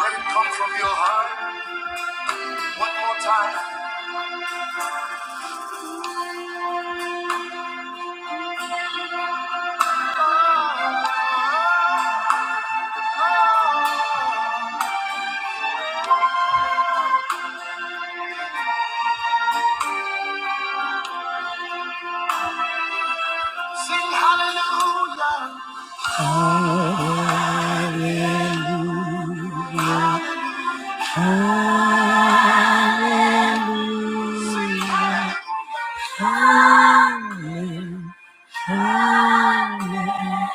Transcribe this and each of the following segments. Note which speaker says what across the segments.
Speaker 1: Let it come from your heart. One more time. Sing hallelujah. Hallelujah. Hallelujah. Hallelujah.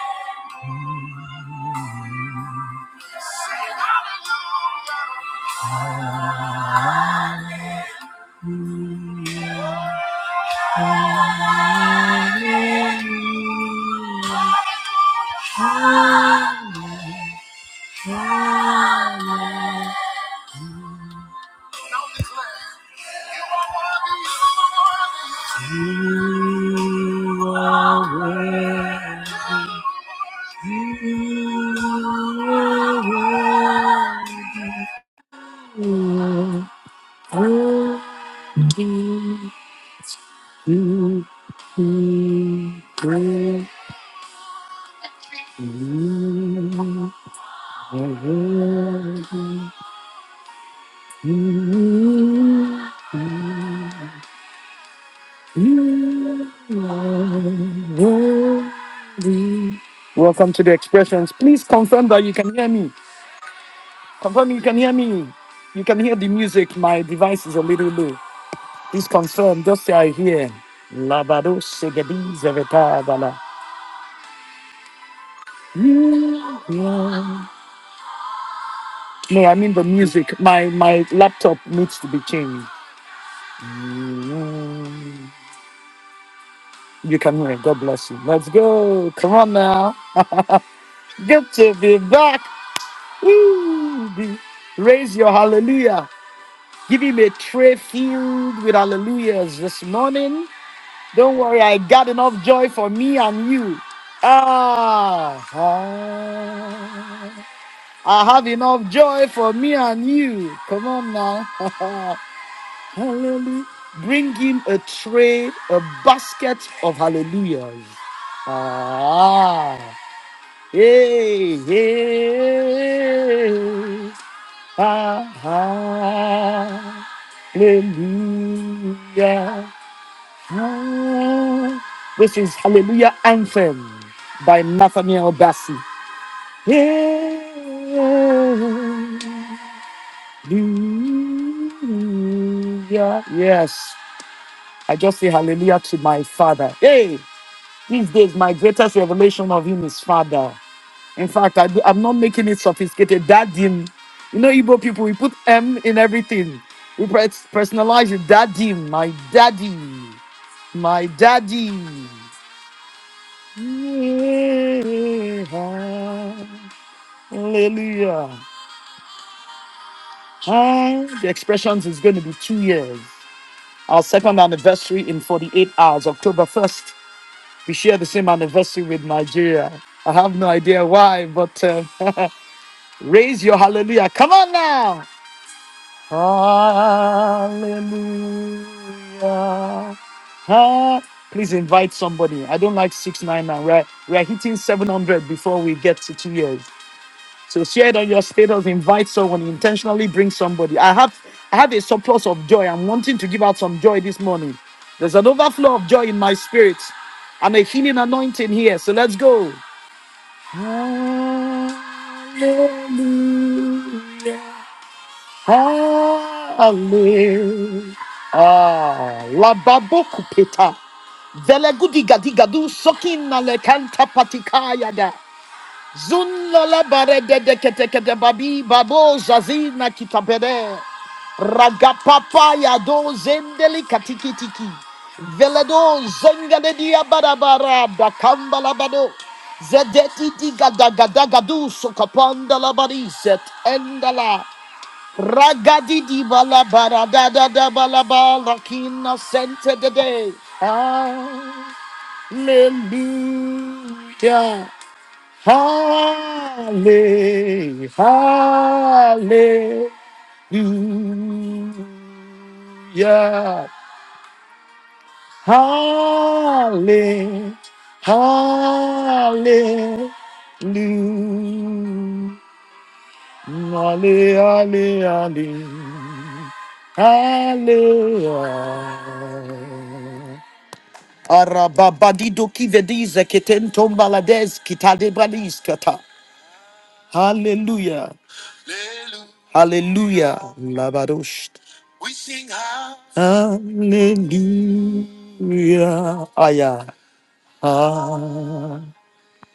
Speaker 1: Hallelujah. You are worthy. Welcome to the expressions. Please confirm that you can hear me. Confirm you can hear me. You can hear the music. My device is a little low. Please confirmed. just say I hear. Labado Segedi Zevetabala. No, I mean the music. My my laptop needs to be changed. You can hear. it. God bless you. Let's go. Come on now. Good to be back. Woo! Be- Raise your hallelujah. Give him a tray filled with hallelujahs this morning. Don't worry, I got enough joy for me and you. Ah, ah. I have enough joy for me and you. Come on now. Hallelujah. Bring him a tray, a basket of hallelujahs. Ah. Hey, hey. Ah, hallelujah. Ah. This is Hallelujah Anthem by Nathaniel Bassey. Yeah. Hallelujah. Yes. I just say hallelujah to my father. Hey, these days my greatest revelation of him is father. In fact, I do, I'm not making it sophisticated. Daddy. You know, Igbo people, we put M in everything. We pres- personalize it. Daddy, my daddy, my daddy. Yeah. Hallelujah. Huh? The expressions is going to be two years. Our second anniversary in 48 hours, October 1st. We share the same anniversary with Nigeria. I have no idea why, but uh, raise your hallelujah. Come on now. Hallelujah. Huh? Please invite somebody. I don't like 699. We're, we're hitting 700 before we get to two years. So share it on your status, invite someone, intentionally bring somebody. I have I have a surplus of joy. I'm wanting to give out some joy this morning. There's an overflow of joy in my spirit and a healing anointing here. So let's go. Hallelujah. Hallelujah. Ah, la baboku peta. gadigadu gudi sokin na le kanta patikaya Zunlala bare de de kete kete babi babo zazina kitabere. Ragapapa ya do zendeli katiki tiki. Veledo zengale dia barabara da kamba labado. Zedeti diga daga daga du sokapanda labari zet endala. Ragadi di balabara da da da balaba lakina sente de de. Ah, Hallelujah. Halle, hallelujah. Halle, hallelujah. Halle, halle, halle. Hallelujah. Arababadido kivedize ketentombalades kitadebaliskata. Hallelujah. Hallelujah. Labadosh. We sing hallelujah. Aya. Ah.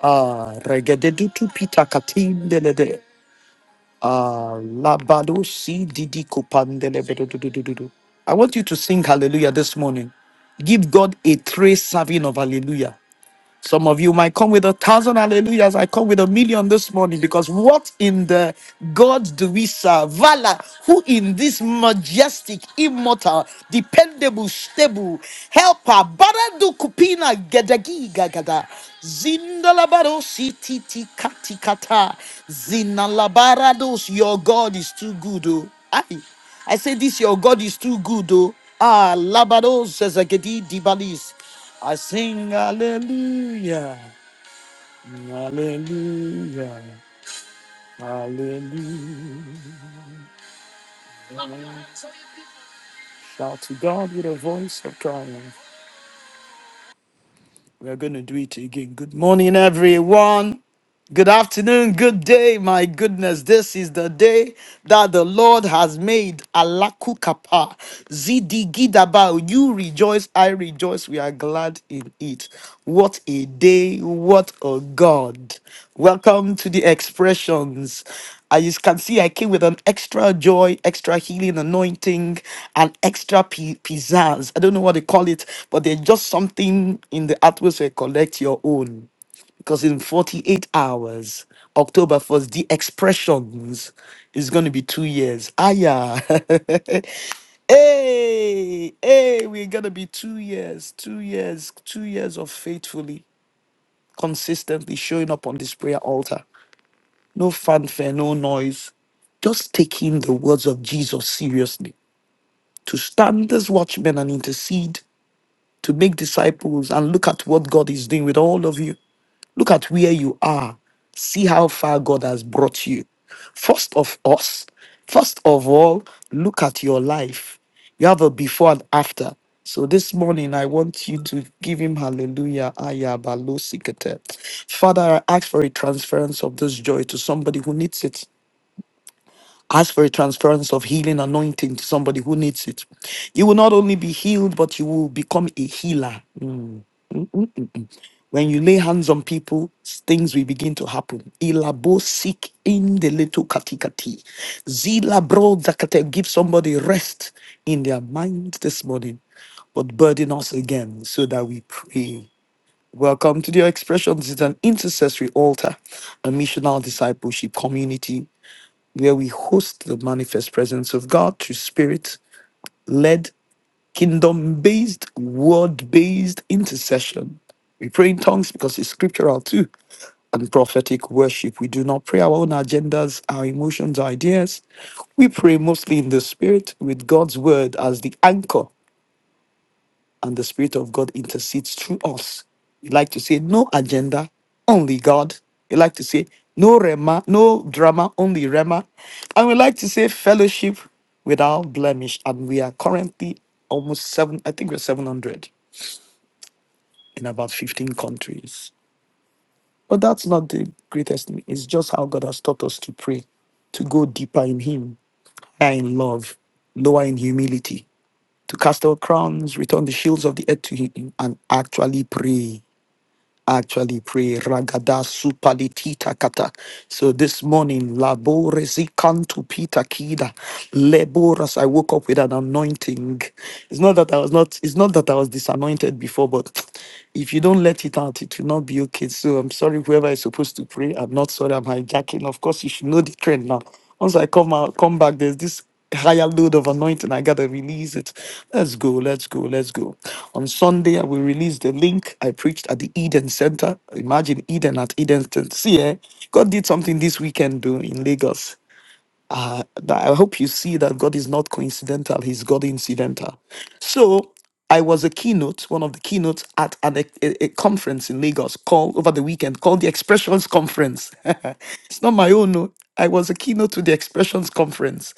Speaker 1: Ah. Regededutu pita katin delede. Ah. Labadosi didi kupandelebedududududu. I want you to sing hallelujah this morning. Give God a trace serving of hallelujah. Some of you might come with a thousand hallelujahs. I come with a million this morning because what in the God do we serve? Vala, who in this majestic, immortal, dependable, stable helper, Baradu Kupina Gedagi Gagada, Zindalabaro Sititi Katikata, Zinalabarados, your God is too good. Oh. Aye. I say this, your God is too good. Oh. Ah, Labados, Zazagedi Dibalis. I sing hallelujah, hallelujah, hallelujah. Shout to God with a voice of triumph. We're going to do it again. Good morning, everyone. Good afternoon, good day. My goodness, this is the day that the Lord has made. Alaku kapa, zidi gidaba. You rejoice, I rejoice. We are glad in it. What a day! What a God! Welcome to the expressions. As you can see, I came with an extra joy, extra healing, anointing, and extra pi- pizzazz. I don't know what they call it, but there's just something in the atmosphere. Collect your own because in 48 hours, October 1st, the expressions is going to be two years. Ah, yeah. hey, hey, we're going to be two years, two years, two years of faithfully consistently showing up on this prayer altar. No fanfare, no noise. Just taking the words of Jesus seriously to stand as watchmen and intercede to make disciples and look at what God is doing with all of you. Look at where you are. See how far God has brought you. First of us, first of all, look at your life. You have a before and after. So this morning, I want you to give him hallelujah. aya balo sikete. Father, I ask for a transference of this joy to somebody who needs it. Ask for a transference of healing anointing to somebody who needs it. You will not only be healed, but you will become a healer. When you lay hands on people, things will begin to happen. Ilabo seek in the little katikati. Zila bro zakate. Give somebody rest in their mind this morning, but burden us again so that we pray. Welcome to the Expressions. It's an intercessory altar, a missional discipleship community where we host the manifest presence of God through spirit led Kingdom based, word based intercession. We pray in tongues because it's scriptural too. And prophetic worship. We do not pray our own agendas, our emotions, our ideas. We pray mostly in the spirit with God's word as the anchor and the Spirit of God intercedes through us. You like to say no agenda, only God. You like to say no rema, no drama, only rema. And we like to say fellowship without blemish. And we are currently almost seven, I think we're 700 in about 15 countries. But that's not the greatest thing. It's just how God has taught us to pray, to go deeper in Him, higher in love, lower in humility, to cast our crowns, return the shields of the earth to Him, and actually pray actually pray ragada supalitita kata so this morning labore zikantu pita kida laboras i woke up with an anointing it's not that i was not it's not that i was disanointed before but if you don't let it out it will not be okay so i'm sorry whoever is supposed to pray i'm not sorry i'm hijacking of course you should know the trend now once I come out, come back, there's this higher load of anointing. I gotta release it. Let's go, let's go, let's go. On Sunday, I will release the link I preached at the Eden Center. Imagine Eden at Eden Center. See, eh? God did something this weekend, though, in Lagos. Uh, that- I hope you see that God is not coincidental, He's God incidental. So I was a keynote, one of the keynotes at an, e- a, a conference in Lagos called over the weekend called the Expressions Conference. it's not my own. no. I was a keynote to the Expressions Conference.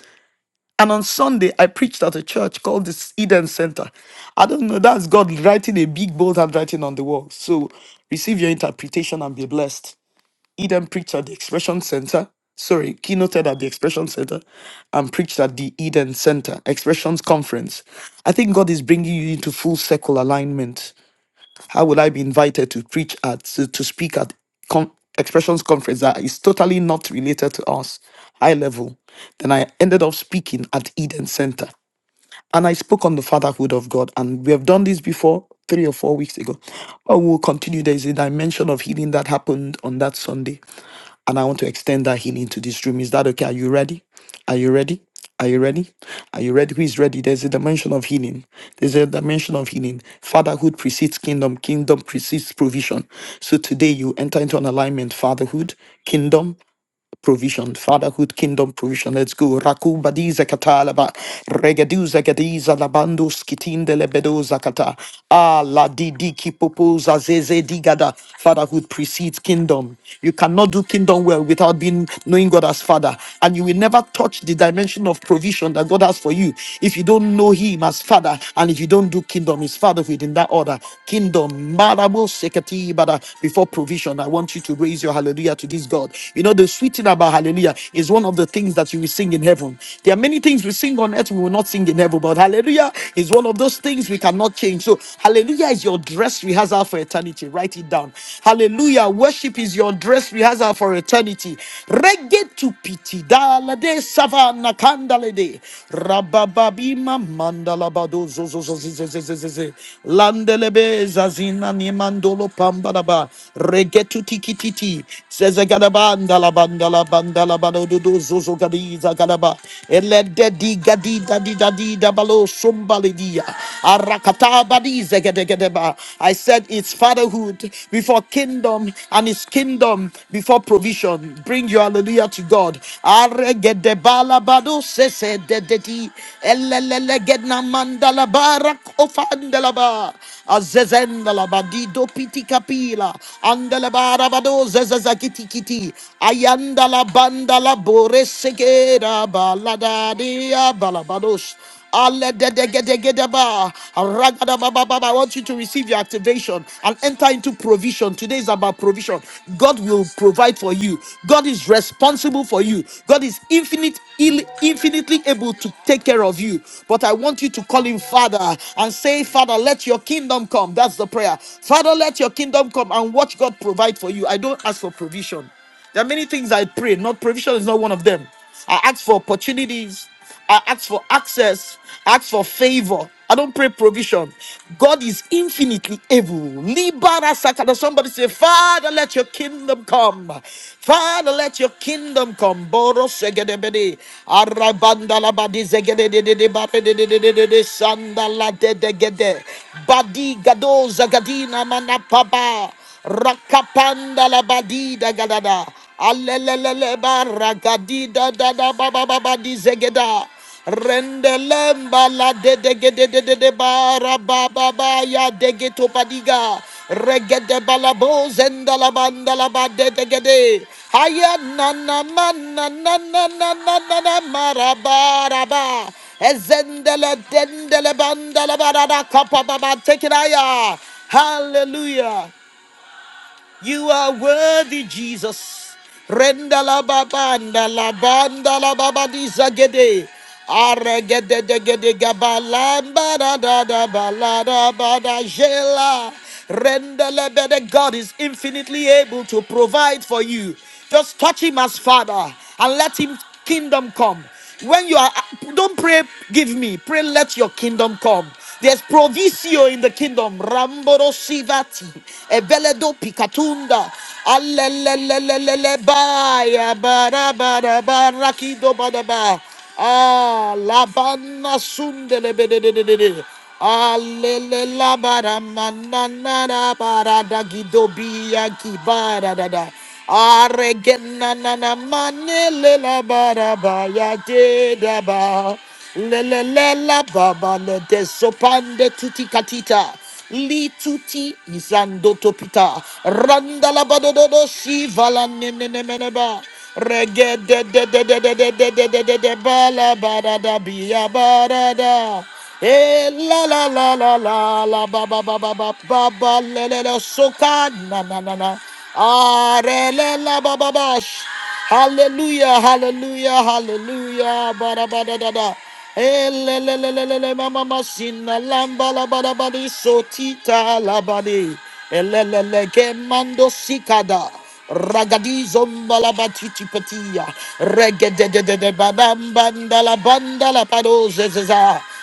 Speaker 1: And on Sunday, I preached at a church called the Eden Center. I don't know, that's God writing a big bold handwriting on the wall. So receive your interpretation and be blessed. Eden preached at the Expression Center. Sorry, keynoted at the Expression Center and preached at the Eden Center, Expressions Conference. I think God is bringing you into full circle alignment. How would I be invited to preach at, to, to speak at con- Expressions Conference that is totally not related to us, high level? Then I ended up speaking at Eden Center. And I spoke on the fatherhood of God. And we have done this before three or four weeks ago. But we'll continue. There is a dimension of healing that happened on that Sunday. And I want to extend that healing to this room. Is that okay? Are you ready? Are you ready? Are you ready? Are you ready? Who is ready? There's a dimension of healing. There's a dimension of healing. Fatherhood precedes kingdom. Kingdom precedes provision. So today you enter into an alignment. Fatherhood, kingdom, provision, fatherhood, kingdom provision. Let's go. Rakuba di zakatalaba, regaduza gadiza labando skitinde lebedo zakata. Ah, la di di ki popoza zeze digada. Fatherhood precedes kingdom. You cannot do kingdom well without being knowing God as Father, and you will never touch the dimension of provision that God has for you if you don't know Him as Father, and if you don't do kingdom, His fatherhood in that order. Kingdom, marabo sekati bada before provision. I want you to raise your hallelujah to this God. You. know, you know, the sweet thing about hallelujah is one of the things that you will sing in heaven. There are many things we sing on earth we will not sing in heaven, but hallelujah is one of those things we cannot change. So, hallelujah is your dress rehearsal for eternity. Write it down. Hallelujah, worship is your dress rehearsal for eternity. Reggae to piti dalade savana kandalede rabababima mandalabado zozozozizizizizizi landelebe zazina nimandolo pambalaba reggae to tikititi Zegadabanda la banda la banda la gadiza gadaba. Ele de gadi da di da di Arakata badi zegadegedeba. I said it's fatherhood before kingdom and its kingdom before provision. Bring your hallelujah to God. Aregedebala bado sese de Elelele gedna mandala barak ofandala ba. Azezendala badido piti kapila. Andala barabado zazazakiti kiti. Ayanda la banda la bore segera baladadia balabados. Alededegedegedeba. Aragadabababa. I want you to receive your activation and enter into provision. Today is about provision. God will provide for you. God is responsible for you. God is infinite, ill- infinitely able to take care of you. But I want you to call him Father and say, Father, let your kingdom come. That's the prayer. Father, let your kingdom come and watch God provide provide for you. I don't ask for provision. There are many things I pray. Not provision is not one of them. I ask for opportunities. I ask for access. I ask for favor. I don't pray provision. God is infinitely able. Libara sakata. Somebody say, Father, let your kingdom come. Father, let your kingdom come. Boro segedebede. Arabandalabadi zegedededede babededededede sandaladedegede. Badi gado zagadina manapaba. Rakapanda la badida gadada. Alelelele baragadida dada baba baba di zegeda. Rendelemba la de de ge de de de de bara ba ba ba ya de padiga. Regede balabo zenda la banda la ba de de ge de. Haya na na na na na na na na na maraba raba. Ezendele dendele bandele barada kapa baba. Take it higher. Hallelujah. You are worthy, Jesus. Renda la babanda la banda la babadiza gede. Aragede de gede gabalamba da da da balada bada jela. Renda la bede. God is infinitely able to provide for you. Just touch him as Father and let him kingdom come. When you are, don't pray, give me. Pray, let your kingdom come. There's provisio in the kingdom. Ramboro sivati, eveledo picatunda, alelelelelele baya bara bara bara kido bara ba. Ah, labana sundele bedededede. Alelelabara mananara bara da gido biya kibara da da. Aregena na Aregenanana manele la baraba ya de daba. Lele le la baba le de sopande tuti katita. Li tuti izando topita. Randa la badododo si vala ne ne nene meneba. Regede de de de de de de de de de de de bala barada biya barada. Eh, la la la la la la ba ba ba ba ba ba ba le le le soka na na na na ah re le la ba ba ba sh. hallelujah hallelujah hallelujah ba da ba da da da eh le le le le le le ma ma ma sina lamba la ba da ba di sotita la ba di eh le le le ke mando sikada Ragadizo malabatiti patia, regedededede banda la banda la pado zezeza. Regedegedegedegede. Ranga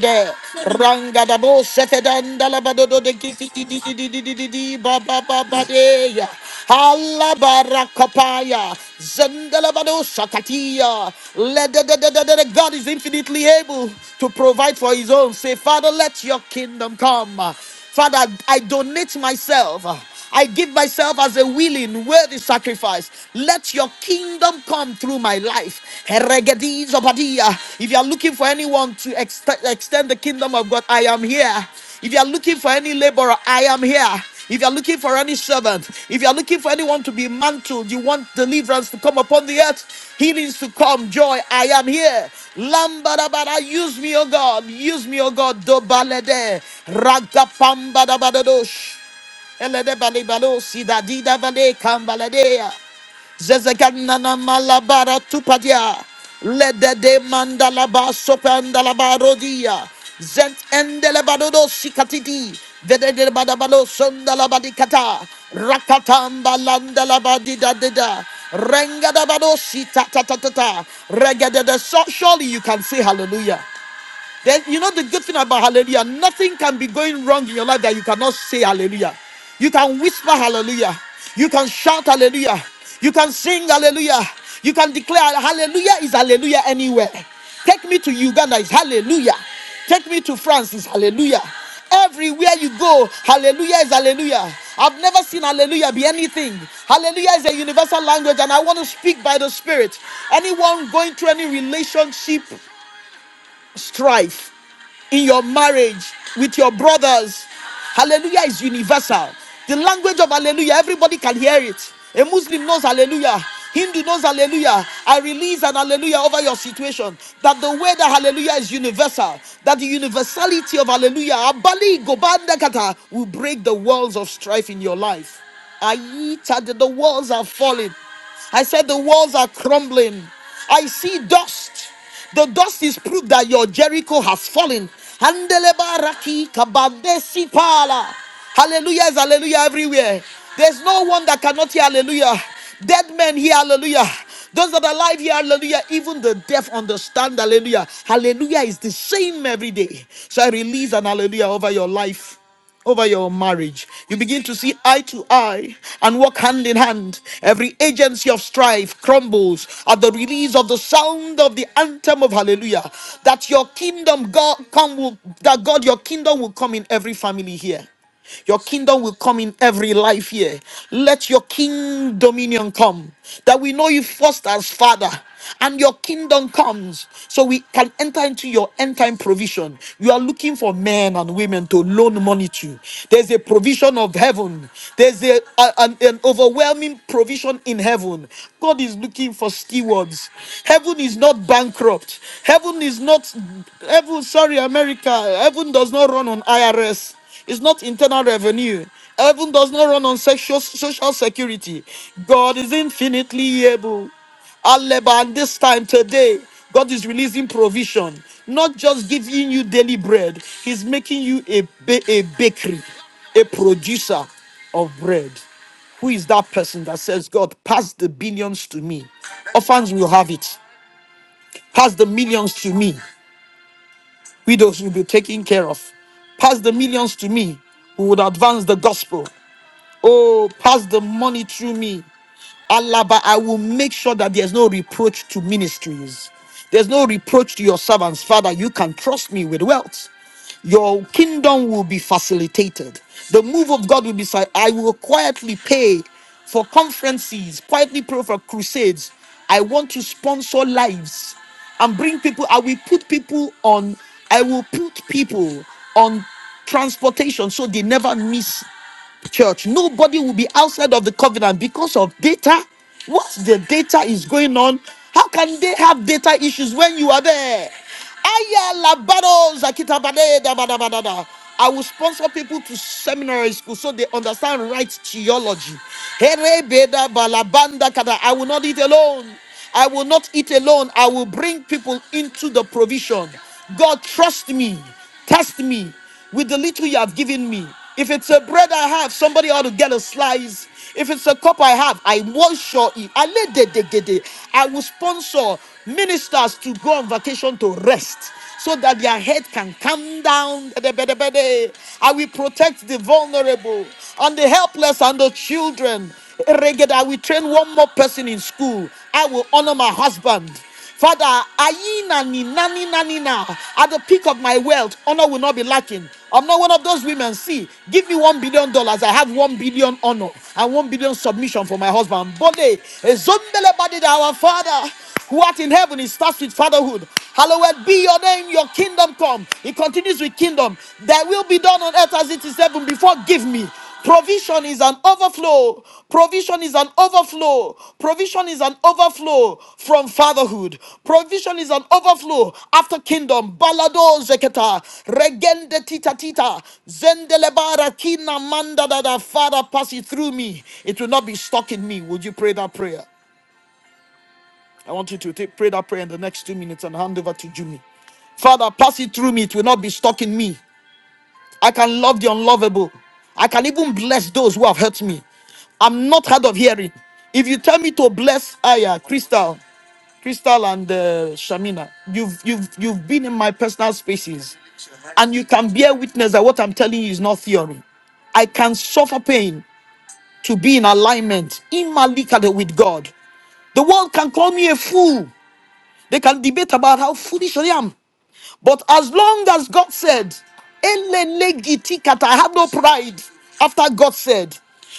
Speaker 1: da Regededededededede. Rangadabo setedandalabadodo de kiki di di si, di di di di di ba ba ba ba de ya. Halabarakapaya. Zendelabado shakatiya. Lededededede. God is infinitely able to provide for his own. Say, Father, let your kingdom come. Father, I donate myself. I give myself as a willing, worthy sacrifice. Let your kingdom come through my life. Eregedi zobadia. If you are looking for anyone to ext- extend the kingdom of God, I am here. If you are looking for any laborer, I am here. If you're looking for any servant, if you're looking for anyone to be mantled, you want deliverance to come upon the earth, healings to come, joy, I am here. Lambadabada, use me, O God, use me, O God, dobalede, ragapambadabadosh. Elede bali balo si da vale kambaladea. Zezeganana malabara tupadia. Lede de mandalaba sopandalaba rodia. Zent endelebadodo sikatidi. Vede badabalo sondalabadi Rakatamba landalabadi da da da. si ta ta ta ta ta. so. Surely you can say hallelujah. Then you know the good thing about hallelujah, nothing can be going wrong in your life that you cannot say hallelujah. You can whisper hallelujah. You can shout hallelujah. You can sing hallelujah. You can declare hallelujah is hallelujah anywhere. Take me to Uganda is hallelujah. Take me to France is hallelujah. Everywhere you go, hallelujah is hallelujah. I've never seen hallelujah be anything. Hallelujah is a universal language, and I want to speak by the Spirit. Anyone going through any relationship strife in your marriage with your brothers. Hallelujah is universal. The language of hallelujah, everybody can hear it. A Muslim knows hallelujah. Hindu knows hallelujah. I release an hallelujah over your situation. That the way that hallelujah is universal, that the universality of hallelujah, Abali Gobanda Kata, will break the walls of strife in your life. Ayita, the the walls are falling. I said the walls are crumbling. I see dust. The dust is proof that your Jericho has fallen. Handeleba raki kabadesi pala. Hallelujah is hallelujah everywhere. There's no one that cannot hear hallelujah. Dead men hear hallelujah. Those that are alive hear hallelujah. Even the deaf understand hallelujah. Hallelujah is the same every day. So I release an hallelujah over your life over your marriage. You begin to see eye to eye and walk hand in hand. Every agency of strife crumbles at the release of the sound of the anthem of hallelujah. That your kingdom God come will, that God your kingdom will come in every family here. Your kingdom will come in every life here. Let your king dominion come. That we know you first as Father. And your kingdom comes. So we can enter into your end time provision. You are looking for men and women to loan money to. There's a provision of heaven. There's a, a- an, an overwhelming provision in heaven. God is looking for stewards. Heaven is not bankrupt. Heaven is not heaven, sorry, America. Heaven does not run on IRS. It's not internal revenue. Heaven does not run on social, social security. God is infinitely able. Aleba, and this time today, God is releasing provision, not just giving you daily bread, He's making you a, ba- a bakery, a producer of bread. Who is that person that says, God, pass the billions to me? Orphans will have it. Pass the millions to me widows will be taken care of. Pass the millions to me, we would advance the gospel. Oh, pass the money through me. Allah, but I will make sure that there's no reproach to ministries. There's no reproach to your servants. Father, you can trust me with wealth. Your kingdom will be facilitated. The move of God will be, si- I will quietly pay for conferences, quietly pray for crusades. I want to sponsor lives and bring people. I will put people on, I will put people on transportation so they never miss church. Nobody will be outside of the covenant because of data. Once the data is going on, how can they have data issues when you are there? Aya labaro zakitabade da ba da ba da da. I will sponsor people to seminary school so they understand right theology. Here beda balabanda kada. I will not eat alone. I will not eat alone. I will bring people into the provision. God, trust me. Test me with the little you have given me. If it's a bread I have, somebody ought to get a slice. If it's a cup I have, I will sure eat. I I will sponsor ministers to go on vacation to rest so that their head can calm down. De- I will protect the vulnerable and the helpless and the children. Reggae, I will train one more person in school. I will honor my husband. Father, ayina ni nani nani na. At the peak of my wealth, honor will not be lacking. I'm not one of those women. See, give me one billion dollars. I have one billion honor and one billion submission for my husband. Bode, ezombele badida, our Father who art in heaven. It starts with fatherhood. Hallowed be your name. Your kingdom come. It continues with kingdom. Thy will be done on earth as it is heaven. Before, give me. Provision is an overflow. Provision is an overflow. Provision is an overflow from fatherhood. Provision is an overflow after kingdom. Balado zeketa. Regende tita tita. Zendelebara kina manda da da. Father, pass it through me. It will not be stuck in me. Would you pray that prayer? I want you to take, pray that prayer in the next two minutes and hand over to Jimmy. Father, pass it through me. It will not be stuck in me. I can love the unlovable. I can even bless those who have hurt me. I'm not hard of hearing. If you tell me to bless Aya, Crystal, Crystal, and uh, Shamina, you've you've you've been in my personal spaces, and you can bear witness that what I'm telling you is not theory. I can suffer pain to be in alignment immalicate with God. The world can call me a fool. They can debate about how foolish I am. But as long as God said, "Elelegitikata," I have no pride after God said,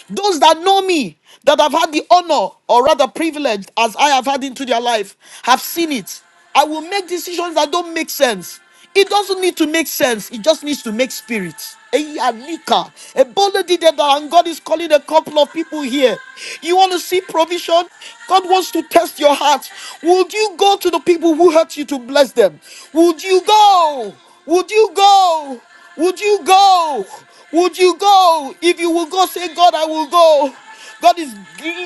Speaker 1: those that know me, that have had the honor or rather privilege as I have had into their life, have seen it. I will make decisions that don't make sense. It doesn't need to make sense. It just needs to make spirit. Eyi alika. eh, Bola did that, And God is calling a couple of people here. You want to see provision? God wants to test your heart. Would you go to the people who hurt you to bless them? Would you go? Would you go? Would you go? Would you go? If you will go, say, God, I will go. God is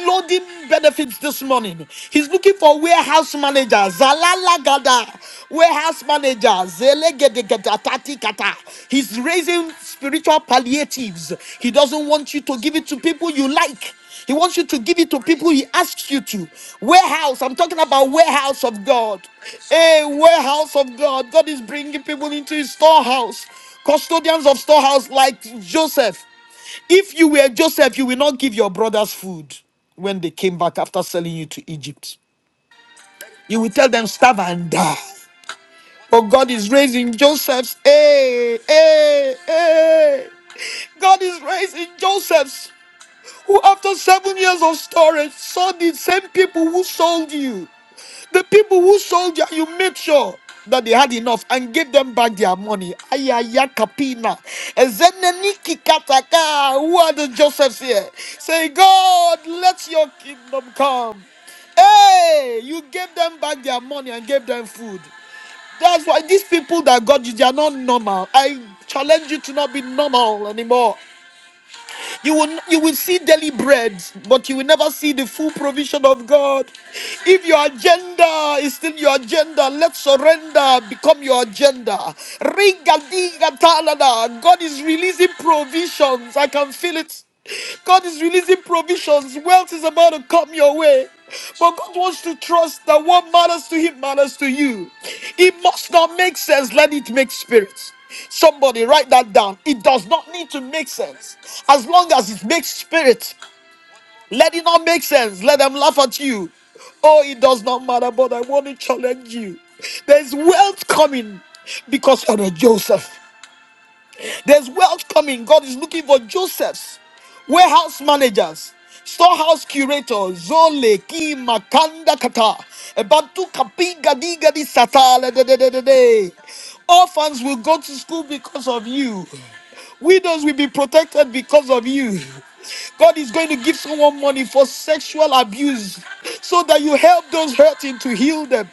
Speaker 1: loading benefits this morning. He's looking for warehouse managers. Zalalagada. Warehouse managers. Zelegedegetatikata. He's raising spiritual palliatives. He doesn't want you to give it to people you like. He wants you to give it to people he asks you to. Warehouse, I'm talking about warehouse of God. A warehouse of God. God is bringing people into his storehouse. Custodians of storehouse like Joseph. If you were Joseph, you will not give your brothers food when they came back after selling you to Egypt. You will tell them, starve and die. But God is raising Josephs. Hey, hey, hey. God is raising Josephs who, after seven years of storage, saw the same people who sold you. The people who sold you, you made sure that they had enough and gave them back their money. Ayaya kapina. Ezeneniki kataka. Who are the Josephs here? Say, God, let your kingdom come. Hey, you gave them back their money and gave them food. That's why these people that got you, they are not normal. I challenge you to not be normal anymore. You will you will see daily bread, but you will never see the full provision of God. If your agenda is still your agenda, let surrender become your agenda. Rigadigatalada. God is releasing provisions. I can feel it. God is releasing provisions. Wealth is about to come your way. But God wants to trust that what matters to Him matters to you. It must not make sense. Let it make spirit. Somebody write that down. It does not need to make sense. As long as it makes spirit, let it not make sense. Let them laugh at you. Oh, it does not matter, but I want to challenge you. There's wealth coming because you're a Joseph. There's wealth coming. God is looking for Josephs, warehouse managers, storehouse curators, Zole, Ki, Makanda, Kata, Ebatu, Kapi, Gadi, Gadi, Sata, le, de, de, de, de, de. Orphans will go to school because of you. Widows will be protected because of you. God is going to give someone money for sexual abuse so that you help those hurting to heal them.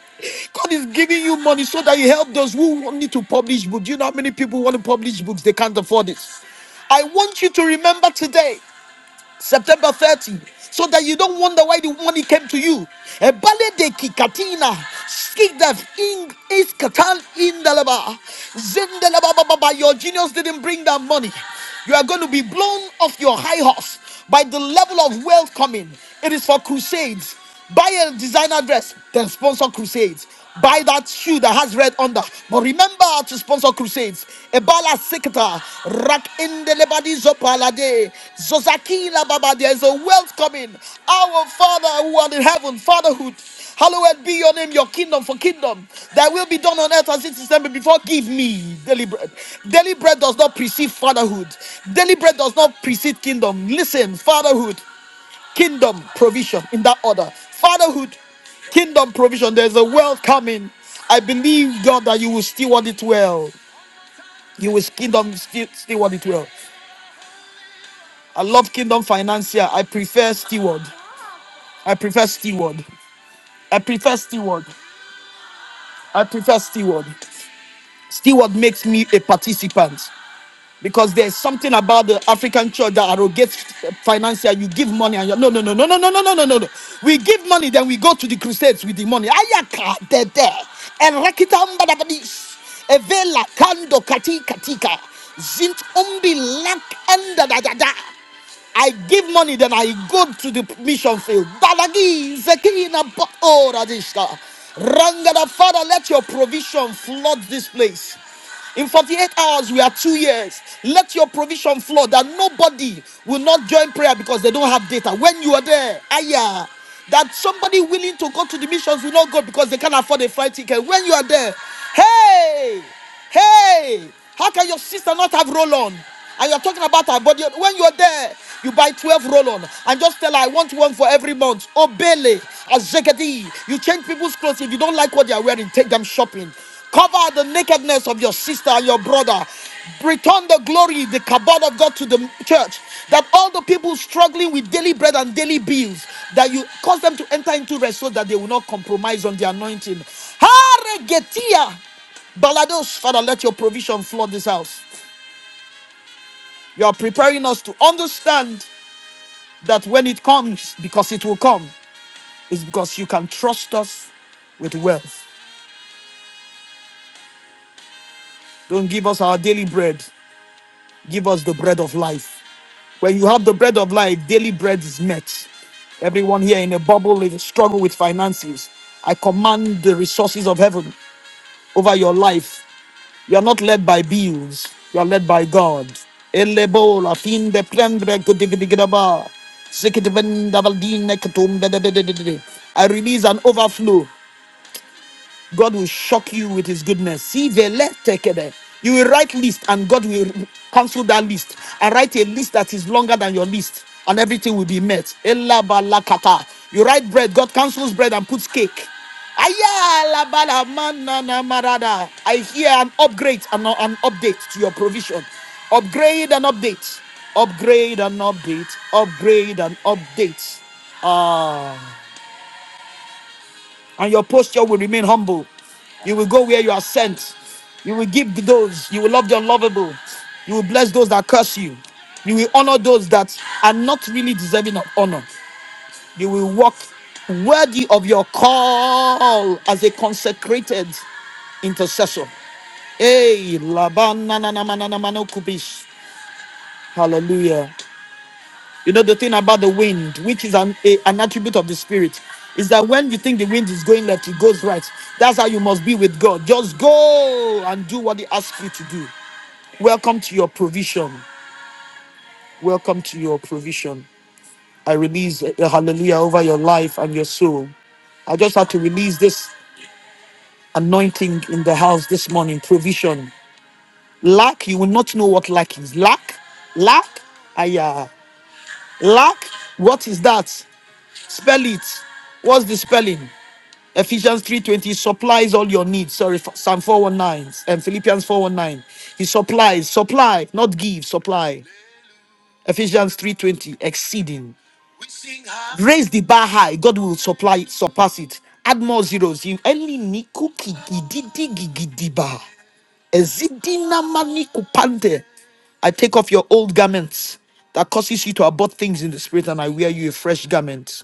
Speaker 1: God is giving you money so that you help those who need to publish books. Do you know how many people want to publish books? They can't afford it. I want you to remember today September 30, so that you don't wonder why the money came to you. Ebale de kikatina, skigdef in iskatan indalaba, zindelaba ba ba ba. Your genius didn't bring that money. You are going to be blown off your high horse by the level of wealth coming. It is for crusades. Buy a designer dress, then sponsor crusades. Buy that shoe that has red under. But remember to sponsor crusades. Ebala Sekta, Rak Indelebadi Zopalade, Zozaki Lababa. There is a wealth coming. Our Father who art in heaven, Fatherhood. Hallowed be your name, your kingdom for kingdom. Thy will be done on earth as it is in heaven. Before give me daily bread. Daily bread does not precede fatherhood. Daily bread does not precede kingdom. Listen, fatherhood kingdom provision in that order. Fatherhood, kingdom provision. There's a wealth coming. I believe, God, that you will steward it well. You will kingdom stew- steward it well. I love kingdom financier. I prefer steward. I prefer steward. I prefer steward. I prefer steward. Steward makes me a participant. because there's something about the African church that arrogates financial. You give money and you're no, no, no, no, no, no, no, no, no, no, no. We give money, then we go to the crusades with the money. Ayaka dede, erekita mbadabadis, evela kando kati katika, zint umbi lak enda da da da. I give money, then I go to the mission field. Dalagi, Zekina, Ba- oh, Radishka. Rangada, Father, let your provision flood this place. In 48 hours, we are two years. Let your provision flood that nobody will not join prayer because they don't have data. When you are there, ayah, that somebody willing to go to the missions will not go because they can't afford a flight ticket. When you are there, hey, hey, how can your sister not have roll on? And you are talking about her body. When you're there, you buy 12 roll on and just tell her, I want one for every month. Obele, Azegedi. You change people's clothes. If you don't like what they are wearing, take them shopping. Cover the nakedness of your sister and your brother. Return the glory, the kabod of God to the church. That all the people struggling with daily bread and daily bills, that you cause them to enter into rest so that they will not compromise on the anointing. Haregetia. Balados, Father, let your provision flood this house. You're preparing us to understand that when it comes, because it will come, is because you can trust us with wealth. Don't give us our daily bread, give us the bread of life. When you have the bread of life, daily bread is met. Everyone here in a bubble is struggle with finances. I command the resources of heaven over your life You are not led by bills. You are led by God. Elebo la fin de prendre kudigidigidaba. Sikitibenda valdine ketumbedebededede. I release an overflow. God will shock you with his goodness. See the left tekede. You will write list and God will cancel that list. I write a list that is longer than your list and everything will be met. Ella balakata. You write bread, God cancels bread and puts cake. Aya la ba la ma na na ma I hear an upgrade and an update to your provision. Upgrade and update. Upgrade and update. Upgrade and update. Ah and your posture will remain humble. You will go where you are sent. You will give to those. You will love the unlovable. You will bless those that curse you. You will honor those that are not really deserving of honor. You will walk worthy of your call as a consecrated intercessor. Hey, Laban, na, na, na, ma, na, na, no, kubish. Hallelujah. You know, the thing about the wind, which is an, a, an attribute of the spirit, is that when you think the wind is going left, it goes right. That's how you must be with God. Just go and do what He asks you to do. Welcome to your provision. Welcome to your provision. I release a a hallelujah over your life and your soul. I just had to release this anointing in the house this morning. Provision. Lack, you will not know what lack is. Lack, lack, aya. Lack, what is that? Spell it. What's the spelling? Ephesians 3:20 supplies all your needs. Sorry, Psalm 419 and Philippians 419. He supplies, supply, not give, supply. Ephesians 3:20 exceeding. Raise the bar high, God will supply surpass it. Add more zeros. You only niku kigididi gigidiba. Ezidina maniku pante. I take off your old garments that causes you to abhor things in the spirit, and I wear you a fresh garment.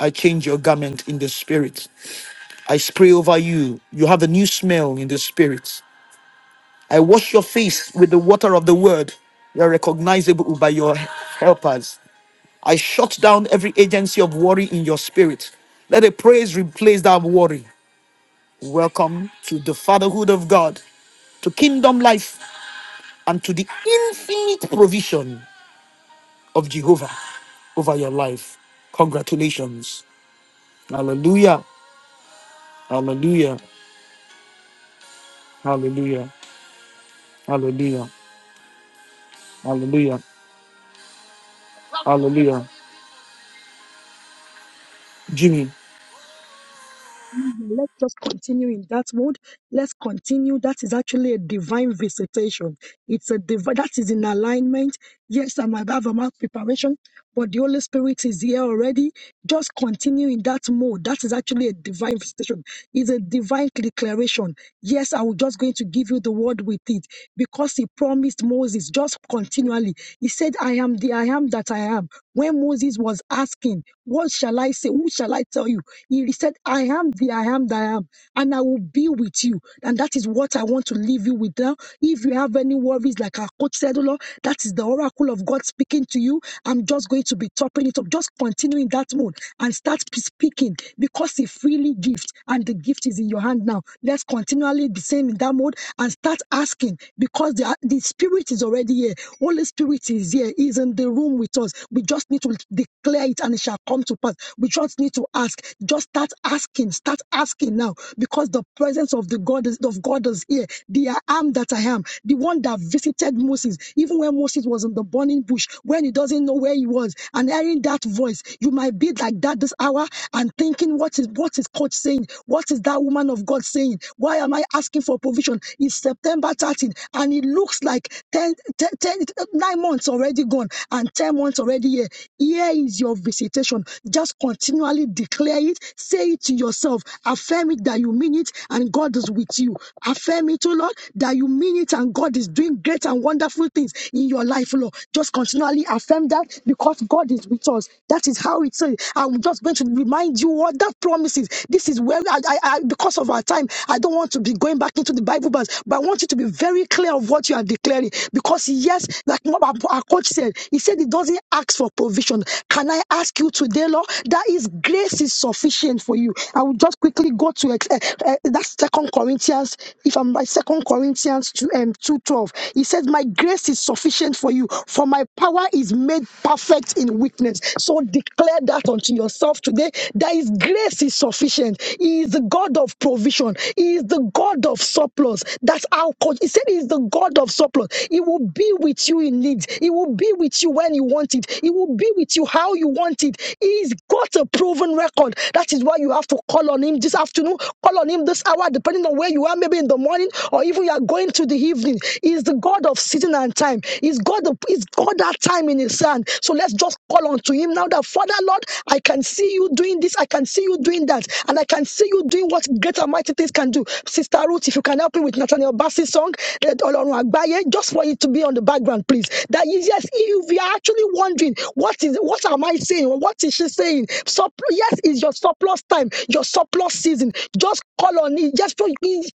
Speaker 1: I change your garment in the spirit. I spray over you. You have a new smell in the spirit. I wash your face with the water of the word. You are recognizable by your helpers. I shut down every agency of worry in your spirit. Let a praise replace that worry. Welcome to the fatherhood of God, to kingdom life, and to the infinite provision of Jehovah over your life. Congratulations. Hallelujah. Hallelujah. Hallelujah. Hallelujah. Hallelujah. Hallelujah. Jimmy.
Speaker 2: Mhm. Let's just continue in that mode. Let's continue. That is actually a divine visitation. It's a divine that is in alignment. Yes, I might have a mouth preparation, but the Holy Spirit is here already. Just continue in that mode. That is actually a divine visitation. It's a divine declaration. Yes, I was just going to give you the word with it because he promised Moses just continually. He said, I am the I am that I am. When Moses was asking, What shall I say? Who shall I tell you? He said, I am the I am that I am, and I will be with you. And that is what I want to leave you with now. If you have any worries, like our coach said, oh Lord, that is the oracle of God speaking to you. I'm just going to be topping it up. Just continue in that mode and start p- speaking because He freely gift and the gift is in your hand now. Let's continually be same in that mode and start asking because the, the spirit is already here. Holy Spirit is here. He's in the room with us. We just need to declare it and it shall come to pass. We just need to ask. Just start asking. Start asking now because the presence of the God is, of God is here. The I am that I am, the one that visited Moses, even when Moses was in the burning bush, when he doesn't know where he was, and hearing that voice, you might be like that this hour and thinking, what is what is coach saying? What is that woman of God saying? Why am I asking for provision? It's September 13, and it looks like 10, ten, ten, nine months already gone and 10 months already already here. Here is your visitation. Just continually declare it, say it to yourself, affirm it that you mean it and God is with you. Affirm it, oh Lord, that you mean it and God is doing great and wonderful things in your life, Lord. Just continually affirm that because God is with us. That is how it says. I'm just going to remind you what that promise is. This is where I, I, I because of our time, I don't want to be going back into the Bible verse, but I want you to be very clear of what you are declaring. Because yes, like our coach said, he said it doesn't act ask for provision. Can I ask you today, Lord, that His grace is sufficient for you? I will just quickly go to ex- eh, eh, Second Corinthians. If I'm by Second Corinthians two um, two twelve, He says, "My grace is sufficient for you, for my power is made perfect in weakness." So declare that unto yourself today. That His grace is sufficient. He is the God of provision. He is the God of surplus. That's how God. He said, "He is the God of surplus." He will be with you in need. He will be with you when you want it. He will be with you how you want it. He's got a proven record. That is why you have to call on him this afternoon, call on him this hour, depending on where you are, maybe in the morning or even you are going to the evening. He's the God of season and time. He's God, the, he's God that time in his hand. So let's just call on to him now that Father Lord, I can see you doing this, I can see you doing that, and I can see you doing what great and mighty things can do. Sister Ruth, if you can help me with Nathaniel Bassey's song, eh, Ọlọ́run Àgbáyé, just for it to be on the background, please. That is yes, if you are actually wondering what is what am I saying? What is she saying? Supp- yes, it's your surplus time, your surplus season. Just call on him. Just call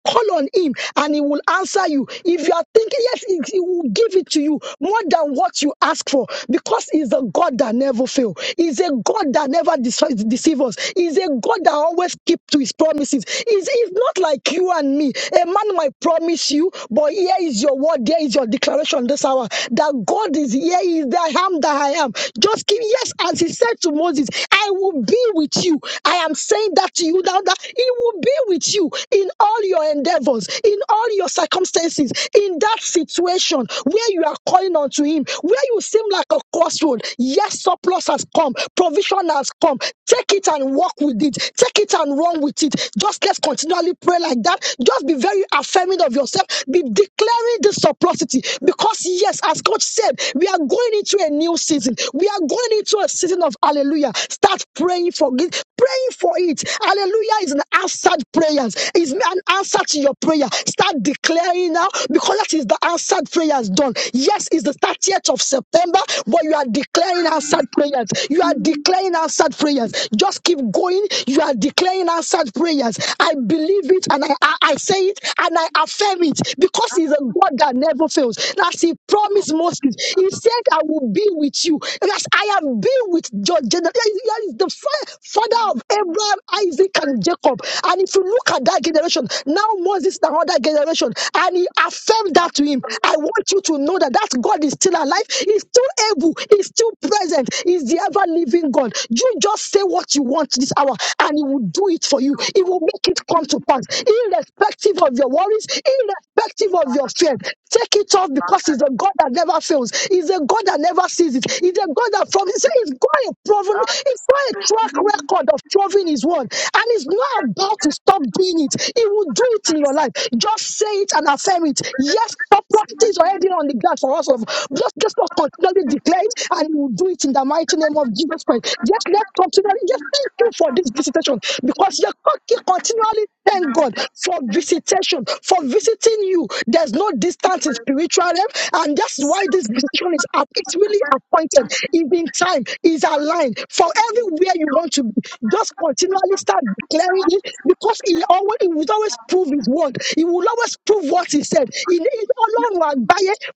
Speaker 2: call on him, and he will answer you. If you are thinking, yes, he he will give it to you more than what you ask for, because he's a God that never fails. He's a God that never dece- deceives us. He's a God that always keeps to his promises. He's, he's not like you and me. A man might promise you, but here is your word, there is your declaration this hour that God is here. He is there. I am am that I am. Just keep, yes, as he said to Moses, I will be with you. I am saying that to you now that he will be with you in all your endeavors, in all your circumstances, in that situation where you are calling on to him, where you seem like a crossroad. Yes, surplus has come, provision has come. Take it and walk with it. Take it and run with it. Just let's continually pray like that. Just be very affirming of yourself. Be declaring this surplusity because yes, as God said, we are going into a a new season. We are going into a season of hallelujah. Start praying for it. Praying for it. Hallelujah is an answered prayers. It's an answer to your prayer. Start declaring now because that is the answered prayers done. Yes, it's the 30th of September, but you are declaring answered prayers. You are declaring answered prayers. Just keep going. You are declaring answered prayers. I believe it and I, I, I say it and I affirm it because He's a God that never fails. As He promised Moses, He said, I will will Be with you, as I have been with your generation. That is the fa- father of Abraham, Isaac, and Jacob. And if you look at that generation, now Moses is another generation, and he affirmed that to him. I want you to know that that God is still alive, he's still able, he's still present, he's the ever living God. You just say what you want this hour, and he will do it for you. He will make it come to pass, irrespective of your worries, irrespective of your fear. Take it off because he's a God that never fails. He's a God that never sees it. He's a God that from he's he's got a proven, he's got a track record of proving his word, and he's not about to stop doing it. He will do it in your life. Just say it and affirm it. Yes, the property is already on the ground for us. Of just just not continually declare it, and he will do it in the mighty name of Jesus Christ. Just let continually. Just thank you for this for this visitation because you keep continually thank God for visitation, for visiting you. There's no distance in spiritual realm, and that's why this visitation is up. It's really appointed, is in time, is aligned for everywhere you want to be. Just continually start declaring it because he always he will always prove his word. He will always prove what he said. He is alone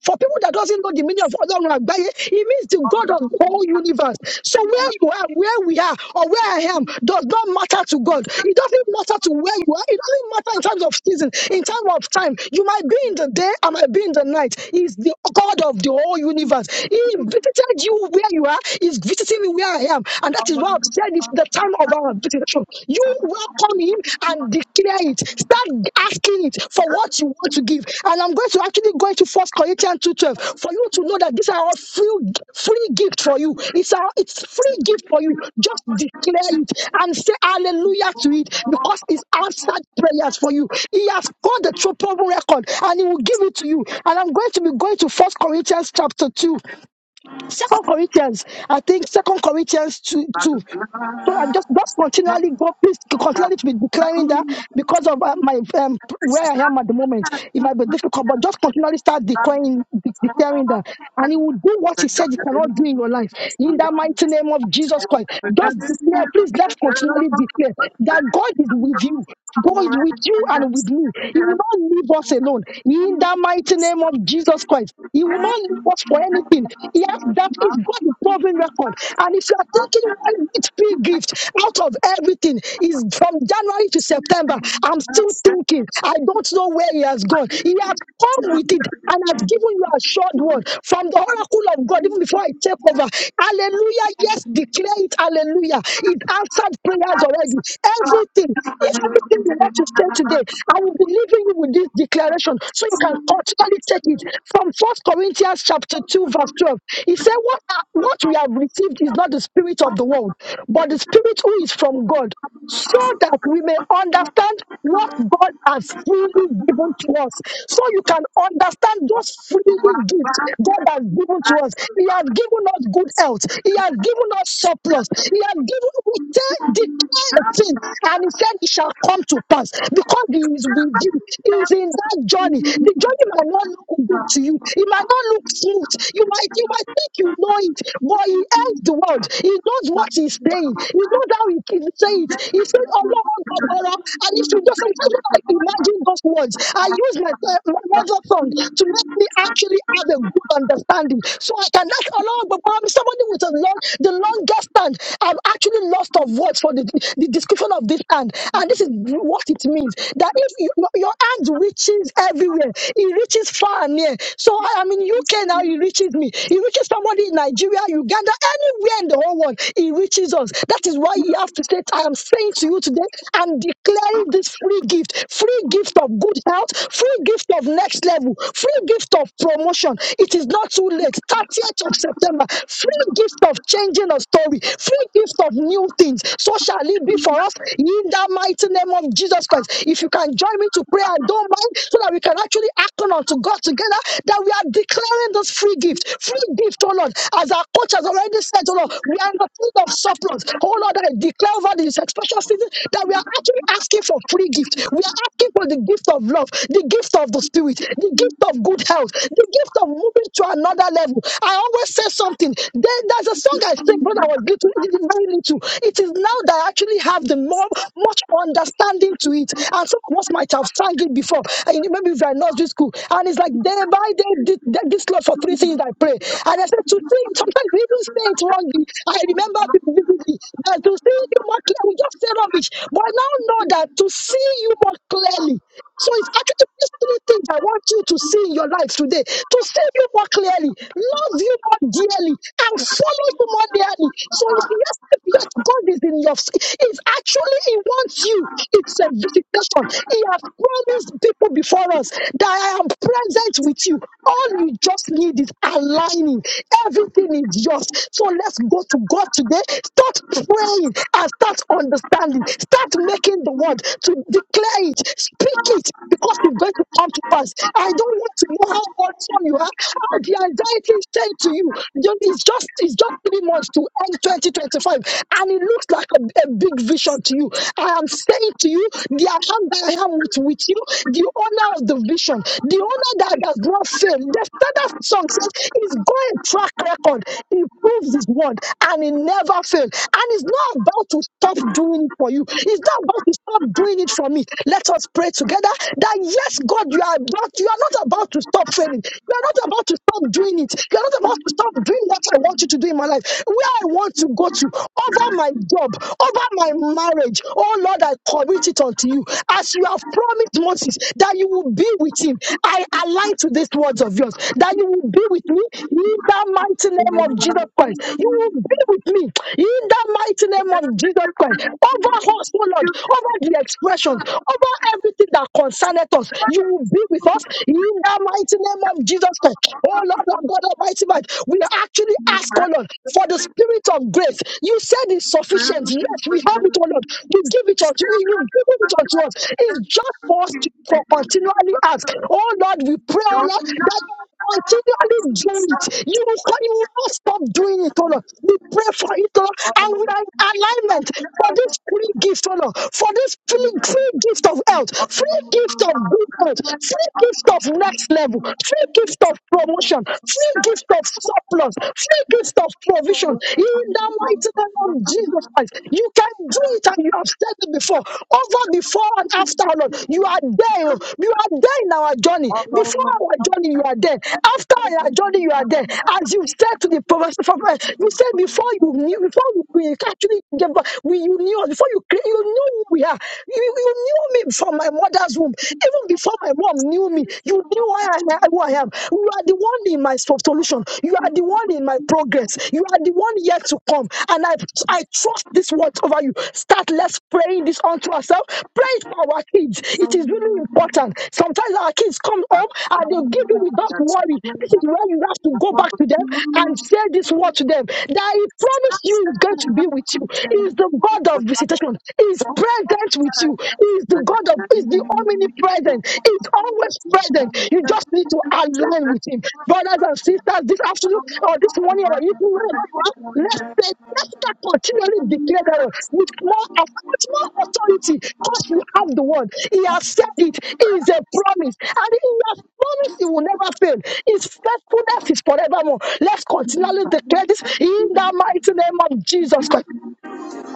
Speaker 2: for people God that doesn't know the meaning of Ọlọ́run àgbáyé, it means the God of the whole universe. So where you are, where we are, or where I am, does not matter to God. It doesn't matter to where you are. It doesn't matter in terms of season, in terms of time. You might be in the day, I might be in the night. He's the God of the whole universe. He visited you where you are. He's visiting me where I am, and that is why I've said it's the time of our visitation. You upon him and declare it. Start asking it for what you want to give. And I'm going to actually go into First Corinthians 2:12 for you to know that these are all free, free gift for you. It's a it's free gift for you. Just declare it and say hallelujah to it because it's answered prayers for you. He has got the triple record and he will give it to you. And I'm going to be going to First Corinthians chapter 2. Second Corinthians, I think Second Corinthians 2, 2 so I just just continually go please continually to be declaring that because of uh, my um, where I am at the moment, it might be difficult, but just continually start declaring de- declaring that, and He will do what He said He cannot do in your life. In the mighty name of Jesus Christ, just declare, please. Let's continually declare that God is with you. God is with you and with me. He will not leave us alone. In the mighty name of Jesus Christ, He will not leave us for anything. He has that is God's proven record. And if you are taking one great big gift out of everything, is from January to September. I'm still thinking. I don't know where He has gone. He has come with it and has given you a short word from the oracle of God, even before I take over. Hallelujah. Yes, declare it. Hallelujah. It answered prayers already. Everything, if everything you want to say today, I will be leaving you with this declaration so you can continually take it from First Corinthians chapter 2, verse 12. He said, What, are, what we have received is not the spirit of the world, but the spirit who is from God so that we may understand what God has freely given to us. So you can understand those freely gifts God has given to us. He has given us good health. He has given us surplus. He has given, we tell, declare a thing and he said it shall come to pass because he is with you. He is in that journey. The journey might not look good to you. It might not look smooth. You might you might think you know it, but he ends the world. He knows what he's saying. He knows how he can say it. He said, "Oh Lord, Barbara," and if you just sometimes when I imagine those words, I use my, my mother tongue to make me actually have a good understanding, so I can ask "Oh Lord,' But somebody with a long, the longest stand, I've actually lost of of words for the, the description of this hand. And this is what it means that if you, your your hand reaches everywhere, it reaches far and near. So I am in UK now, it reaches me. It reaches somebody in Nigeria, Uganda, anywhere in the whole world, it reaches us. That is why you have to say, I am saying to you today, I'm declaring this free gift, free gift of good health, free gift of next level, free gift of promotion. It is not too late. 30th of September, free gift of changing a story, free gift of new things. So shall it be for us in the mighty name of Jesus Christ. If you can join me to pray and don't mind, so that we can actually hearken unto God together, that we are declaring this free gift, free gift, oh Lord, as our coach has already said, oh Lord, we are not full of surplus. Oh Lord, I declare over this expression season that we are actually asking for free gift. We are asking for the gift of love, the gift of the spirit, the gift of good health, the gift of moving to another level. I always say something. They there, there's a song I sing when I was little, very little. It is now that I actually have the more much understanding to it. And some of us might have sang it before, and maybe if you're in nursery school. And it's like day by day, thi- thi- this Lord for three things I pray. And I said to sing, sometimes we even say it wrongly. I remember vividly that to see you more clearly, we just say rubbish. But I now know that to see you more clearly. So it's actually these three things I want you to see in your life today to see you more clearly, love you more dearly, and follow you more dearly. So if yes, if yes, God is in your, it's actually He wants you. It's a visitation. He has promised people before us that I am present with you. All you just need is aligning. Everything is yours. So let's go to God today. Start praying and start understanding. Start making the word to declare it it. Speak it because it's going to come to pass. I don't want to know how awesome you are, how the anxiety is saying to you. Don't- It's just it's just three months to end 2025, and it looks like a, a big vision to you. I am saying to you, the I am that I am with, with you, the owner of the vision, the owner that does not fail. The standard song says he's got a track record proves his word and he never fails. And he's not about to stop doing it for you. He's not about to stop doing it for me. Let us pray together that yes, God, you are about, you are not about to stop failing. You are not about to stop doing it. You are not about to stop doing what I want you to do in my life, where I want to go to, over my job, over my marriage. Oh Lord, I commit it unto you. As you have promised Moses that you will be with him, I align to these words of yours, that you will be with me in the mighty name of Jesus Christ. You will be with me in the mighty name of Jesus Christ. Over us, oh Lord, over the expressions, over everything that concerneth us, you will be with us in the mighty name of Jesus Christ. Oh Lord, our God Almighty, man, we actually ask, O Lord, for the spirit of grace. You said it's sufficient. Yes, we have it, O Lord. We give it unto you. You given unto us is just for us to for continually ask. Oh Lord, we pray, oh Lord, that you will continually do it. You will, con- you will not stop doing it, oh Lord. We pray for it, oh Lord, and we are in alignment for this free gift, oh Lord, for this free, free gift of health, free gift of good health, free gift of next level, free gift of promotion, free gift of surplus, free gift of provision in the mighty name of Jesus Christ. You can do it and you have said it before. Over before and after, Lord. You are there. oh. You are there in our journey. Before our journey, you are there. After our journey, you are there. As you said to the prophet, prophet, you said before you knew, before you we actually gave birth, we you knew us, before you cre- you knew who we are. You, you knew me from my mother's womb. Even before my mom knew me, you knew who I, am- who I am. You are the one in my so-, solution. You are the one in my progress. You are the one yet to come. And I, I trust this word over you. Start, let's praying this unto ourselves. Pray it for our kids. It is really important. Sometimes our kids come home and they'll give you without worry. This is where you have to go back to them and say this word to them that He promised you is going to be with you. He is the God of visitation. He is present with you. He is the God of God is the omnipresent, is always present. You just need to align with Him. Brothers and sisters, this afternoon or this morning or evening, wherever you are, let's say, let's just continually declare that word with more, auth- with more authority because you have the word. He has said it. It is a promise. And He has promised He will never fail. His faithfulness is forevermore. Let's continually declare this in the mighty name of Jesus. Christ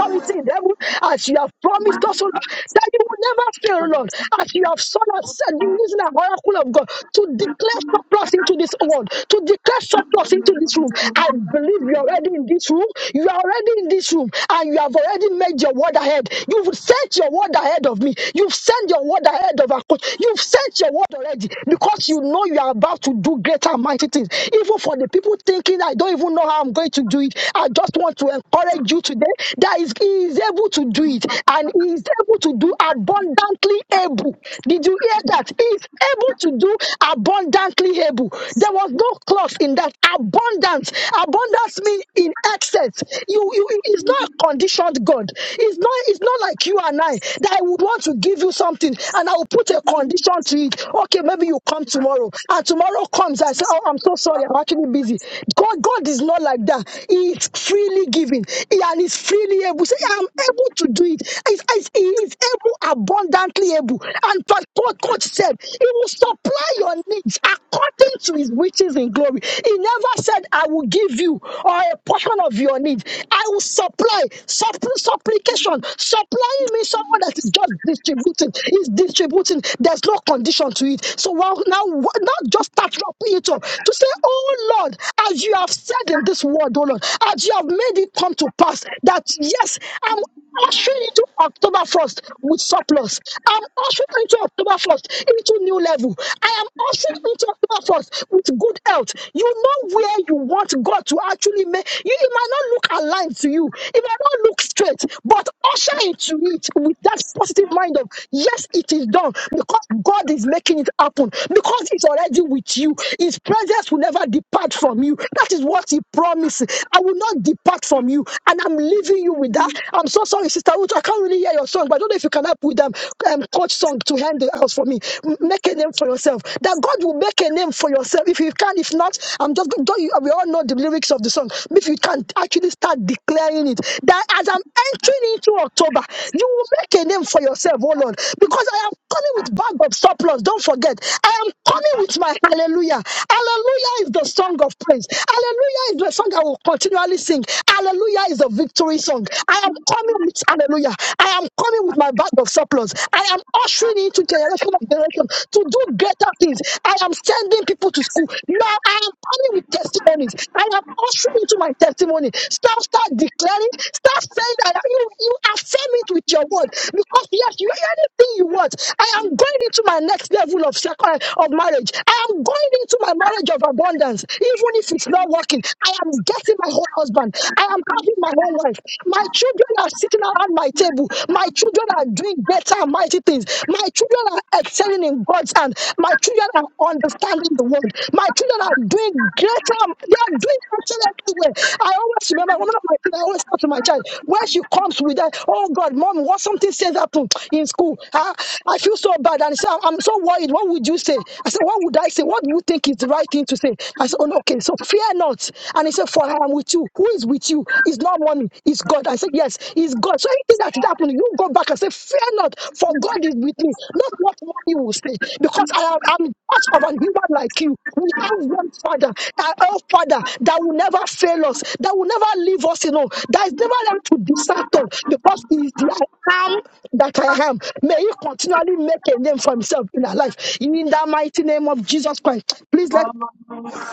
Speaker 2: authority in heaven, as you have promised us, O Lord, that you will never fail, Lord, as you have sort of said, you using an oracle of God to declare surplus into this world, to declare surplus into this room. I believe you're already in this room, you are already in this room, and you have already made your word ahead. You've sent your word ahead of me, you've sent your word ahead of our coach, you've sent your word already because you know you are about to do greater and mighty things. Even for the people thinking, I don't even know how I'm going to do it, I just want to encourage you you today that is he is able to do it and he is able to do abundantly able did you hear that he is able to do abundantly able there was no clause in that abundance abundance means in excess you, you you- it's not a conditioned god it's not it's not like you and i that i would want to give you something and i will put a condition to it okay maybe you come tomorrow and tomorrow comes i say oh i'm so sorry i'm actually busy god god is not like that he freely gives given. He and is freely able. Say, I am able to do it. It's- it's- He is able, abundantly able. And but God, coach said, He will supply your needs according to His riches in glory. He never said, I will give you or a portion of your need. I will supply. Suppl- supplication. Supplying means someone that is just distributing. Is distributing. There's no condition to it. So wow, now, now just start wrapping it up to say, Oh Lord, as you have said in this word, oh Lord, as that you have made it come to pass. That yes, I'm ushering into October 1st with surplus. I'm ushering into October 1st into new level. I am ushering into October 1st with good health. You know where you want God to actually make you. It might not look aligned to you, it might not look straight, but usher into it with that positive mind of yes, it is done because God is making it happen because it's already with you. His presence will never depart from you. That is what He promises promise. I will not depart from you. And I'm leaving you with that. I'm so sorry, Sister Ruth. I can't really hear your song, but I don't know if you can help with them. Um, coach song to hand the house for me. M- Make a name for yourself. That God will make a name for yourself. If you can, if not, I'm just don't you, we all know the lyrics of the song. If you can actually start declaring it, that as I'm entering into October, you will make a name for yourself, oh Lord, because I am coming with bag of surplus. Don't forget, I am coming with my hallelujah. Hallelujah is the song of praise. Hallelujah is the song I will continually sing. Hallelujah is a victory song. I am coming with hallelujah. I am coming with my bag of surplus. I am ushering into generation of generation to do greater things. I am sending people to school. You are. I am coming with testimonies. I am ushering into my testimony. Start, start declaring, start saying that you, you affirm it with your word. Because yes, you anything you want. I am going into my next level of second of marriage. I am going into my marriage of abundance. Even if it's not working, I am getting my whole husband. I am having my own wife. My children are sitting around my table. My children are doing better and mighty things. My children are excelling in God's hand. My children are understanding the word. My children are doing greater. They are doing excellently well. I always remember one of my children. I always talk to my child when she comes with that. Oh God, mom, what something says happened in school? Ah, I feel so bad, and she said, I'm so worried. What would you say? I said, What would I say? What do you think is the right thing to say? I said, Oh no, okay. So fear not. And he said, For I am with you. Who is with you? It's not money. Is God. I said, Yes, Is God. So anything that is happening, you go back and say, Fear not, for God is with me. Not what mommy will say, because I am I'm part of a human like you. We have one Father, our our Father that will never fail us, that will never leave us, you know, that is never left to desert us, because He is the I am that I am. May He continually make a name for Himself in our life. In the mighty name of Jesus Christ, please let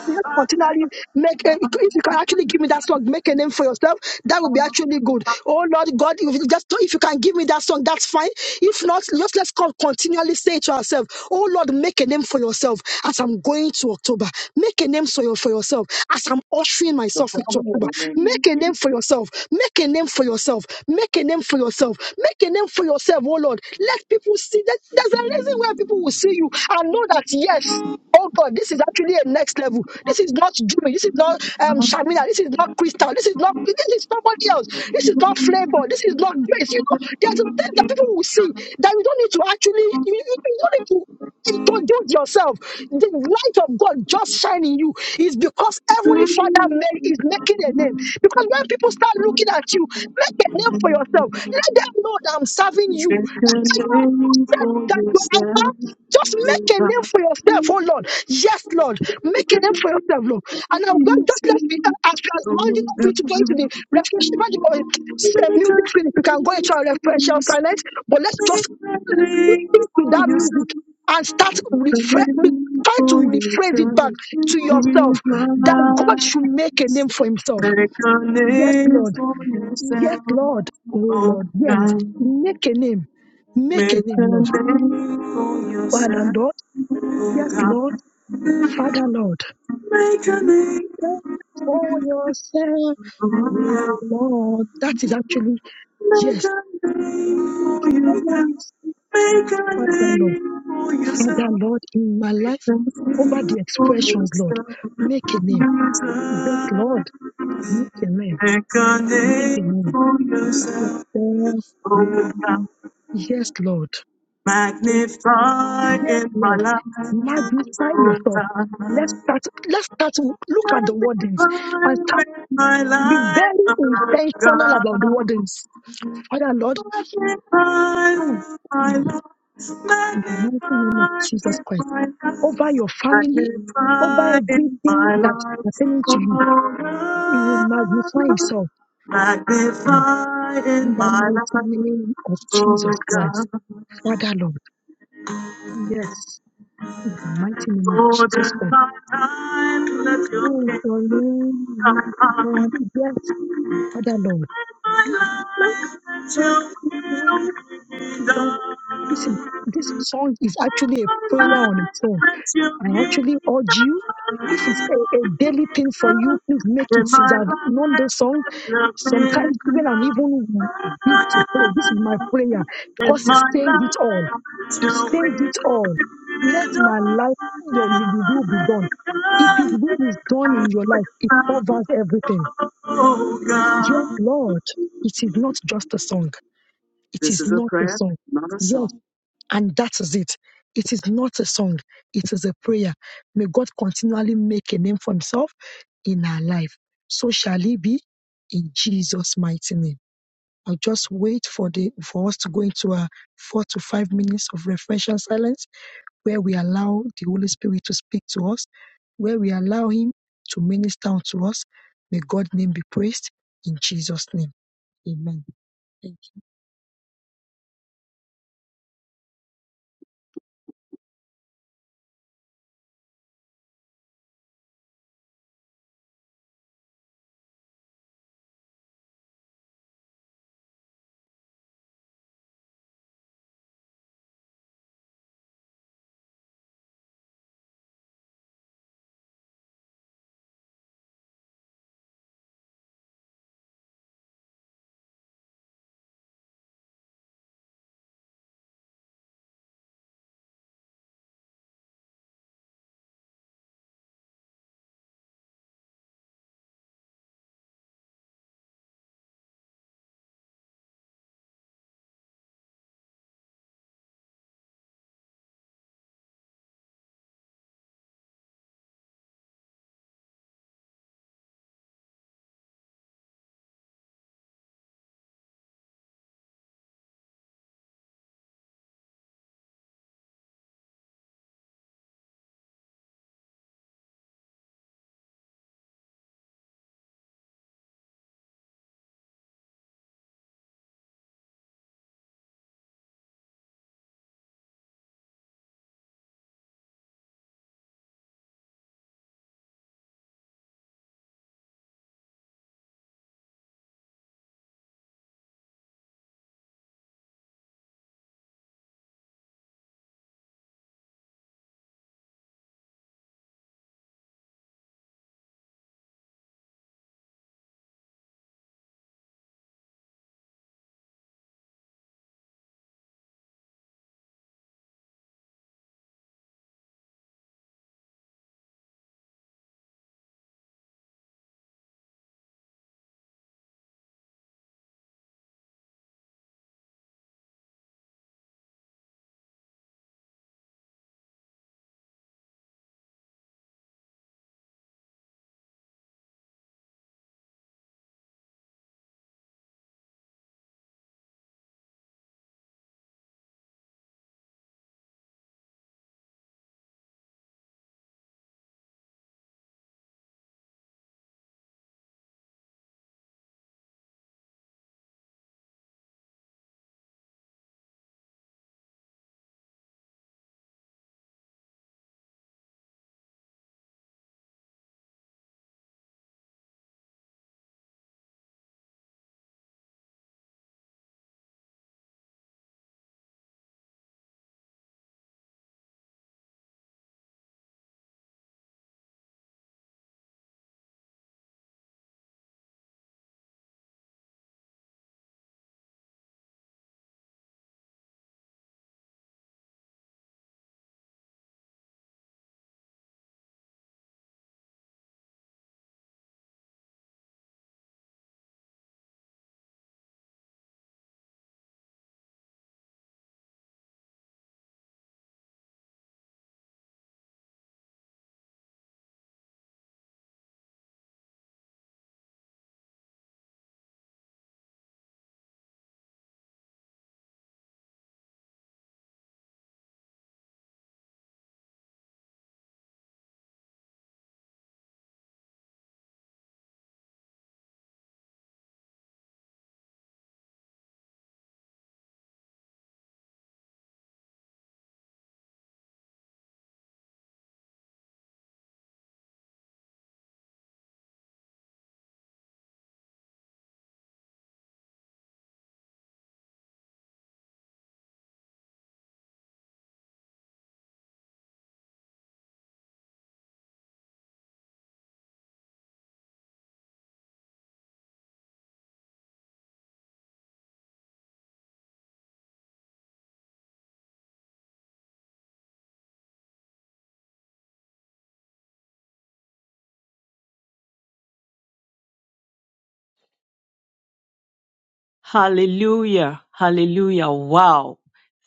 Speaker 2: just continually make a, if you can actually give me that song, make a name for yourself, that would be actually good. Oh Lord God, if you just if you can give me that song, that's fine. If not, just let's con- continually say to ourselves, Oh Lord, make a name for yourself as I'm going to October. Make a name for, your, for yourself as I'm ushering myself into October. Make a name for yourself. Make a name for yourself. Make a name for yourself. Make a name for yourself, oh Lord. Let people see that there's a reason why people will see you and know that yes. Oh God, this is actually a next level. This is not Jimmy. This is not um Shamina. This is not Crystal. This is not this is somebody else. This is not flavor. This is not grace. You know, there's a thing that people will see that you don't need to actually you, you you don't need to introduce yourself. The light of God just shining you is because Heavenly Father ma- is making a name. Because when people start looking at you, make a
Speaker 3: Make a
Speaker 2: name for yourself. Let them know that I'm serving you. That you are
Speaker 3: name
Speaker 2: trusted,
Speaker 3: for
Speaker 2: that you are
Speaker 3: yourself.
Speaker 2: empowered just
Speaker 3: Oh
Speaker 2: make a name
Speaker 3: God.
Speaker 2: for yourself, oh Lord. Yes, Lord. Make
Speaker 3: Make a
Speaker 2: a name
Speaker 3: name
Speaker 2: for yourself, Lord. And now,
Speaker 3: for
Speaker 2: God, just let
Speaker 3: yourself.
Speaker 2: me, uh, as we are
Speaker 3: Oh
Speaker 2: rounding up
Speaker 3: God.
Speaker 2: into
Speaker 3: Make a
Speaker 2: going to
Speaker 3: name
Speaker 2: the refreshment, or
Speaker 3: for
Speaker 2: uh, music
Speaker 3: yourself.
Speaker 2: finish, we can go into our referential silence, but let's
Speaker 3: Make
Speaker 2: just
Speaker 3: a name
Speaker 2: listen to
Speaker 3: for
Speaker 2: that music
Speaker 3: yourself.
Speaker 2: and start
Speaker 3: Make a
Speaker 2: refre- re-
Speaker 3: name
Speaker 2: try to
Speaker 3: for yourself.
Speaker 2: rephrase it back to
Speaker 3: With
Speaker 2: yourself that God should make a name for himself.
Speaker 3: Make a
Speaker 2: Yes,
Speaker 3: name
Speaker 2: Lord.
Speaker 3: for
Speaker 2: Yes,
Speaker 3: yourself,
Speaker 2: Lord. Oh,
Speaker 3: oh
Speaker 2: Lord. Yes.
Speaker 3: God.
Speaker 2: Make a name. Make
Speaker 3: Make
Speaker 2: a
Speaker 3: a
Speaker 2: name, Lord.
Speaker 3: name for
Speaker 2: Father,
Speaker 3: yourself,
Speaker 2: Lord. Yes,
Speaker 3: oh
Speaker 2: Lord.
Speaker 3: God.
Speaker 2: Father Lord,
Speaker 3: Make a name
Speaker 2: thank you for yourself,
Speaker 3: for
Speaker 2: oh
Speaker 3: yourself.
Speaker 2: Lord. That is actually,
Speaker 3: Make
Speaker 2: yes,
Speaker 3: a name for
Speaker 2: I
Speaker 3: yourself.
Speaker 2: want to say,
Speaker 3: Make a
Speaker 2: Father Lord,
Speaker 3: name for
Speaker 2: Father
Speaker 3: yourself.
Speaker 2: Lord, in my
Speaker 3: Make
Speaker 2: life, over the
Speaker 3: a name
Speaker 2: expressions,
Speaker 3: for
Speaker 2: Lord, make a
Speaker 3: yourself.
Speaker 2: name. Yes, Lord,
Speaker 3: Jesus.
Speaker 2: make a name,
Speaker 3: Make a
Speaker 2: make a
Speaker 3: name
Speaker 2: name.
Speaker 3: for yourself.
Speaker 2: Yourself, oh Lord. Yes, Lord, yes,
Speaker 3: Magnify in my
Speaker 2: Lord,
Speaker 3: life.
Speaker 2: magnify yourself. Let's start, let's start, to look at the wordings
Speaker 3: Magnify
Speaker 2: and start,
Speaker 3: with my
Speaker 2: be very
Speaker 3: life.
Speaker 2: intentional about the wordings. Father
Speaker 3: Magnify
Speaker 2: Lord, Father,
Speaker 3: you,
Speaker 2: In
Speaker 3: my Lord, magnify
Speaker 2: the mighty name of Jesus
Speaker 3: in
Speaker 2: Christ,
Speaker 3: my life,
Speaker 2: over your family, over
Speaker 3: my encounter.
Speaker 2: everything that's pertaining to you, He will magnify Himself in the mighty name of Jesus Christ. Father, Lord, yes, in the mighty name of
Speaker 3: More
Speaker 2: Jesus
Speaker 3: than
Speaker 2: Christ.
Speaker 3: my time, let your
Speaker 2: Oh, your name will
Speaker 3: kingdom
Speaker 2: be
Speaker 3: come.
Speaker 2: done. Yes, Father, Lord.
Speaker 3: In my
Speaker 2: Lord,
Speaker 3: life, let your
Speaker 2: Father,
Speaker 3: will
Speaker 2: When you don't listen, this song is actually a prayer on its own I actually urge you, if it's a, a daily thing for you, please make it since I've known the song. Sometimes even I'm even big to play. This is my prayer because it says it all. It says it all. Let my life, your will be done. If His will is done in your life, it covers everything. Yes, Lord, it is not just a song. It is not a song. Yes. And that is it. It is not a song, it is a prayer. May God continually make a name for himself in our life. So shall it be in Jesus' mighty name. I'll just wait for the for us to go into a four to five minutes of reverential silence where we allow the Holy Spirit to speak to us, where we allow him to minister unto us. May God's name be praised in Jesus' name. Amen.
Speaker 3: Hallelujah. Hallelujah. Wow.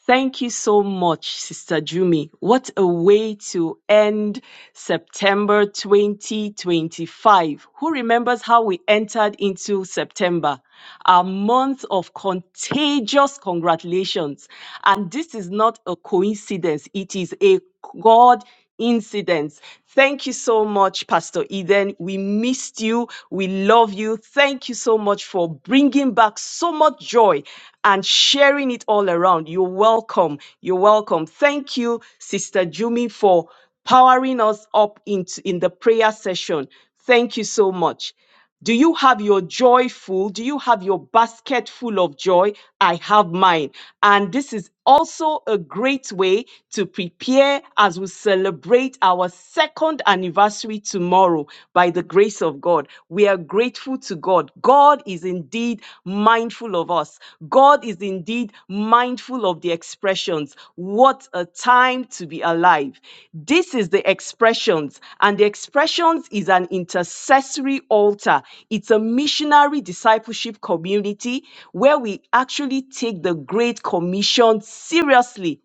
Speaker 3: Thank you so much, Sister Jumi. What a way to end September 2025. Who remembers how we entered into September? A month of contagious congratulations. And this is not a coincidence, it is a God incidents. Thank you so much, Pastor Eden. We missed you. We love you. Thank you so much for bringing back so much joy and sharing it all around. You're welcome. You're welcome. Thank you, Sister Jumi, for powering us up into in the prayer session. Thank you so much. Do you have your joy full? Do you have your basket full of joy? I have mine. And this is also a great way to prepare as we celebrate our second anniversary tomorrow by the grace of God. We are grateful to God. God is indeed mindful of us us. God is indeed mindful of the expressions. What a time to be alive. This is the expressions, and the expressions is an intercessory altar. It's a missionary discipleship community where we actually take the Great Commission seriously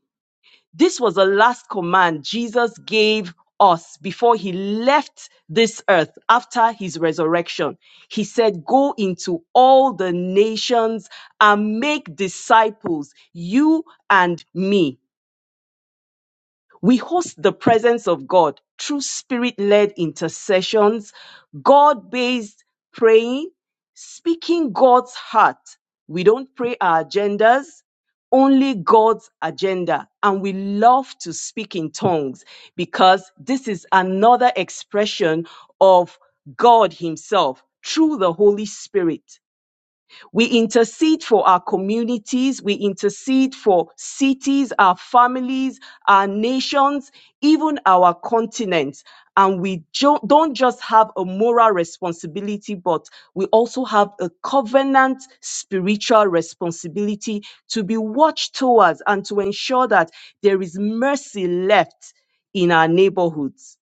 Speaker 3: this was the last command Jesus gave us before he left this earth after his resurrection. He said, Go into all the nations and make disciples, you and me. We host the presence of God through spirit led intercessions, God based praying, speaking God's heart. We don't pray our agendas, only God's agenda. And we love to speak in tongues because this is another expression of God Himself through the Holy Spirit. We intercede for our communities. We intercede for cities, our families, our nations, even our continents. And we jo- don't just have a moral responsibility, but we also have a covenant spiritual responsibility to be watched towards and to ensure that there is mercy left in our neighborhoods.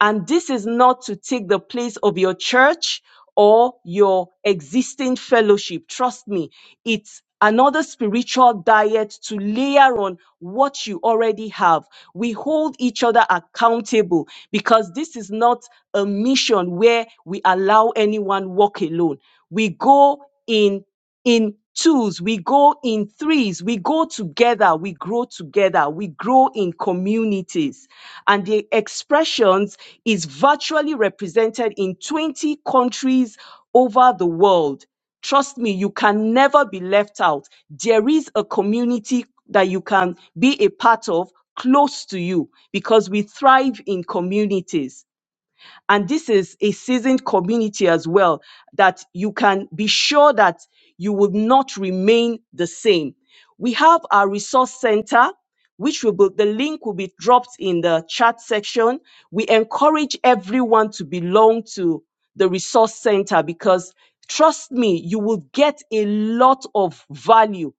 Speaker 3: And this is not to take the place of your church or your existing fellowship. Trust me, it's another spiritual diet to layer on what you already have. We hold each other accountable because this is not a mission where we allow anyone walk alone. We go in in twos, we go in threes, we go together, we grow together, we grow in communities. And the expressions is virtually represented in 20 countries over the world. Trust me, you can never be left out. There is a community that you can be a part of close to you because we thrive in communities. And this is a seasoned community as well, that you can be sure that you would not remain the same. We have our resource center, which will be, the link will be dropped in the chat section. We encourage everyone to belong to the resource center because trust me, you will get a lot of value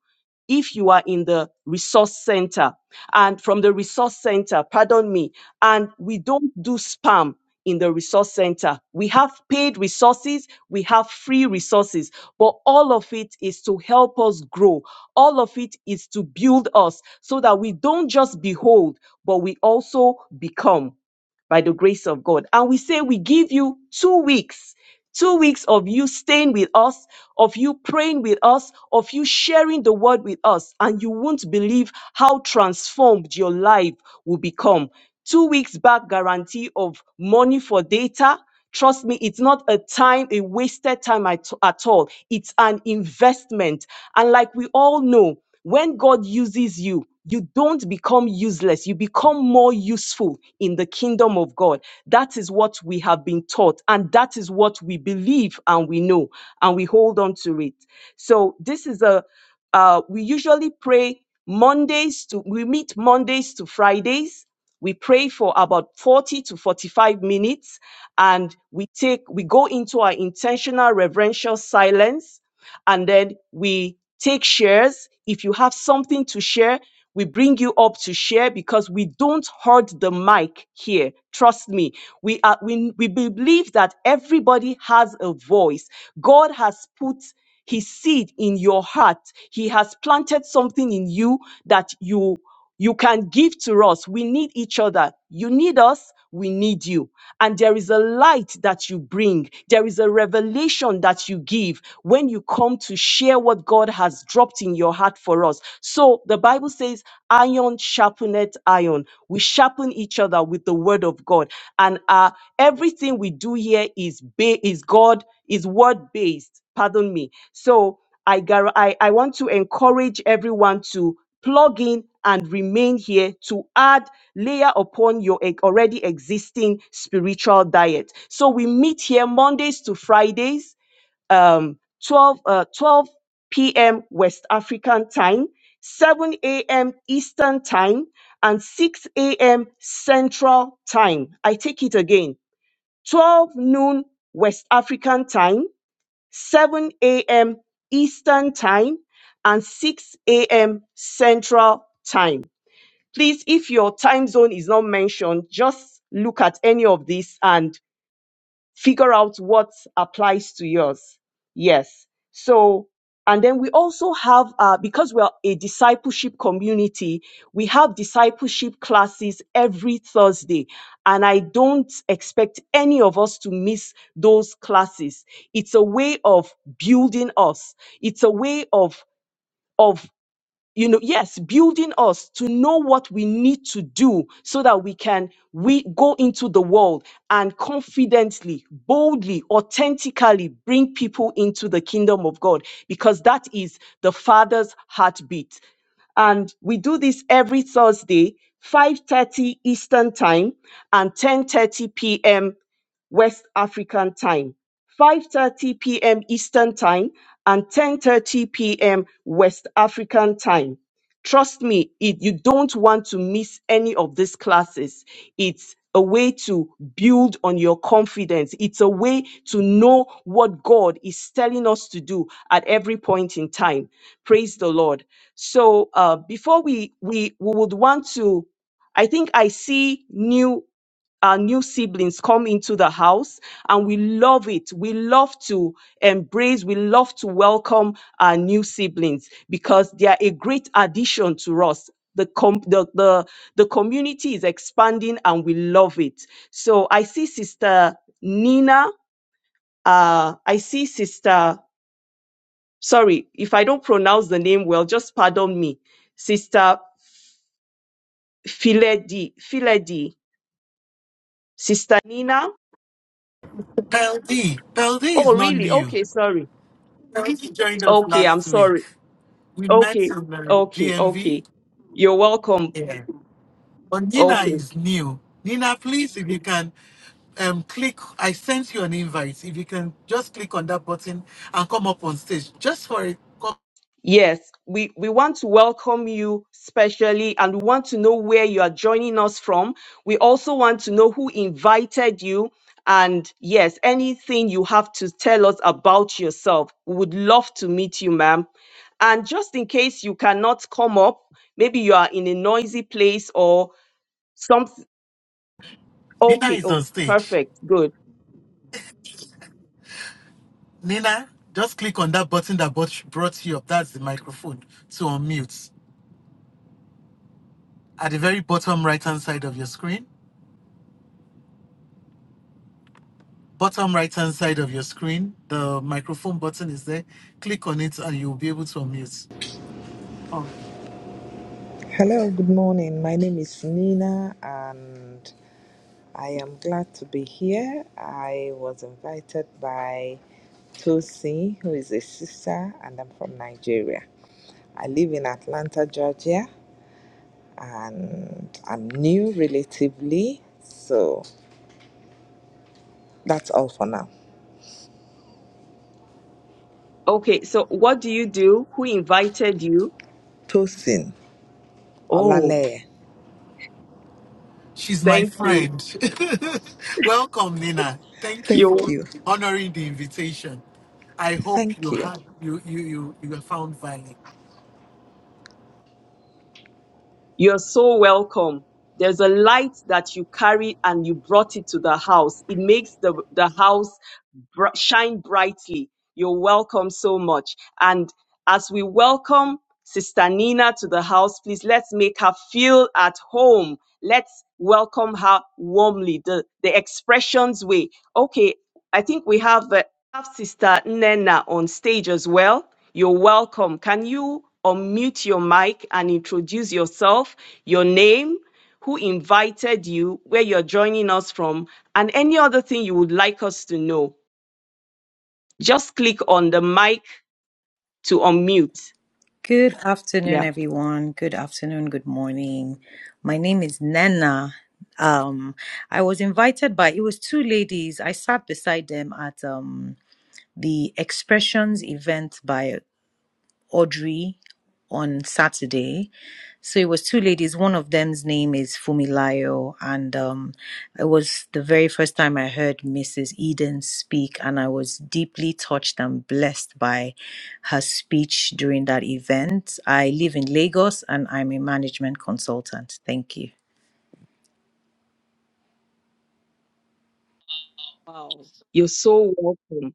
Speaker 3: if you are in the resource center and from the resource center, pardon me, and we don't do spam in the resource center. We have paid resources, we have free resources, but all of it is to help us grow. All of it is to build us so that we don't just behold, but we also become by the grace of God. And we say we give you two weeks, two weeks of you staying with us, of you praying with us, of you sharing the word with us. And you won't believe how transformed your life will become. Two weeks back guarantee of money for data, Trust me, it's not a time, a wasted time at, at all. It's an investment. And like we all know, when God uses you, you don't become useless. You become more useful in the kingdom of God. That is what we have been taught, and that is what we believe and we know, and we hold on to it. So, this is a, uh, we usually pray Mondays to, we meet Mondays to Fridays. We pray for about 40 to 45 minutes and we take we go into our intentional reverential silence and then we take shares if you have something to share we bring you up to share because we don't hoard the mic here trust me we are we, we believe that everybody has a voice god has put his seed in your heart he has planted something in you that you you can give to us. We need each other. You need us. We need you. And there is a light that you bring. There is a revelation that you give when you come to share what God has dropped in your heart for us. So the Bible says, iron sharpeneth iron. We sharpen each other with the word of God. And uh, everything we do here is, ba- is God, is word based. Pardon me. So I, gar- I, I want to encourage everyone to plug in and remain here to add layer upon your e- already existing spiritual diet. So we meet here Mondays to Fridays, um, 12, uh, 12 p.m. West African time, 7 a.m. Eastern time, and 6 a.m. Central time. I take it again. 12 noon West African time, 7 a.m. Eastern Time, and 6 a.m. Central Time. Please, if your time zone is not mentioned, just look at any of this and figure out what applies to yours. Yes. So, and then we also have, uh, because we are a discipleship community, we have discipleship classes every Thursday. And I don't expect any of us to miss those classes. It's a way of building us. It's a way of, of you know yes building us to know what we need to do so that we can we go into the world and confidently boldly authentically bring people into the kingdom of god because that is the father's heartbeat and we do this every thursday 5.30 eastern time and 10.30 p.m west african time 5:30 p.m. Eastern Time and 10:30 p.m. West African Time. Trust me, it, you don't want to miss any of these classes. It's a way to build on your confidence. It's a way to know what God is telling us to do at every point in time. Praise the Lord. So uh, before we we we would want to, I think I see new our new siblings come into the house and we love it. We love to embrace, we love to welcome our new siblings because they are a great addition to us. The, com- the, the, the community is expanding and we love it. So I see Sister Nina, uh, I see Sister, sorry, if I don't pronounce the name well, just pardon me. Sister Filedi, Filedi, Sister Nina.
Speaker 4: Peldy. Peldy is
Speaker 3: Oh,
Speaker 4: not
Speaker 3: really?
Speaker 4: new.
Speaker 3: Okay, sorry.
Speaker 4: Peldy joined us
Speaker 3: Okay, I'm
Speaker 4: last week.
Speaker 3: sorry.
Speaker 4: We met
Speaker 3: Okay,
Speaker 4: in the
Speaker 3: okay,
Speaker 4: DMV.
Speaker 3: okay. You're welcome.
Speaker 4: Yeah. But Nina
Speaker 3: Okay.
Speaker 4: is new. Nina, please, if you can um, click, I sent you an invite. If you can just click on that button and come up on stage just for a co-
Speaker 3: Yes, we, we want to welcome you specially and we want to know where you are joining us from. We also want to know who invited you. And yes, anything you have to tell us about yourself. We would love to meet you, ma'am. And just in case you cannot come up, maybe you are in a noisy place or something.
Speaker 4: Nina
Speaker 3: Okay,
Speaker 4: is on
Speaker 3: oh,
Speaker 4: stage.
Speaker 3: perfect. Good.
Speaker 4: Nina, just click on that button that brought brought you up. That's the microphone to unmute at the very bottom right hand side of your screen. bottom right hand side of your screen. The microphone button is there. Click on it and you'll be able to unmute. Oh,
Speaker 5: Hello, good morning. My name is Nina, and I am glad to be here. I was invited by Tosi, who is a sister, and I'm from Nigeria. I live in Atlanta, Georgia, and I'm new relatively, so that's all for now.
Speaker 3: Okay, so what do you do? Who invited you?
Speaker 5: Tosin,
Speaker 3: Oh,
Speaker 5: Olaleye,
Speaker 4: she's my
Speaker 3: thank you.
Speaker 4: friend. Welcome, Nina. Thank you
Speaker 5: thank
Speaker 3: You
Speaker 4: for
Speaker 5: you.
Speaker 4: honoring the invitation. I hope you
Speaker 5: Thank you.
Speaker 4: had you you you you have found value.
Speaker 3: you're so welcome. There's a light that you carry and you brought it to the house. It makes the the house br- shine brightly. You're welcome so much. And as we welcome Sister Nina to the house, please let's make her feel at home. Let's welcome her warmly, the, the expressions way. Okay, I think we have, uh, have Sister Nena on stage as well. You're welcome. Can you unmute your mic and introduce yourself, your name, who invited you, where you're joining us from, and any other thing you would like us to know? Just click on the mic to unmute.
Speaker 6: Good afternoon,
Speaker 3: Yeah.
Speaker 6: everyone. Good afternoon, good morning. My name is Nana. Um, I was invited by it was two ladies. I sat beside them at um the expressions event by Audrey on Saturday. So it was two ladies. One of them's name is Fumilayo, and um, it was the very first time I heard Mrs. Eden speak, and I was deeply touched and blessed by her speech during that event. I live in Lagos, and I'm a management consultant. Thank you.
Speaker 3: Wow. You're so welcome.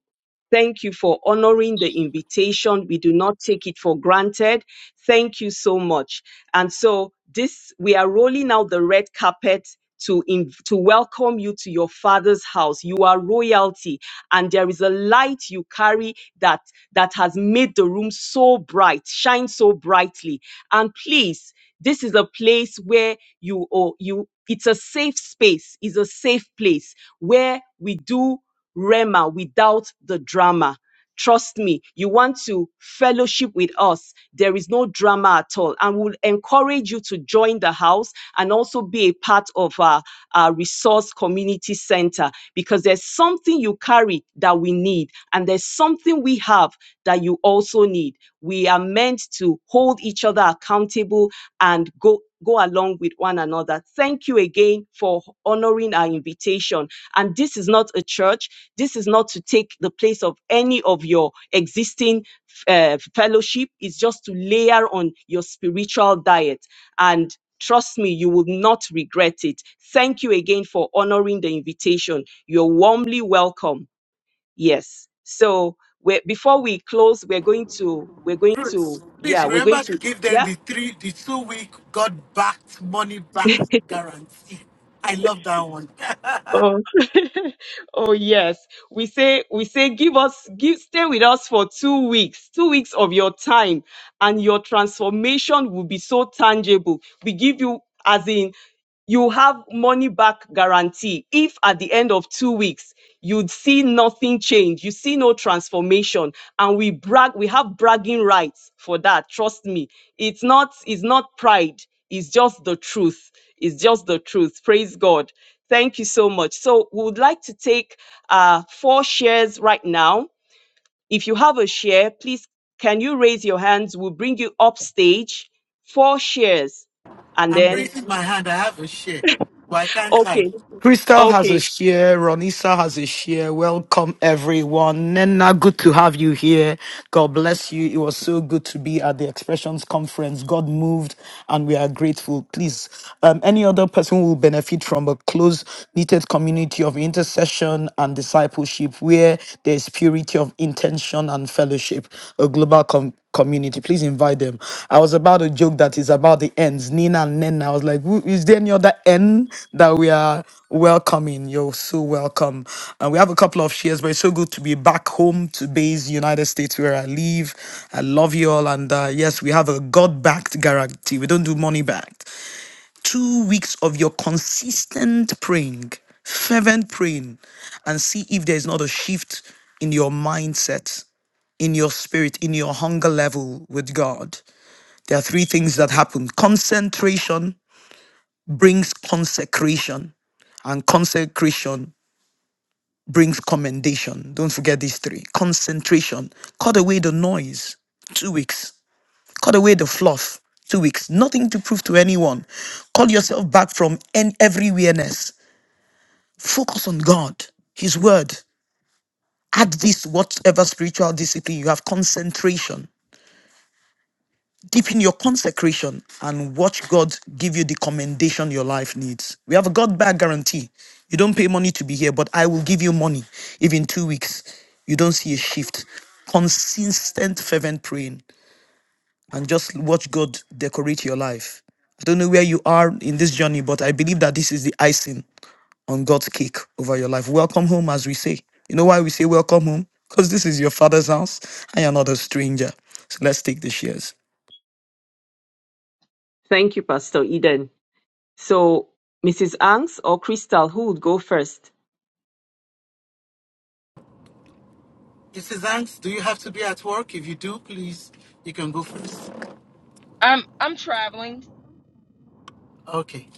Speaker 3: Thank you for honoring the invitation. We do not take it for granted. Thank you so much. And so this, we are rolling out the red carpet to, in, to welcome you to your father's house. You are royalty and there is a light you carry that, that has made the room so bright, shine so brightly. And please, this is a place where you, or you, it's a safe space, it's a safe place where we do Rema without the drama. Trust me, you want to fellowship with us. There is no drama at all. And we'll encourage you to join the house and also be a part of our, our resource community center because there's something you carry that we need, and there's something we have that you also need. We are meant to hold each other accountable and go. Go along with one another. Thank you again for honoring our invitation. And this is not a church. This is not to take the place of any of your existing uh, fellowship. It's just to layer on your spiritual diet. And trust me, you will not regret it. Thank you again for honoring the invitation. You're warmly welcome. Yes. So we're, before we close, we're going to, we're going
Speaker 4: Ruth,
Speaker 3: to,
Speaker 4: please
Speaker 3: yeah, we're going
Speaker 4: remember
Speaker 3: to,
Speaker 4: to give
Speaker 3: yeah.
Speaker 4: them the three the two week God backed money back guarantee. I love that one.
Speaker 3: Oh. oh yes. We say we say give us give stay with us for 2 weeks. 2 weeks of your time and your transformation will be so tangible. We give you as in you have money back guarantee if at the end of two weeks you'd see nothing change you see no transformation and we brag we have bragging rights for that trust me it's not it's not pride it's just the truth it's just the truth praise god Thank you so much. So we would like to take uh, four shares right now. If you have a share, please can you raise your hands? We'll bring you up stage. Four shares. And
Speaker 4: I'm
Speaker 3: then,
Speaker 4: raising my hand. I have a share, but I can't
Speaker 3: okay,
Speaker 4: type.
Speaker 1: Crystal has a
Speaker 3: okay.
Speaker 1: share. Ronisa has a share. Welcome, everyone. Nena, good to have you here. God bless you. It was so good to be at the Expressions Conference. God moved, and we are grateful. Please, um, any other person who will benefit from a close knitted community of intercession and discipleship where there is purity of intention and fellowship, a global com- community. Please invite them. I was about to joke that it's about the ends, Nina and Nen. I was like, "Who- is there any other N that we are welcoming? You're so welcome. And we have a couple of shares, but it's so good to be back home to base United States where I live. I love you all. And uh, yes, we have a God backed guarantee. We don't do money backed. Two weeks of your consistent praying, fervent praying, and see if there's not a shift in your mindset in your spirit, in your hunger level with God, there are three things that happen. Concentration brings consecration, and consecration brings commendation. Don't forget these three. Concentration, cut away the noise, two weeks, cut away the fluff, two weeks, nothing to prove to anyone. Call yourself back from en- every weirness. Focus on God, His Word. Add this, whatever spiritual discipline you have, concentration Deep in your consecration and watch God give you the commendation your life needs. We have a God back guarantee. You don't pay money to be here, but I will give you money if in two weeks you don't see a shift. Consistent, fervent praying and just watch God decorate your life. I don't know where you are in this journey, but I believe that this is the icing on God's cake over your life. Welcome home, as we say. You know why we say welcome home? Because this is your father's house and you're not a stranger. So let's take the shares.
Speaker 3: Thank you, Pastor Eden. So, Mrs. Angs or Crystal, who would go first?
Speaker 4: Mrs. is Do you have to be at work? If you do, please, you can go first.
Speaker 7: I'm I'm traveling.
Speaker 4: Okay.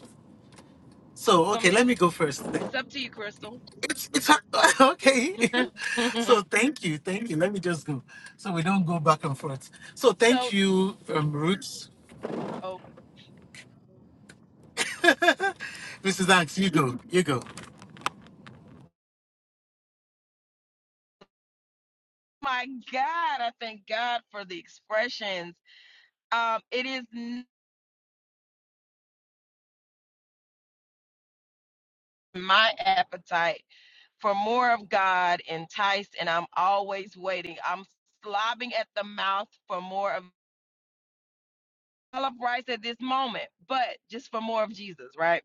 Speaker 4: So,
Speaker 7: Want
Speaker 4: okay,
Speaker 7: me to?
Speaker 4: let me go first.
Speaker 7: It's up to you, Crystal.
Speaker 4: It's, it's okay. so, thank you. Thank you. Let me just go so we don't go back and forth. So, thank
Speaker 7: so,
Speaker 4: you, um, Roots.
Speaker 7: oh
Speaker 4: Mrs. Angst, you go. You go.
Speaker 7: my God! I thank God for the expressions. Um, it is n- my appetite for more of God, enticed, and I'm always waiting. I'm slobbing at the mouth for more of. I love rice at this moment, but just for more of Jesus, right?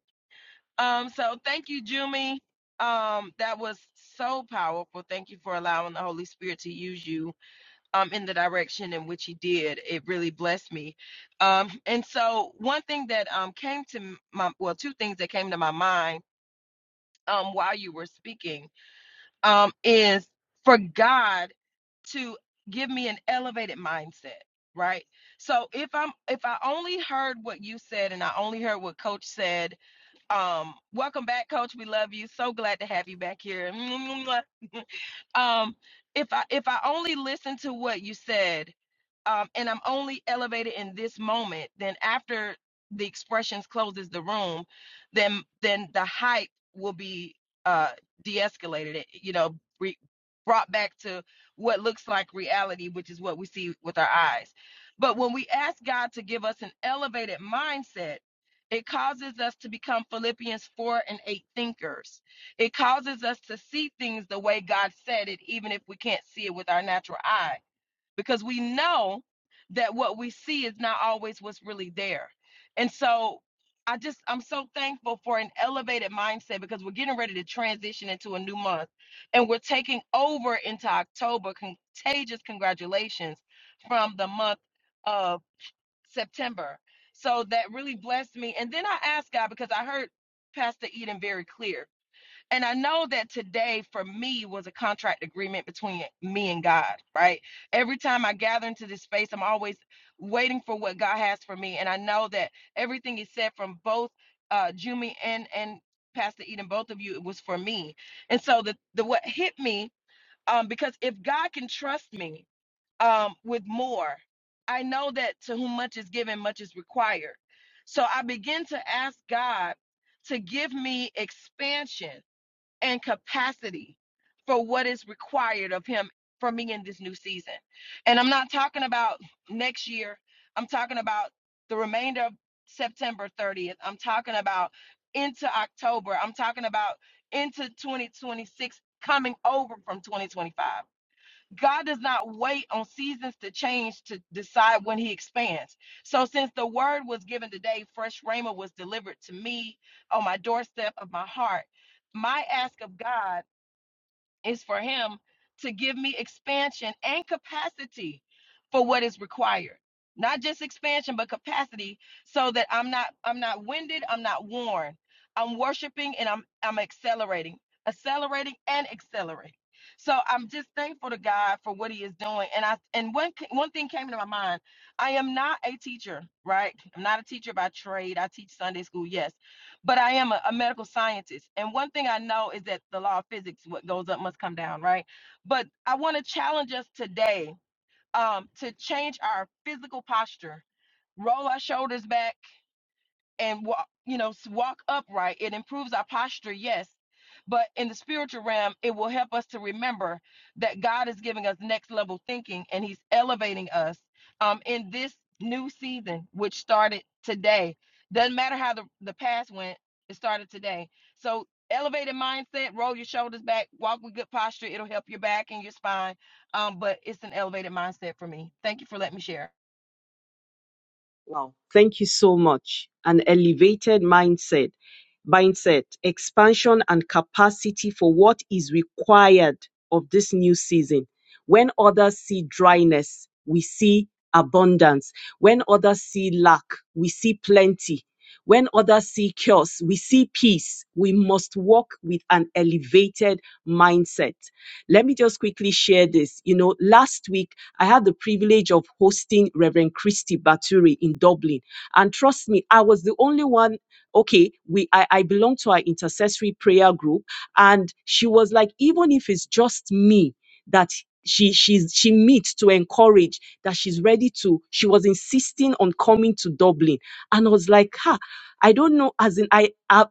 Speaker 7: Um, so thank you, Jumi. Um, that was so powerful. Thank you for allowing the Holy Spirit to use you um, in the direction in which he did. It really blessed me. Um, and so, one thing that um, came to my well, two things that came to my mind um, while you were speaking um, is for God to give me an elevated mindset, right? So if I'm if I only heard what you said and I only heard what coach said, um welcome back coach, we love you. So glad to have you back here. Um if I if I only listened to what you said um, and I'm only elevated in this moment, then after the expressions closes the room, then then the hype will be uh, de-escalated, eh, you know, re- brought back to what looks like reality, which is what we see with our eyes. But when we ask God to give us an elevated mindset, it causes us to become Philippians 4 and 8 thinkers. It causes us to see things the way God said it, even if we can't see it with our natural eyes because we know that what we see is not always what's really there. And so I just, I'm so thankful for an elevated mindset because we're getting ready to transition into a new month and we're taking over into October. Contagious congratulations from the month of September. So that really blessed me. And then I asked God because I heard Pastor Eden very clear. And I know that today for me was a contract agreement between me and God, right? Every time I gather into this space, I'm always waiting for what God has for me. And I know that everything He said from both uh Jumi and and Pastor Eden, both of you, it was for me. And so the the what hit me, um, because if God can trust me um with more, I know that to whom much is given, much is required. So I begin to ask God to give me expansion and capacity for what is required of him for me in this new season. And I'm not talking about next year. I'm talking about the remainder of September 30th. I'm talking about into October. I'm talking about into 2026 coming over from 2025. God does not wait on seasons to change to decide when he expands. So since the word was given today, fresh rhema was delivered to me on my doorstep of my heart. My ask of God is for him to give me expansion and capacity for what is required not just expansion but capacity so that i'm not i'm not winded i'm not worn i'm worshiping and i'm i'm accelerating accelerating and accelerating so i'm just thankful to god for what he is doing and i and one c- one thing came to my mind i am not a teacher right i'm not a teacher by trade i teach sunday school yes but I am a, a medical scientist. And one thing I know is that the law of physics, what goes up must come down, right? But I want to challenge us today um, to change our physical posture, roll our shoulders back, and walk, you know, walk upright. It improves our posture, yes, but in the spiritual realm, it will help us to remember that God is giving us next level thinking and He's elevating us um, in this new season, which started today. Doesn't matter how the, the past went, it started today. So, elevated mindset, roll your shoulders back, walk with good posture. It'll help your back and your spine. Um, but it's an elevated mindset for me. Thank you for letting me share.
Speaker 3: Wow, thank you so much. An elevated mindset, mindset, expansion and capacity for what is required of this new season. When others see dryness, we see abundance. When others see lack, we see plenty. When others see chaos, we see peace. We must walk with an elevated mindset. Let me just quickly share this. You know, last week I had the privilege of hosting Reverend Christy Baturi in Dublin. And trust me, I was the only one. Okay, we I, I belong to our intercessory prayer group. And she was like, even if it's just me that she she's she meets to encourage that she's ready to she was insisting on coming to dublin and i was like ha i don't know as in i, I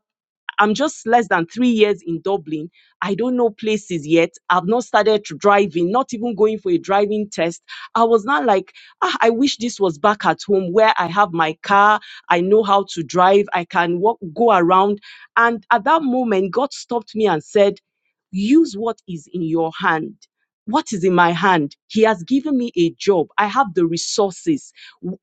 Speaker 3: I'm just less than three years in Dublin, I don't know places yet. I've not started to driving, not even going for a driving test. I was not like, ah, I wish this was back at home where I have my car. I know how to drive. I can walk, go around. And at that moment, God stopped me and said, use what is in your hand. What is in my hand? He has given me a job. I have the resources.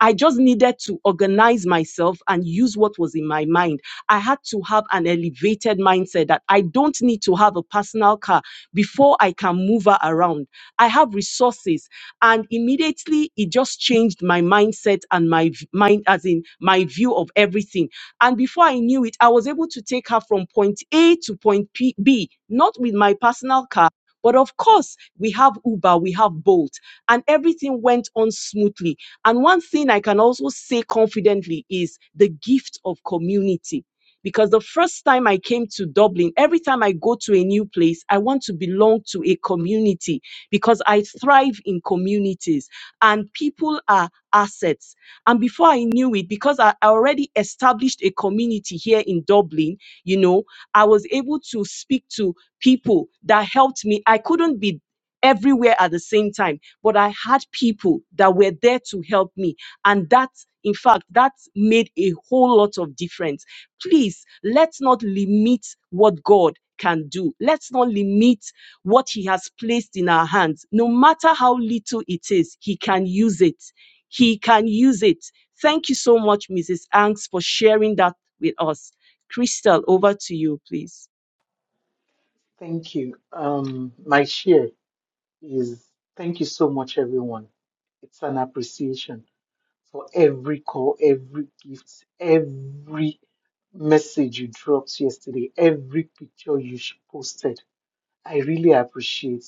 Speaker 3: I just needed to organize myself and use what was in my mind. I had to have an elevated mindset that I don't need to have a personal car before I can move her around. I have resources. And immediately it just changed my mindset and my v- mind, as in my view of everything. And before I knew it, I was able to take her from point A to point P- B, not with my personal car. But of course, we have Uber, we have Bolt, and everything went on smoothly. And one thing I can also say confidently is the gift of community. Because the first time I came to Dublin, every time I go to a new place, I want to belong to a community because I thrive in communities and people are assets. And before I knew it, because I I already established a community here in Dublin, you know, I was able to speak to people that helped me. I couldn't be everywhere at the same time. But I had people that were there to help me. And that, in fact, that made a whole lot of difference. Please, let's not limit what God can do. Let's not limit what He has placed in our hands. No matter how little it is, He can use it. He can use it. Thank you so much, Mrs. Angs, for sharing that with us. Crystal, over to you, please.
Speaker 4: Thank you. Um, my share is thank you so much, everyone. It's an appreciation. for every call, every gift, every message you dropped yesterday, every picture you sh- posted. I really appreciate.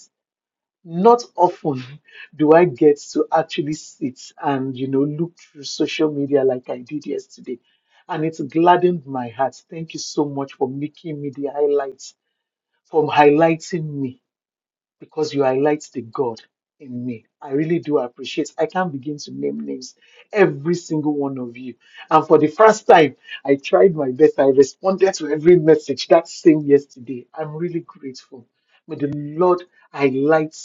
Speaker 4: Not often do I get to actually sit and you know look through social media like I did yesterday. And it's gladdened my heart. Thank you so much for making me the highlights, for highlighting me because you highlight the God in me. I really do appreciate. I can't begin to name names, every single one of you. And for the first time, I tried my best. I responded to every message that same yesterday. I'm really grateful. May the Lord highlight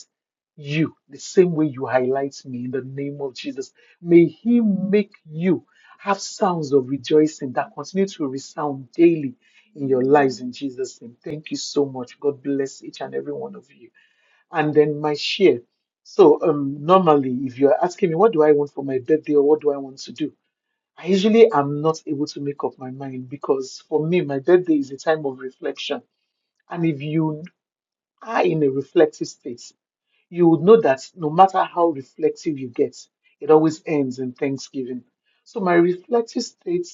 Speaker 4: you the same way you highlight me in the name of Jesus. May He make you have sounds of rejoicing that continue to resound daily in your lives in Jesus' name. Thank you so much. God bless each and every one of you and then my share. So um, normally, if you're asking me what do I want for my birthday or what do I want to do, I usually am not able to make up my mind because for me, my birthday is a time of reflection. And if you are in a reflective state, you would know that no matter how reflective you get, it always ends in Thanksgiving. So my reflective state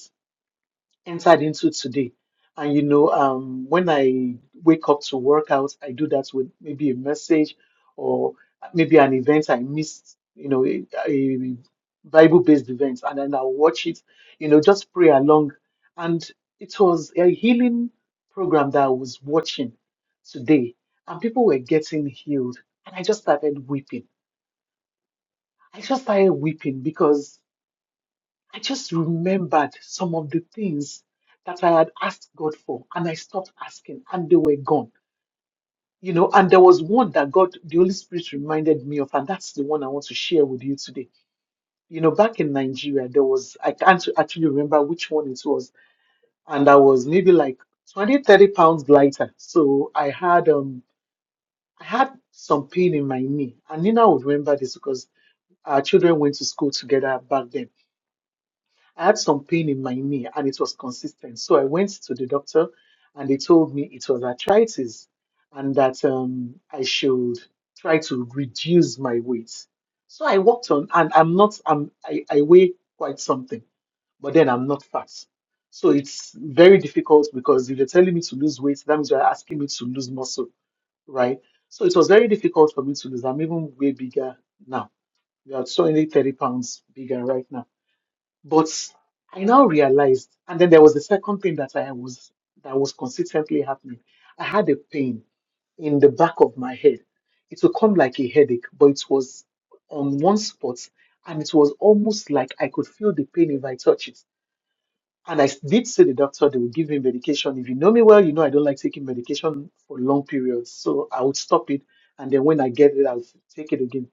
Speaker 4: entered into today. And you know, um, when I wake up to work out, I do that with maybe a message or maybe an event I missed, you know, a, a Bible-based event, and then I'll watch it, you know, just pray along. And it was a healing program that I was watching today, and people were getting healed. And I just started weeping. I just started weeping because I just remembered some of the things that I had asked God for, and I stopped asking, and they were gone. You know, and there was one that God, the Holy Spirit reminded me of, and that's the one I want to share with you today. You know, back in Nigeria, there was, I can't actually remember which one it was, and I was maybe like 20, 30 pounds lighter. So I had, um, I had some pain in my knee, and Nina would remember this because our children went to school together back then I had some pain in my knee and it was consistent. So I went to the doctor and they told me it was arthritis and that um, I should try to reduce my weight. So I walked on and I'm not, I'm, I, I weigh quite something, but then I'm not fat. So it's very difficult because if you're telling me to lose weight, that means you're asking me to lose muscle, right? So it was very difficult for me to lose. I'm even way bigger now. We are only 30 pounds bigger right now but I now realized, and then there was the second thing that I was that was consistently happening. I had a pain in the back of my head. It would come like a headache, but it was on one spot, and it was almost like I could feel the pain if I touch it. And I did say the doctor they would give me medication. If you know me well, you know I don't like taking medication for long periods, so I would stop it, and then when I get it, I'll take it again.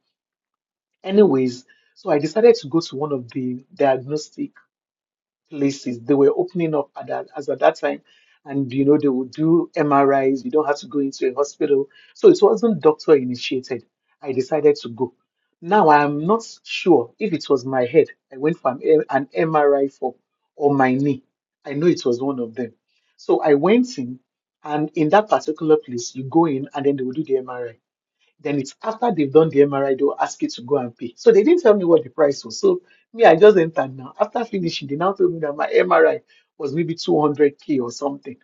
Speaker 4: Anyways, so I decided to go to one of the diagnostic places they were opening up at that, as at that time and you know they would do mris you don't have to go into a hospital so it wasn't doctor initiated i decided to go now i'm not sure if it was my head i went for an, an mri for or my knee i know it was one of them so i went in and in that particular place you go in and then they will do the mri then it's after they've done the MRI, they'll ask you to go and pay. So they didn't tell me what the price was. So me, I just entered now. After finishing, they now told me that my MRI was maybe 200k or something.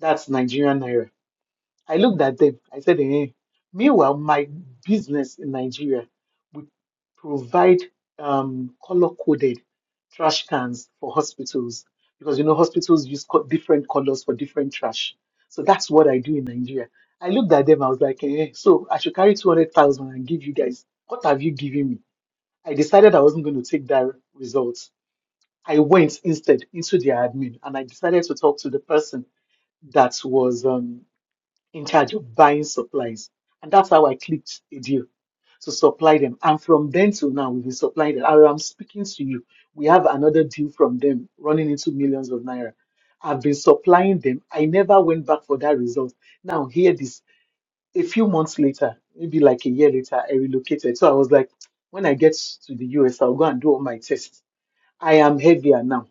Speaker 4: That's Nigerian naira. I looked at them. I said, eh. Meanwhile, my business in Nigeria. we provide um, color coded trash cans for hospitals because you know hospitals use co- different colors for different trash. So that's what I do in Nigeria. I looked at them, I was like, eh, so I should carry 200,000 and give you guys. What have you given me? I decided I wasn't going to take that result. I went instead into their admin and I decided to talk to the person that was. um, in charge of buying supplies. And that's how I clicked a deal to supply them. And from then till now, we've been supplying them. As I'm speaking to you, we have another deal from them running into millions of naira. I've been supplying them. I never went back for that result. Now, hear this. A few months later, maybe like a year later, I relocated. So I was like, when I get to the US, I'll go and do all my tests. I am heavier now.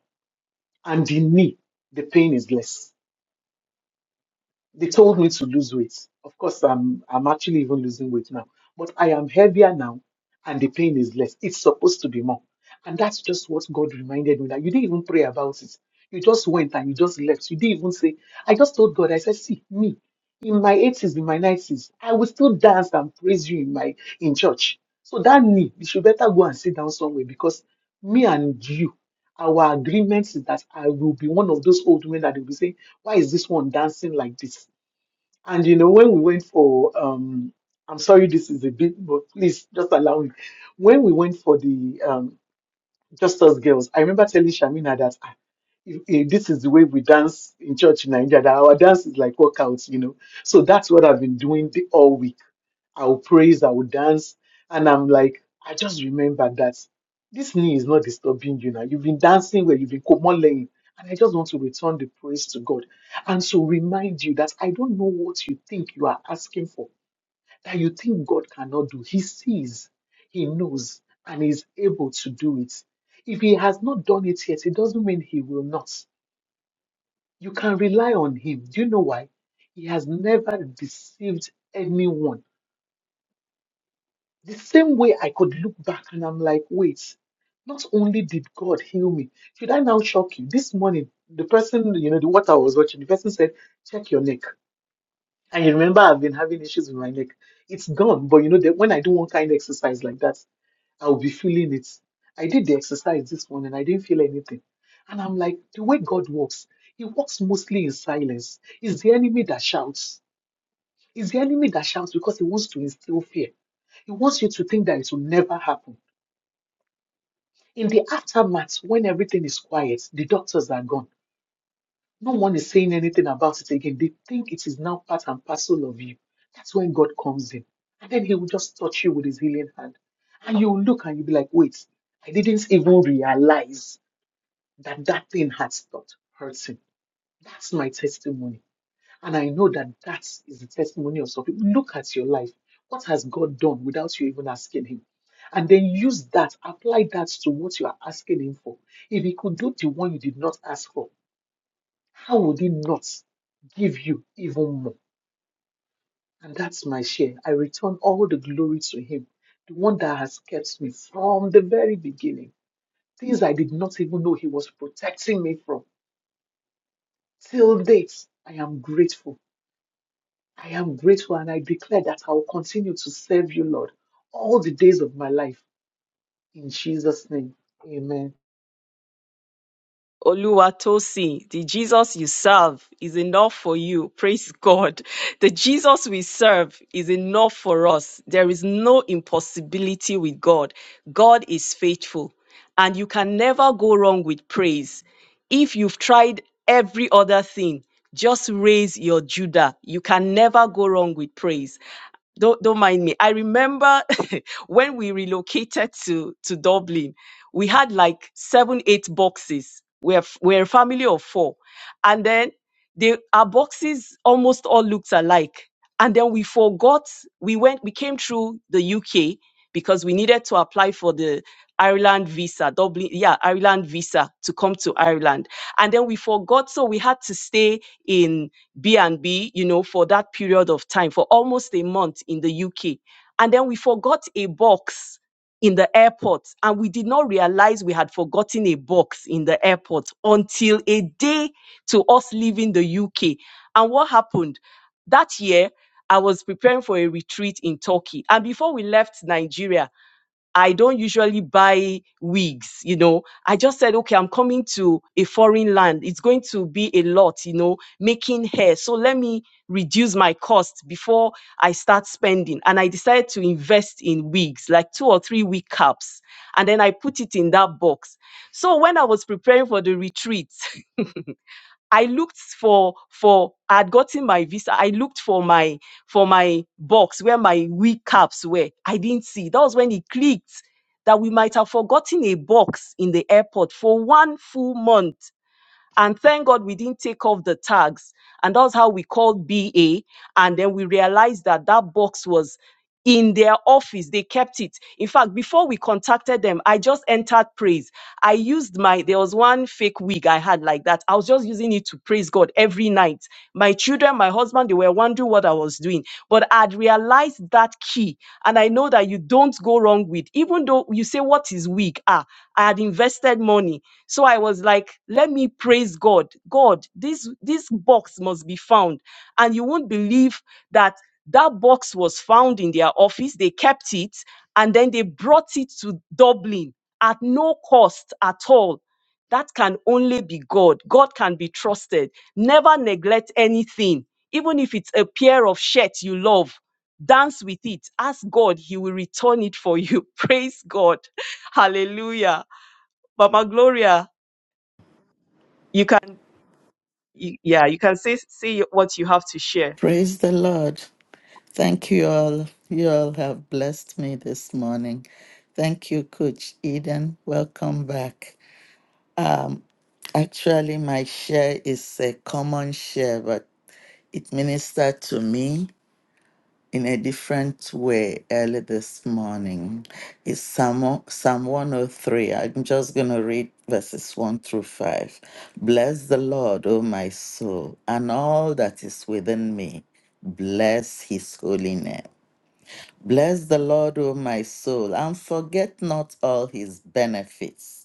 Speaker 4: And the knee, the pain is less. They told me to lose weight. Of course, I'm I'm actually even losing weight now, but I am heavier now, and the pain is less. It's supposed to be more, and that's just what God reminded me that you didn't even pray about it. You just went and you just left. You didn't even say. I just told God. I said, "See me." In my 80s, in my 90s, I will still dance and praise you in my in church. So that knee, you should better go and sit down somewhere because me and you, our agreement is that I will be one of those old men that will be saying, Why is this one dancing like this? And you know, when we went for um I'm sorry this is a bit, but please just allow me. When we went for the um just us girls. I remember telling Shamina that "Ah, if- if this is the way we dance in church in Nigeria, that our dance is like workouts, you know. So that's what I've been doing the, all week. I will praise, I will dance. And I'm like, I just remember that this knee is not disturbing you now. You've been dancing where you've been laying. And I just want to return the praise to God. And to remind you that I don't know what you think you are asking for that you think God cannot do. He sees, He knows, and He's able to do it. If He has not done it yet, it doesn't mean He will not. You can rely on Him. Do you know why? He has never deceived anyone. The same way I could look back and I'm like, wait, not only did God heal me, should I now shock you? This morning, the person, you know, the what I was watching, the person said, check your neck. And you remember I've been having issues with my neck. It's gone, but you know that when I do one kind of exercise like that, I'll be feeling it. I did the exercise this morning, I didn't feel anything. And I'm like, the way God works, He works mostly in silence. It's the enemy that shouts. It's the enemy that shouts because he wants to instill fear. He wants you to think that it will never happen. In the aftermath, when everything is quiet, the doctors are gone. No one is saying anything about it again. They think it is now part and parcel of you. That's when God comes in. And then he will just touch you with his healing hand. And you will look and you'll be like, wait, I didn't even realize that that thing had stopped hurting. That's my testimony. And I know that that is the testimony of some people. Look at your life. What has God done without you even asking him? And then use that, apply that to what you are asking him for. If he could do the one you did not ask for, how would He not give you even more? And that's my share. I return all the glory to Him, the one that has kept me from the very beginning. Things I did not even know He was protecting me from. Till date, I am grateful. I am grateful and I declare that I will continue to serve you, Lord, all the days of my life. In Jesus' name, amen.
Speaker 3: Oluwatosi, the Jesus you serve is enough for you. Praise God. The Jesus we serve is enough for us. There is no impossibility with God. God is faithful, and you can never go wrong with praise. If you've tried every other thing, just raise your Judah. You can never go wrong with praise don't don't mind me. I remember when we relocated to to Dublin we had like seven, eight boxes. We're, we're a family of four. And then they, our boxes almost all looked alike. And then we forgot, we went, we came through the UK because we needed to apply for the Ireland visa, Dublin, yeah, Ireland visa to come to Ireland. And then we forgot, so we had to stay in B&B, you know, for that period of time, for almost a month in the UK. And then we forgot a box in the airport and we did not realize we had forgotten a box in the airport until a day to us leaving the UK. And what happened? That year, I was preparing for a retreat in Turkey. And before we left Nigeria, I don't usually buy wigs, you know. I just said, okay, I'm coming to a foreign land. It's going to be a lot, you know, making hair. So let me reduce my cost before I start spending. And I decided to invest in wigs, like two or three wig caps. And then I put it in that box. So when I was preparing for the retreat, I looked for for I had gotten my visa. I looked for my for my box where my wee caps were. I didn't see. That was when it clicked that we might have forgotten a box in the airport for one full month. And thank God we didn't take off the tags. And that was how we called BA. And then we realized that that box was in their office. They kept it. In fact, before we contacted them, I just entered praise. I used my, there was one fake wig I had like that. I was just using it to praise God every night. My children, my husband, they were wondering what I was doing. But I'd realized that key. And I know that you don't go wrong with, even though you say, what is wig? Ah, I had invested money. So I was like, let me praise God. God, this, this box must be found. And you won't believe that that box was found in their office. They kept it and then they brought it to Dublin at no cost at all. That can only be God. God can be trusted. Never neglect anything. Even if it's a pair of shirts you love, dance with it. Ask God, He will return it for you. Praise God. Hallelujah. Mama Gloria, you can, you- yeah, you can say, say what you have to share.
Speaker 8: Praise the Lord. Thank you all. You all have blessed me this morning. Thank you, Coach Eden. Welcome back. Um, actually, my share is a common share, but it ministered to me in a different way early this morning. It's Psalm, o- Psalm 103. I'm just going to read verses 1 through 5. Bless the Lord, O my soul, and all that is within me. Bless his holy name. Bless the Lord, O my soul, and forget not all his benefits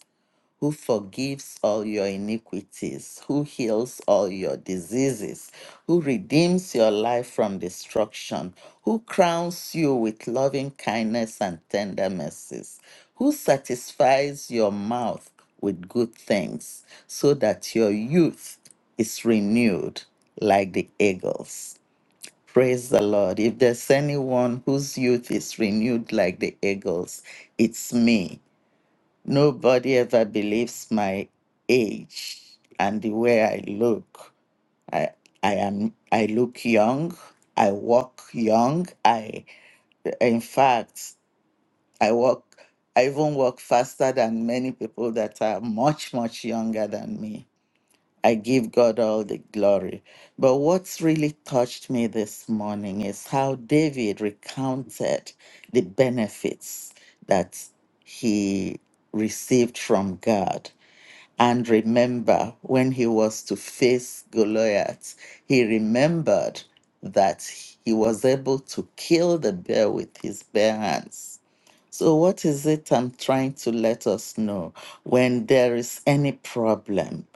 Speaker 8: who forgives all your iniquities, who heals all your diseases, who redeems your life from destruction, who crowns you with loving kindness and tender mercies, who satisfies your mouth with good things, so that your youth is renewed like the eagles. Praise the Lord. If there's anyone whose youth is renewed like the eagles, it's me. Nobody ever believes my age and the way I look. I I am I look young. I walk young. I in fact I walk I even walk faster than many people that are much much younger than me. I give God all the glory. But what's really touched me this morning is how David recounted the benefits that he received from God and remember when he was to face Goliath, he remembered that he was able to kill the bear with his bare hands. So, what is it I'm trying to let us know? When there is any problem,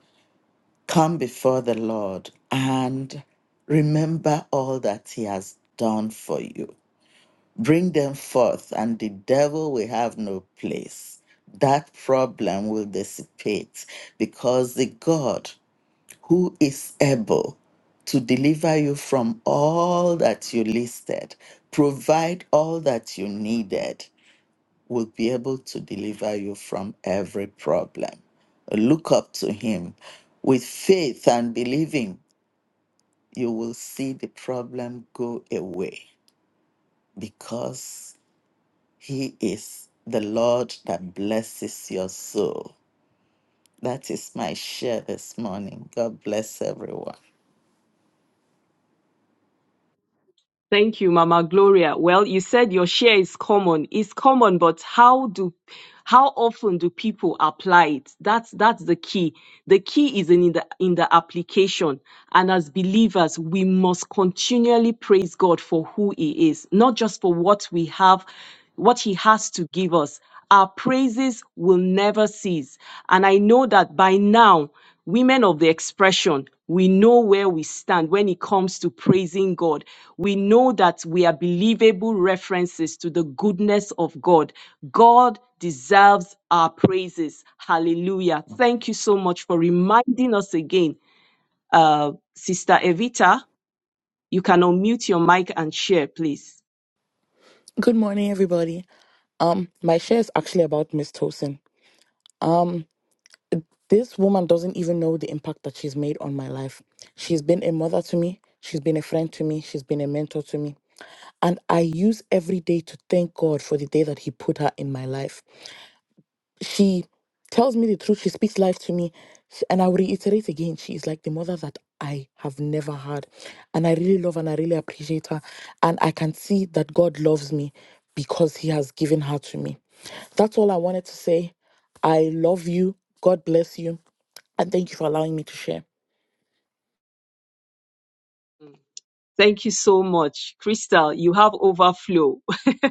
Speaker 8: come before the Lord and remember all that he has done for you. Bring them forth, and the devil will have no place. That problem will dissipate because the God who is able to deliver you from all that you listed, provide all that you needed, will be able to deliver you from every problem. Look up to Him. With faith and believing, you will see the problem go away because He is the Lord that blesses your soul. That is my share this morning. God bless everyone.
Speaker 3: Thank you, Mama Gloria. Well, you said your share is common. It's common, but how do how often do people apply it? That's that's the key. The key is in the in the application. And as believers, we must continually praise God for who He is, not just for what we have, what He has to give us. Our praises will never cease. And I know that by now women of the expression, we know where we stand when it comes to praising God. We know that we are believable references to the goodness of God. God deserves our praises. Hallelujah. Thank you so much for reminding us again. Uh, Sister Evita, you can unmute your mic and share, please.
Speaker 9: Good morning, everybody. Um, my share is actually about Miss Tosin. Um, this woman doesn't even know the impact that she's made on my life. She's been a mother to me. She's been a friend to me. She's been a mentor to me. And I use every day to thank God for the day that He put her in my life. she tells me the truth she speaks life to me Sh- and i will reiterate again she is like the mother that i have never had and i really love and i really appreciate her and i can see that god loves me because he has given her to me that's all i wanted to say i love you god bless you and thank you for allowing me to share
Speaker 3: Thank you so much. Crystal, you have overflow.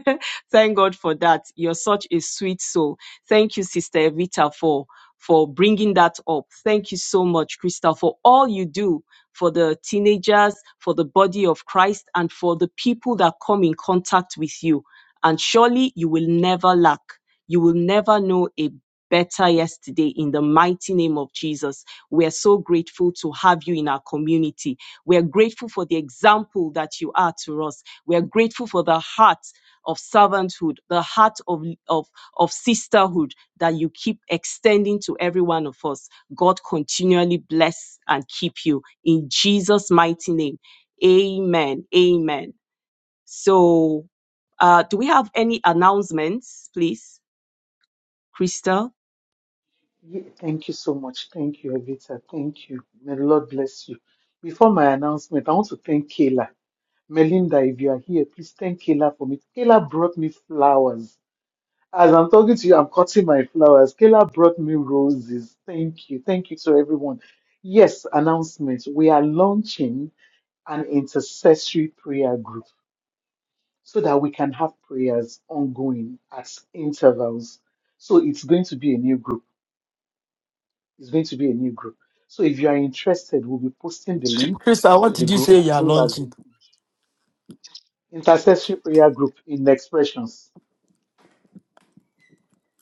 Speaker 3: Thank God for that. You're such a sweet soul. Thank you, Sister Evita, for, for bringing that up. Thank you so much, Crystal, for all you do for the teenagers, for the body of Christ, and for the people that come in contact with you. And surely you will never lack. You will never know a better yesterday in the mighty name of Jesus. We are so grateful to have you in our community. We are grateful for the example that you are to us. We are grateful for the heart of servanthood, the heart of, of, of sisterhood that you keep extending to every one of us. God continually bless and keep you. In Jesus' mighty name. Amen. Amen. So, uh, do we have any announcements, please, Crystal?
Speaker 4: Ye- Thank you so much. Thank you, Evita. Thank you. May the Lord bless you. Before my announcement, I want to thank Kayla. Melinda, if you are here, please thank Kayla for me. Kayla brought me flowers. As I'm talking to you, I'm cutting my flowers. Kayla brought me roses. Thank you. Thank you to everyone. Yes, announcement. We are launching an intercessory prayer group so that we can have prayers ongoing at intervals. So it's going to be a new group. It's going to be a new group. So if you are interested, we'll be posting the link
Speaker 1: Crystal, what
Speaker 4: to the
Speaker 1: did you
Speaker 4: group
Speaker 1: say you
Speaker 4: as
Speaker 1: are
Speaker 4: well as
Speaker 1: launching?
Speaker 4: the intercessory prayer group in expressions.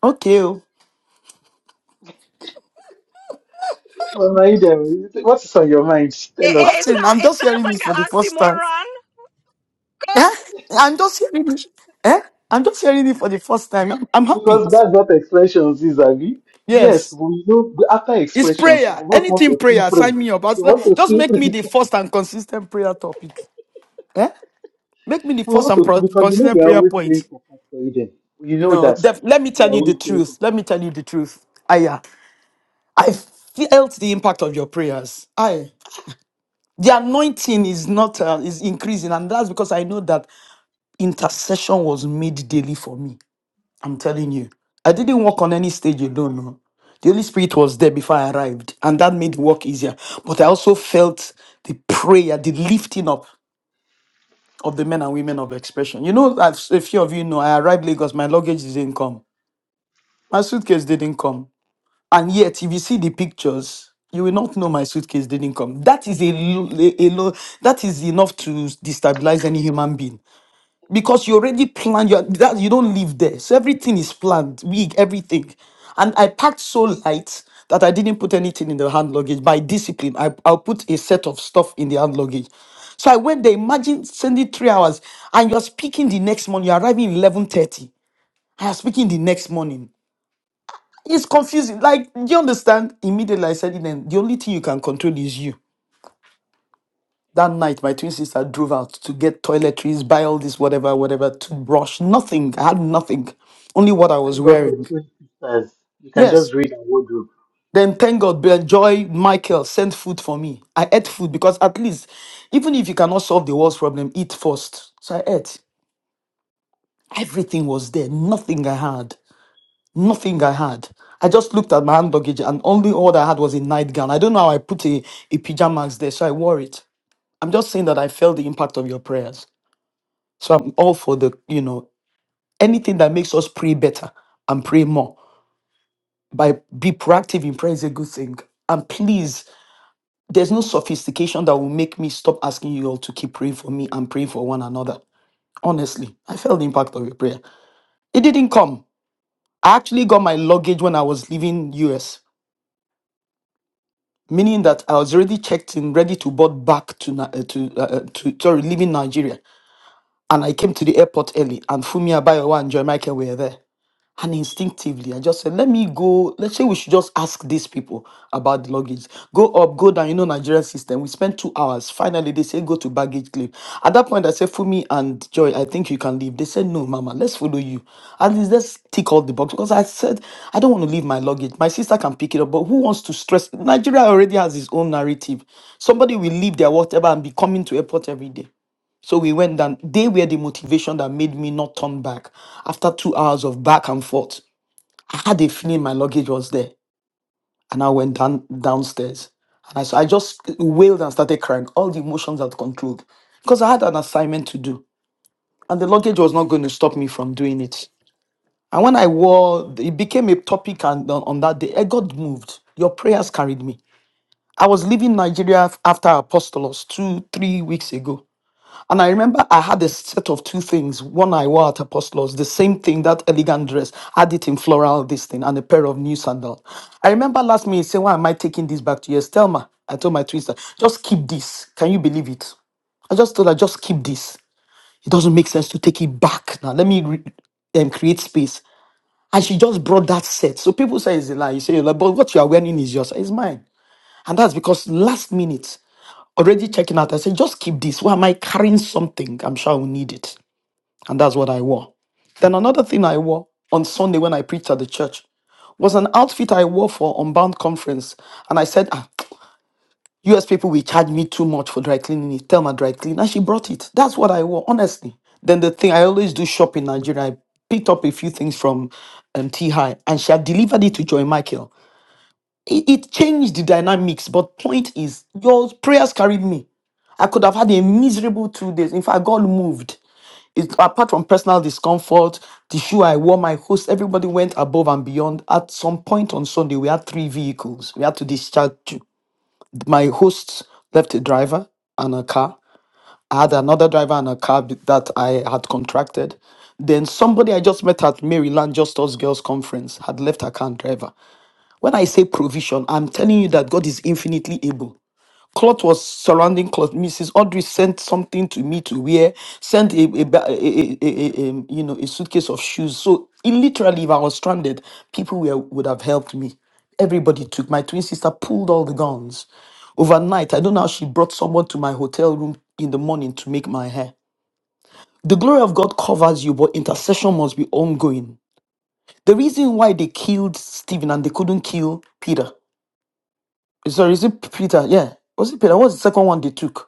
Speaker 1: Okay, oh.
Speaker 4: Well, Maida, what is on your mind?
Speaker 10: It,
Speaker 4: Tell
Speaker 10: it,
Speaker 4: us.
Speaker 10: it,
Speaker 1: nothing. I'm
Speaker 10: sou- it
Speaker 1: just
Speaker 10: sounds
Speaker 1: hearing it
Speaker 10: like
Speaker 1: for the first
Speaker 10: an
Speaker 1: time.
Speaker 10: oxymoron, coach.
Speaker 1: Eh? I'm just hearing it. Eh? I'm just hearing it for the first time. I'm, I'm happy.
Speaker 4: Because that's what expressions is, Abi. Yes,
Speaker 1: Yes.
Speaker 4: we know after
Speaker 1: It's
Speaker 4: expressions, we
Speaker 1: prayer.
Speaker 4: just want
Speaker 1: Anything
Speaker 4: to feel
Speaker 1: prayer,
Speaker 4: proud.
Speaker 1: sign me up.
Speaker 4: We
Speaker 1: As lo-
Speaker 4: want to
Speaker 1: Just
Speaker 4: feel
Speaker 1: make me
Speaker 4: proud.
Speaker 1: the first and consistent prayer topic. Eh? Make me the
Speaker 4: We
Speaker 1: first
Speaker 4: want
Speaker 1: and
Speaker 4: to,
Speaker 1: pro-
Speaker 4: because you know
Speaker 1: consistent
Speaker 4: we are
Speaker 1: prayer
Speaker 4: always praying
Speaker 1: point.
Speaker 4: for Pastor Eden. You know
Speaker 1: No,
Speaker 4: that.
Speaker 1: def- let me
Speaker 4: We are
Speaker 1: tell you the
Speaker 4: always praying for
Speaker 1: truth. Let me
Speaker 4: Pastor
Speaker 1: tell
Speaker 4: Eden.
Speaker 1: you the truth. Aya, I felt the impact of your prayers. I the anointing is not uh, is increasing, and that's because I know that intercession was made daily for me. I'm telling you. I didn't walk on any stage alone. No. The Holy Spirit was there before I arrived, and that made the work easier. But I also felt the prayer, the lifting up of the men and women of expression. You know, as a few of you know, I arrived Lagos, my luggage didn't come. My suitcase didn't come. And yet, if you see the pictures, you will not know my suitcase didn't come. That is a, lo- a, a lo- that is enough to destabilize any human being. because you already planned your that you don't live there so everything is planned wig everything and i packed so light that i didn't put anything in the hand luggage by discipline I, i'll put a set of stuff in the hand luggage so i went there imagine sending three hours and you're speaking the next morning you're arriving 11.30 i am speaking the next morning it's confusing like do you understand immediately i said it then the only thing you can control is you that night, my twin sister drove out to get toiletries, buy all this, whatever, whatever, toothbrush, nothing. I had nothing, only what I was
Speaker 4: Thank God for
Speaker 1: wearing.
Speaker 4: twin sisters. You can
Speaker 1: Yes.
Speaker 4: just read our wardrobe.
Speaker 1: Then thank God, Ben- Joy Michael sent food for me. I ate food because at least, even if you cannot solve the world's problem, eat first. So I ate. Everything was there. Nothing I had. Nothing I had. I just looked at my hand luggage and only all I had was a nightgown. I don't know how I put a, a pajamas there, so I wore it. I'm just saying that I felt the impact of your prayers. So I'm all for the, you know, anything that makes us pray better and pray more. By be proactive in prayer is a good thing. And please, there's no sophistication that will make me stop asking you all to keep praying for me and praying for one another. Honestly, I felt the impact of your prayer. It didn't come. I actually got my luggage when I was leaving US, meaning that I was already checked in, ready to board back to Ni- uh, to uh, uh, to sorry, leaving Nigeria. And I came to the airport early, and Fumi Abayawa and Joy Michael were there. And instinctively, I just said, let me go. Let's say we should just ask these people about the luggage. Go up, go down. You know, Nigerian system. We spent two hours. Finally, they say, go to baggage claim. At that point, I said, Fumi and Joy, I think you can leave. They said, no, Mama, let's follow you. At least let's tick all the box. Because I said, I don't want to leave my luggage. My sister can pick it up, but who wants to stress? Nigeria already has its own narrative. Somebody will leave their whatever and be coming to airport every day. So we went down. They were the motivation that made me not turn back. After two hours of back and forth, I had a feeling my luggage was there. And I went down downstairs. And I, so I just wailed and started crying. All the emotions had controlled. Because I had an assignment to do. And the luggage was not going to stop me from doing it. And when I wore, it became a topic and on, on that day. I got moved. Your prayers carried me. I was leaving Nigeria af- after Apostolos two, three weeks ago. And I remember I had a set of two things. One I wore at Apostles, the same thing, that elegant dress, had it in floral, this thing, and a pair of new sandals. I remember last minute saying, Why am I taking this back to you? Estelma, I told my twister, just keep this. Can you believe it? I just told her, just keep this. It doesn't make sense to take it back. Now, let me re- um, create space. And she just brought that set. So people say it's a lie. You say, like, but what you are wearing is yours. It's mine. And that's because last minute, already checking out, I said, just keep this. Why am I carrying something? I'm sure I will need it. And that's what I wore. Then another thing I wore on Sunday when I preached at the church was an outfit I wore for Unbound conference. And I said, ah, US people will charge me too much for dry cleaning it. Tell my dry cleaner." And she brought it. That's what I wore, honestly. Then the thing I always do shop in Nigeria, I picked up a few things from um, T High and she had delivered it to Joy Michael. It, it changed the dynamics, but point is, your prayers carried me. I could have had a miserable two days. In fact, God moved it, apart from personal discomfort, the shoe I wore, my host, everybody went above and beyond. At some point on Sunday, we had three vehicles. We had to discharge. two. My host left a driver and a car. I had another driver and a car b- that I had contracted. Then somebody I just met at Maryland Just Us Girls Conference had left her car and driver. When I say provision, I'm telling you that God is infinitely able cloth was surrounding cloth. Mrs. Audrey sent something to me to wear, sent a, a, ba- a, a, a- a- um, you know a suitcase of shoes. So it, literally, if I was stranded, people were, would have helped me. Everybody took. My twin sister pulled all the guns. Overnight, I don't know how she brought someone to my hotel room in the morning to make my hair. The glory of God covers you, but intercession must be ongoing. The reason why they killed Stephen and they couldn't kill Peter. Sorry, is it Peter? Yeah. Was it Peter? What was the second one they took?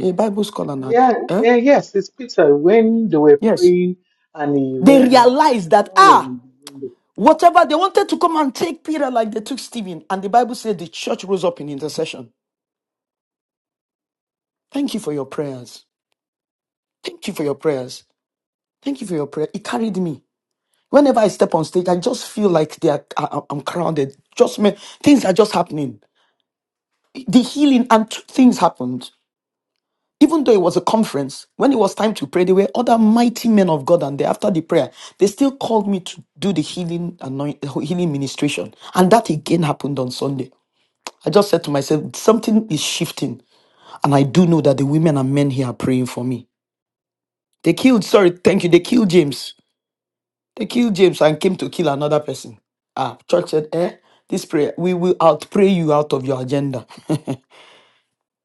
Speaker 1: a Bible scholar. nag.
Speaker 4: yeah,
Speaker 1: Eh?
Speaker 4: yeah, yes, it's Peter. When they were
Speaker 1: Yes.
Speaker 4: praying and he
Speaker 1: They
Speaker 4: went, and
Speaker 1: realized that,
Speaker 4: Saul was
Speaker 1: ah,
Speaker 4: in the window.
Speaker 1: whatever they wanted to come and take Peter like they took Stephen. And the Bible said the church rose up in intercession. Thank you for your prayers. Thank you for your prayers. Thank you for your prayer. It carried me. Whenever I step on stage, I just feel like they are, I, I'm crowded. Just me, things are just happening. The healing and two things happened. Even though it was a conference, when it was time to pray, there were other mighty men of God, and they, after the prayer, they still called me to do the healing anoint, healing ministration, and that again happened on Sunday. I just said to myself, something is shifting, and I do know that the women and men here are praying for me. They killed, sorry, thank you. They killed James. They killed James and came to kill another person. Ah, church said, eh, this prayer, we will outpray you out of your agenda.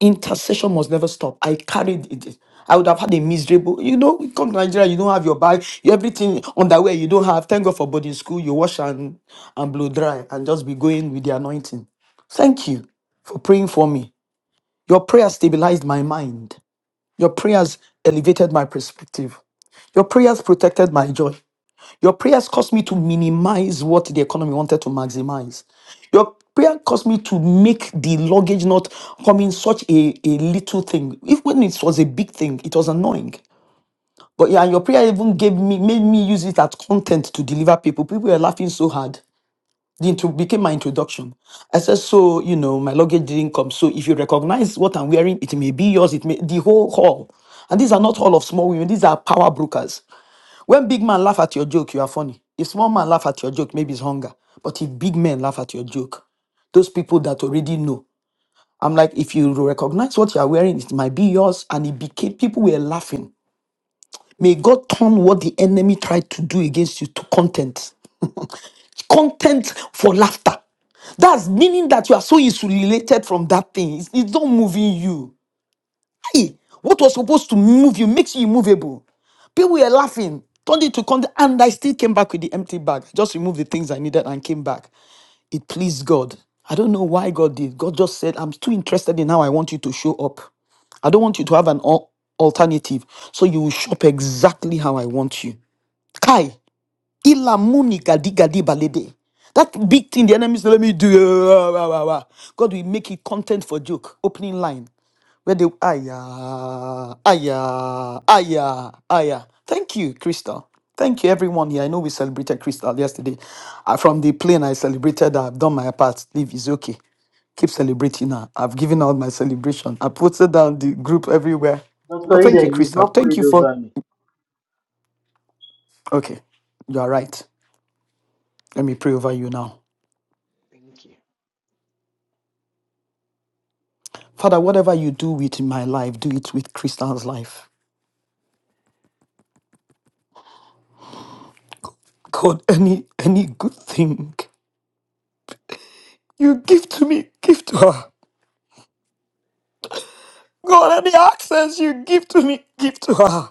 Speaker 1: intercession must never stop. I carried it. I would have had a miserable, you know, you come to Nigeria, you don't have your bag, you- everything underwear you don't have. Thank God for boarding school, you wash and, and blow dry and just be going with the anointing. Thank you for praying for me. Your prayer stabilized my mind. Your prayers elevated my perspective. Your prayers protected my joy. Your prayers caused me to minimize what the economy wanted to maximize. Your prayer caused me to make the luggage not come in such a, a little thing. If when it was a big thing, it was annoying. But yeah, and your prayer even gave me made me use it as content to deliver people. People were laughing so hard. The intro became my introduction. I said, so you know, my luggage didn't come. So if you recognize what I'm wearing, it may be yours. It may the whole haul. And these are not all of small women. These are power brokers. When big man laugh at your joke, you are funny. If small man laugh at your joke, maybe it's hunger. But if big men laugh at your joke, those people that already know, I'm like, if you recognize what you are wearing, it might be yours. And it became, people were laughing. May God turn what the enemy tried to do against you to content. Content for laughter. That's meaning that you are so insulated from that thing. It's, it's not moving you. Hey, what was supposed to move you makes you immovable. People were laughing, turned it to content, and I still came back with the empty bag. Just removed the things I needed and came back. It pleased God. I don't know why God did. God just said, I'm too interested in how I want you to show up. I don't want you to have an al- alternative. So you will show up exactly how I want you. Kai, Ilamunika digadibalede. That big thing the enemies let me do. ah, ah, ah, ah. God will make it content for joke. Opening line. Where they aya, aya, aya, aya. Thank you, Crystal. Thank you, everyone here. I know we celebrated Crystal yesterday. Uh, from the plane, I celebrated. I've done my part. Leave is okay. Keep celebrating now. I've given out my celebration. I posted down the group everywhere.
Speaker 4: Pastor
Speaker 1: But thank you,
Speaker 4: Eden, you've
Speaker 1: Crystal.
Speaker 4: not
Speaker 1: Thank
Speaker 4: prayed
Speaker 1: you for.
Speaker 4: over me.
Speaker 1: Okay, you are right. Let me pray over you now.
Speaker 4: Thank you.
Speaker 1: Father, whatever you do with my life, do it with Kristan's life. God, any any good thing you give to me, give to her. God, any access you give to me, give to her.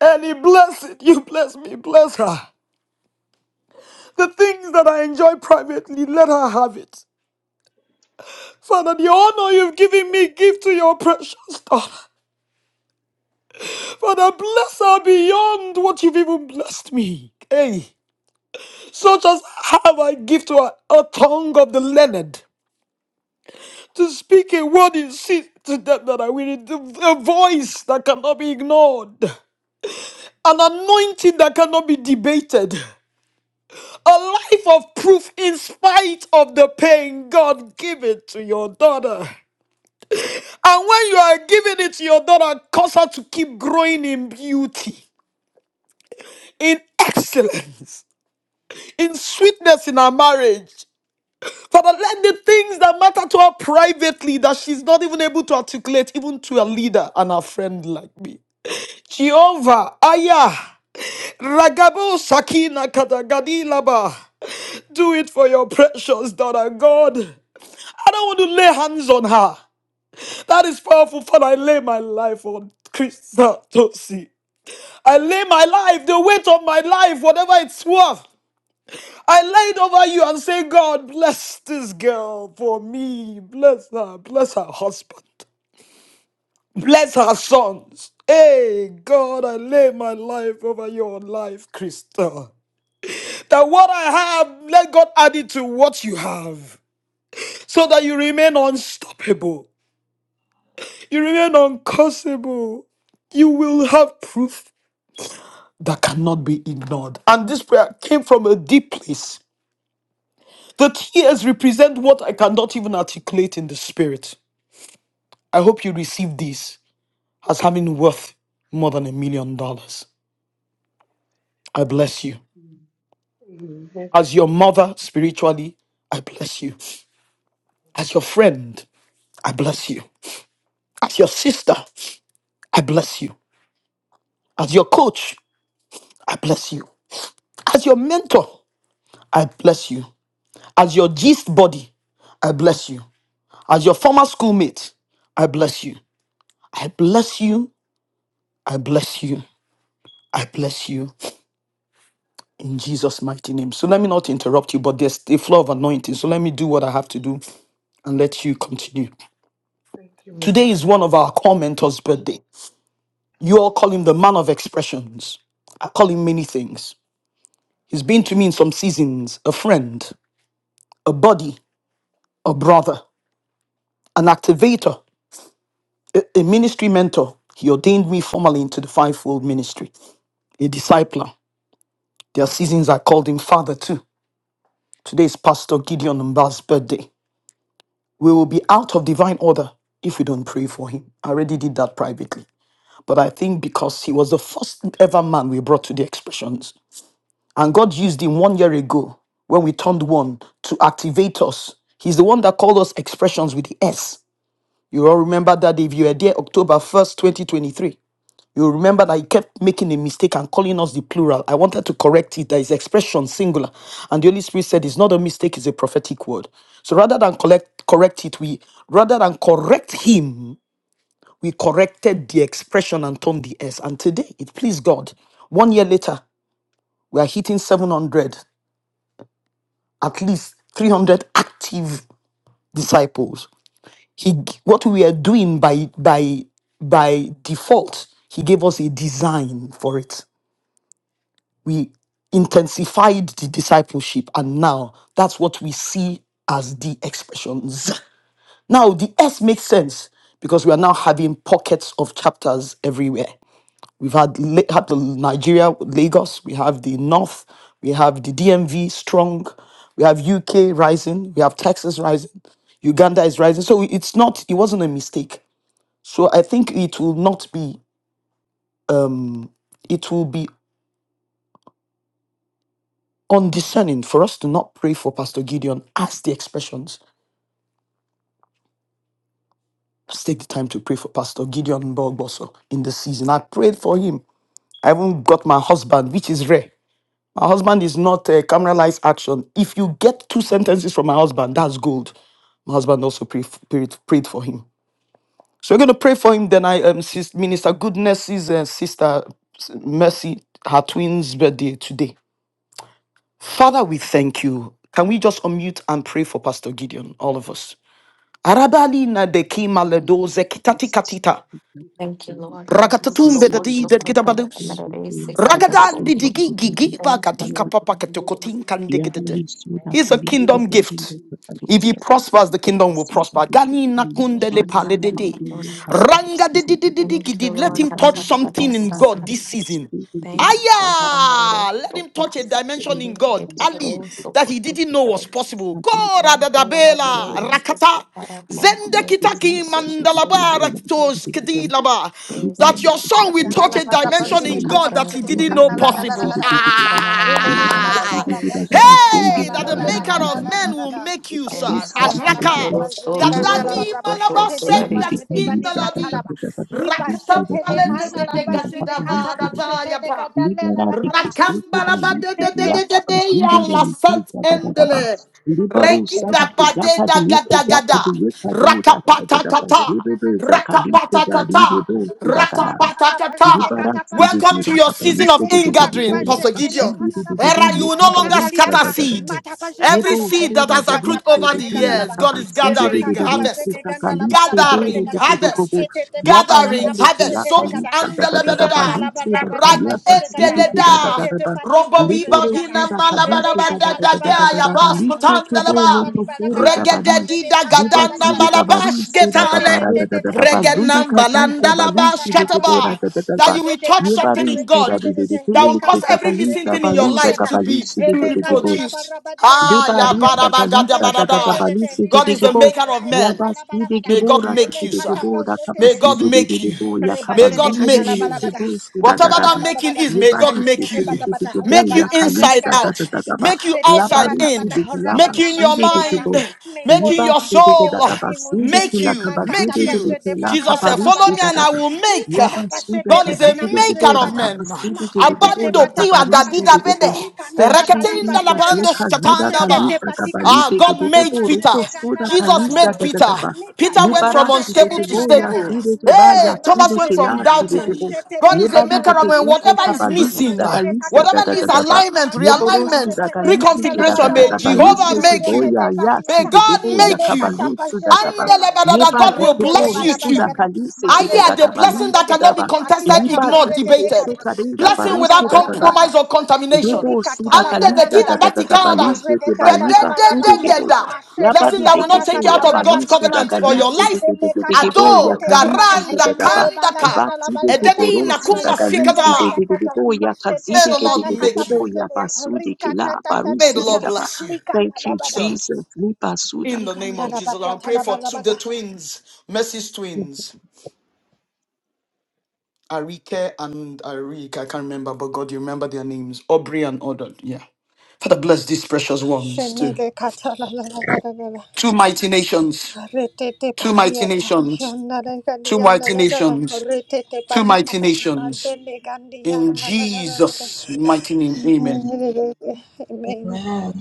Speaker 1: Any blessing you bless me, bless her. The things that I enjoy privately, let her have it. Father, the honor you've given me, give to your precious daughter. Father, bless her beyond what you've even blessed me. Hey, such as have I give to her a tongue of the learned. to speak a word in season to them that are willing, a voice that cannot be ignored, an anointing that cannot be debated, a life of proof in spite of the pain. God, give it to your daughter. And when you are giving it to your daughter, cause her to keep growing in beauty, in excellence, in sweetness in her marriage. Father, let the things that matter to her privately that she's not even able to articulate, even to a leader and a friend like me. Jehovah, Aya, Ragabo Sakina Katagadilaba. Do it for your precious daughter, God. I don't want to lay hands on her. That is powerful, Father. I lay my life on Krista Tosi. I lay my life, the weight of my life, whatever it's worth. I lay it over you and say, God, bless this girl for me. Bless her. Bless her husband. Bless her sons. Hey, God, I lay my life over your life, Crystal. That what I have, let God add it to what you have. So that you remain unstoppable. You remain uncursable. You will have proof that cannot be ignored. And this prayer came from a deep place. The tears represent what I cannot even articulate in the spirit. I hope you receive this as having worth more than a million dollars. I bless you. As your
Speaker 4: Investing
Speaker 1: mother spiritually, I bless you. As your friend, I bless you. As your sister, I bless you. As your coach, I bless you. As your mentor, I bless you. As your gist body, I bless you. As your former schoolmate, I bless you. I bless you. I bless you. I bless you in Jesus' mighty name. So let me not interrupt you, but there's a flow of anointing. So let me do what I have to do and let you continue. Today is one of our core mentors' birthday. You all call him the man of expressions. I call him many things. He's been to me in some seasons, a friend, a buddy, a brother, an activator, a, a ministry mentor. He ordained me formally into the fivefold ministry, a discipler. There are seasons I called him father too. Today is Pastor Gideon Mba's birthday. We will be out of divine order if we don't pray for him. I already did that privately. But I think because he was the first ever man we brought to the expressions. And God used him one year ago when we turned one to activate us. He's the one that called us expressions with the S You all remember that if you were there October 1st, 2023, you remember that he kept making a mistake and calling us the plural. I wanted to correct it. There is expression singular. And the Holy Spirit said it's not a mistake, it's a prophetic word. So rather than collect, correct it, we rather than correct him, we corrected the expression and turned the S. And today it pleased God. One year later, we are hitting 700, at least 300 active disciples. he g- what we are doing by by by default he gave us a design for it we intensified the discipleship and now that's what we see as the expressions now the s makes sense because we are now having pockets of chapters everywhere we've had, La- had the nigeria lagos we have the north we have the dmv strong we have uk rising we have texas rising Uganda is rising. So it's not, it wasn't a mistake. So I think it will not be um it will be undiscerning for us to not pray for Pastor Gideon as the expressions. Let's take the time to pray for Pastor Gideon Bogboso in the season. I prayed for him. I even got my husband, which is rare. My husband is not a camera life action. If you get two sentences from my husband, that's gold. My husband also pray, prayed, prayed for him. So we're going to pray for him. Then I, um, sis, Minister Goodness's uh, sister s- Mercy, her twins' birthday today. Father, we thank you. Can we just unmute and pray for Pastor Gideon, all of us? Arabali na deki maledo zekitati katita. Rakatatum bedadi dedkita badus.
Speaker 4: in
Speaker 1: Ragadan didigi
Speaker 4: the
Speaker 1: gigi ba katika papa
Speaker 4: book of
Speaker 1: ketokotin kandegedede.
Speaker 4: our
Speaker 1: He's a
Speaker 4: kind
Speaker 1: kingdom gift. If he prospers, the kingdom will prosper. Gani nakundele paledede.
Speaker 4: of
Speaker 1: Ranga dididididikidi. Let him touch something in God this season. Aya! Let him touch a dimension in God, Ali, that he didn't know was possible. God, Adadabela, Rakata, Zendekitaki, Mandalaba, Rakitos, Kedilaba. That your son will touch
Speaker 11: Kanala
Speaker 1: a
Speaker 11: barra
Speaker 1: dimension
Speaker 11: bajene
Speaker 1: in
Speaker 11: kata
Speaker 1: God that he
Speaker 11: pashete le
Speaker 1: didn't know
Speaker 11: kanala la la la la
Speaker 1: possible.
Speaker 11: la la la. Ele kanala
Speaker 1: Ah!
Speaker 11: barra bajene kata
Speaker 1: Hey,
Speaker 11: la
Speaker 1: that
Speaker 11: la
Speaker 1: the
Speaker 12: Let
Speaker 11: la
Speaker 12: us
Speaker 11: la la
Speaker 1: maker
Speaker 11: la
Speaker 1: of
Speaker 11: la la
Speaker 1: men
Speaker 11: la
Speaker 1: will
Speaker 11: la.
Speaker 1: make you,
Speaker 11: Ele
Speaker 1: sir.
Speaker 12: stop
Speaker 11: kanala bali
Speaker 1: Araka.
Speaker 11: bajene
Speaker 1: That
Speaker 11: kanala
Speaker 1: daddy
Speaker 11: barra
Speaker 1: malaba
Speaker 11: bashete le
Speaker 1: said that
Speaker 11: kamajete
Speaker 1: in
Speaker 11: bani
Speaker 1: the
Speaker 11: kata
Speaker 1: lobby.
Speaker 11: la ba. Li
Speaker 1: Rakta
Speaker 11: bashete le
Speaker 1: male de de
Speaker 11: kanala
Speaker 1: de gati
Speaker 11: bajene
Speaker 1: ba
Speaker 11: kata
Speaker 1: da ba
Speaker 11: pashete
Speaker 1: ya
Speaker 11: le
Speaker 1: ba.
Speaker 11: kadale la la kata. Mashete te
Speaker 1: Rakambalabadadadadadadaya la sant endele. Reki da bade da gada gada. Rakapata kata. Rakapata kata.
Speaker 11: Likana
Speaker 1: Rakapata kata. Welcome to your season of ingathering, Pastor Gideon. Era, you will no longer scatter seed. Every
Speaker 4: fashion.
Speaker 1: seed that has accrued over the years, God is gathering harvest. Gathering harvest
Speaker 12: begging
Speaker 1: gatherings, harvest, zones, and Ragedeleda, Robobiba Bina Malabadabanda Dagaya
Speaker 11: la
Speaker 1: Baskutandalaba, Regededida
Speaker 11: bali
Speaker 1: Gadanda
Speaker 11: bada
Speaker 1: Malabash
Speaker 11: Majete te
Speaker 1: Getale,
Speaker 11: te te te te
Speaker 1: Regenam
Speaker 11: likata pa jene ganda
Speaker 1: Balandalabash
Speaker 11: la bada
Speaker 1: Kataba,
Speaker 11: bada
Speaker 1: that you will
Speaker 11: majede
Speaker 1: touch
Speaker 11: kata pa
Speaker 1: something in
Speaker 11: jete te
Speaker 1: God
Speaker 11: te te te
Speaker 1: that will cause
Speaker 11: likata
Speaker 1: every
Speaker 11: pa
Speaker 1: missing
Speaker 11: jete
Speaker 1: thing in
Speaker 11: te
Speaker 1: your life
Speaker 11: patiata
Speaker 1: to be to
Speaker 11: hele ganda la
Speaker 1: reproduce.
Speaker 11: bara badianda
Speaker 1: Ah, ya
Speaker 11: majene kata
Speaker 1: badabagada
Speaker 11: pa jete te
Speaker 1: badada.
Speaker 11: te te
Speaker 1: God is the
Speaker 11: likata pa
Speaker 1: maker of
Speaker 11: jene
Speaker 1: men.
Speaker 11: ganda la bada bada
Speaker 1: May God make
Speaker 11: hele
Speaker 1: you, sir.
Speaker 11: kata pa
Speaker 1: May
Speaker 11: te.
Speaker 1: God make you. May
Speaker 11: Rebajene
Speaker 1: God make
Speaker 11: katala
Speaker 1: you.
Speaker 11: balabada,
Speaker 1: Whatever
Speaker 11: libana
Speaker 1: that making
Speaker 11: balabada,
Speaker 1: is, may God
Speaker 11: majete
Speaker 1: make
Speaker 11: te
Speaker 1: you.
Speaker 11: pata pata,
Speaker 1: Make you
Speaker 11: rabana majete
Speaker 1: inside
Speaker 11: gada,
Speaker 1: out. Make you
Speaker 11: machete te
Speaker 1: outside
Speaker 11: pata
Speaker 1: in.
Speaker 11: pata,
Speaker 1: Make you
Speaker 11: rabana
Speaker 1: in your
Speaker 11: majete gada.
Speaker 1: mind.
Speaker 11: May
Speaker 1: Make you
Speaker 11: God
Speaker 1: in your
Speaker 11: continue
Speaker 1: soul.
Speaker 11: adding unto
Speaker 1: Make
Speaker 11: him,
Speaker 1: you. Make
Speaker 11: makata
Speaker 1: you.
Speaker 11: pajete banala
Speaker 1: Jesus said, Follow
Speaker 11: balabada
Speaker 1: me and
Speaker 11: gada,
Speaker 1: I will make.
Speaker 11: likata pachete
Speaker 1: God is a
Speaker 11: lebana
Speaker 1: maker
Speaker 11: majete
Speaker 1: of
Speaker 11: bada,
Speaker 1: men.
Speaker 11: machete te
Speaker 1: Abando
Speaker 11: pata
Speaker 1: piwa
Speaker 11: pata
Speaker 1: da
Speaker 11: kata.
Speaker 1: dida bede.
Speaker 11: Likana la baliba
Speaker 1: Reketinda la
Speaker 11: jede
Speaker 1: bando shatanda
Speaker 11: machete
Speaker 1: ba.
Speaker 11: te patikata
Speaker 1: Ah, God
Speaker 11: rabana
Speaker 1: made Peter.
Speaker 11: majede gana la
Speaker 1: Jesus
Speaker 11: balabada
Speaker 1: made
Speaker 4: Amen.
Speaker 1: Peter. Peter
Speaker 11: Lekata
Speaker 1: went from
Speaker 11: pashete
Speaker 1: unstable
Speaker 11: te
Speaker 1: to stable.
Speaker 11: patakata makata
Speaker 1: Hey, Thomas
Speaker 11: pashete
Speaker 1: went
Speaker 11: te
Speaker 1: from doubting.
Speaker 11: mashete le
Speaker 1: God is a
Speaker 11: lekana la
Speaker 1: maker of men.
Speaker 11: bariba
Speaker 1: Whatever
Speaker 11: dagada
Speaker 1: is missing,
Speaker 11: majene kata
Speaker 1: whatever needs
Speaker 11: pashete te
Speaker 1: alignment,
Speaker 11: makati
Speaker 1: realignment,
Speaker 11: pashete lekana la
Speaker 1: reconfiguration,
Speaker 11: baraba
Speaker 1: may
Speaker 11: dianda
Speaker 1: Jehovah make
Speaker 11: majete
Speaker 1: you.
Speaker 11: te
Speaker 1: May
Speaker 11: patiata
Speaker 1: God make you.
Speaker 11: lekata pashete
Speaker 1: And
Speaker 11: te
Speaker 1: God will
Speaker 11: rende le
Speaker 1: bless you
Speaker 11: balaba
Speaker 1: too.
Speaker 11: dagada
Speaker 1: I
Speaker 11: majene
Speaker 1: hear the
Speaker 11: kata
Speaker 1: blessing that
Speaker 11: pashete te
Speaker 1: cannot be contested,
Speaker 11: matiata
Speaker 1: ignored,
Speaker 11: pashete
Speaker 1: debated.
Speaker 11: lekata
Speaker 1: Blessing
Speaker 11: likana
Speaker 1: without
Speaker 11: la baliba
Speaker 1: compromise
Speaker 11: da
Speaker 1: or contamination. Under
Speaker 11: Likatala
Speaker 1: the kid
Speaker 11: balanda
Speaker 1: that the
Speaker 11: liata
Speaker 1: Canada.
Speaker 11: mazede ganda la barabadiata mashete
Speaker 1: Blessing
Speaker 11: te
Speaker 1: that will not take you
Speaker 11: panakata
Speaker 1: out of God's
Speaker 11: rabana
Speaker 1: covenant or
Speaker 11: mazedea
Speaker 1: your life.
Speaker 11: ele kata
Speaker 1: Ado
Speaker 11: pashete te kata
Speaker 1: garanda
Speaker 11: rende le
Speaker 1: kandaka.
Speaker 11: balagada la balianda
Speaker 1: Ededi nakuma
Speaker 11: mazete te
Speaker 1: sikada.
Speaker 11: patakata mashete
Speaker 1: May
Speaker 11: te
Speaker 1: the Lord
Speaker 11: panakata
Speaker 1: make you.
Speaker 11: pashedea rikata tata
Speaker 1: May the
Speaker 11: takata
Speaker 1: Lord bless you,
Speaker 11: likanda la bara
Speaker 1: sir. In the name
Speaker 11: liganda
Speaker 1: of
Speaker 11: la
Speaker 1: Jesus, I'll
Speaker 11: bariata
Speaker 1: pray
Speaker 11: la
Speaker 1: for two, the
Speaker 11: barabada
Speaker 1: twins, Mercy's twins. Arike and Arik, I can't remember, but God, you remember their names. Aubrey and Odod, yeah. Father, bless these precious ones too.
Speaker 11: shenele kata la la la la la la.
Speaker 1: Two mighty nations,
Speaker 11: Retete
Speaker 1: two mighty
Speaker 11: patiata,
Speaker 1: nations,
Speaker 11: yandala gandi
Speaker 1: two mighty
Speaker 11: yandala gada,
Speaker 1: nations,
Speaker 11: retete
Speaker 1: two mighty
Speaker 11: patakata,
Speaker 1: nations.
Speaker 11: mazele gandi
Speaker 1: In
Speaker 11: yandala gada.
Speaker 1: Jesus' mighty name, amen.
Speaker 13: Amen.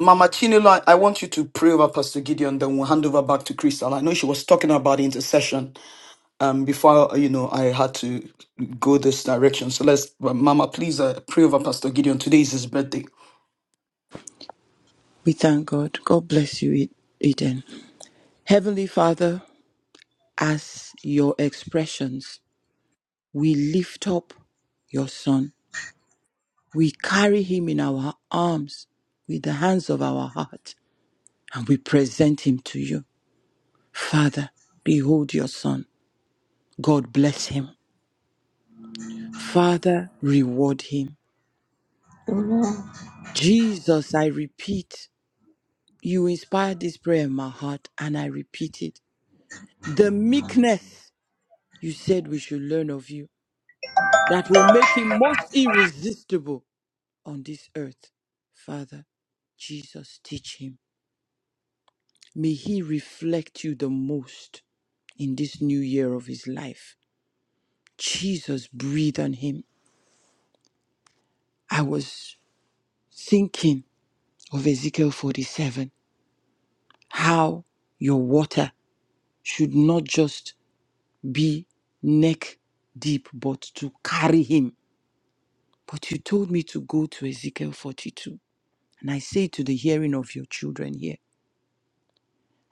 Speaker 1: Mama Chinelo, I I want you to pray over Pastor Gideon, then we'll hand over back to Crystal. I know she was talking about intercession, Um, before you know, I had to go this direction. So let's, Mama, please uh, pray over Pastor Gideon. Today is his birthday.
Speaker 14: We thank God. God bless you, E-, Eden. Heavenly Father, as your expressions, we lift up your son. We carry him in our arms with the hands of our heart and we present him to you. Father, behold your son. God bless him. Father, reward him.
Speaker 13: Amen.
Speaker 14: Jesus, I repeat, you inspired this prayer in my heart and I repeat it. The meekness you said we should learn of you. that will make him most irresistible on this earth. Father, Jesus, teach him. May he reflect you the most in this new year of his life. Jesus, breathe on him. I was thinking of Ezekiel 47, how your water should not just be neck deep, but to carry him. But you told me to go to Ezekiel 42. And I say to the hearing of your children here,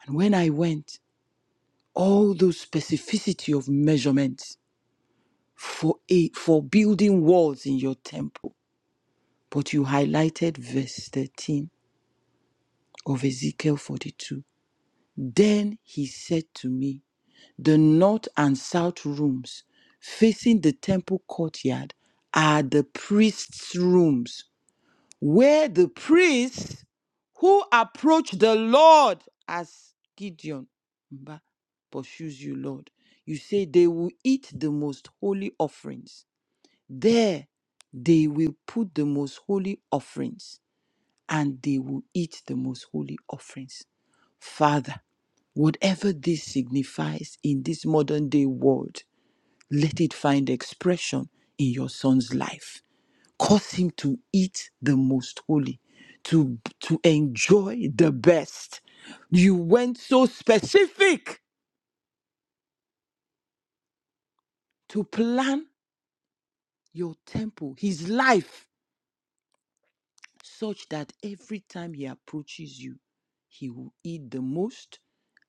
Speaker 14: And when I went, all those specificity of measurements for a, for building walls in your temple. But you highlighted verse 13 of Ezekiel 42. Then he said to me, The north and south rooms facing the temple courtyard are the priests' rooms were the priests who approached the Lord as Gideon Mba, pursues you, Lord. You say they will eat the most holy offerings. There they will put the most holy offerings and they will eat the most holy offerings. Father, whatever this signifies in this modern day world, let it find expression in your son's life cause him to eat the most holy to to enjoy the best you went so specific to plan your temple his life such that every time he approaches you he will eat the most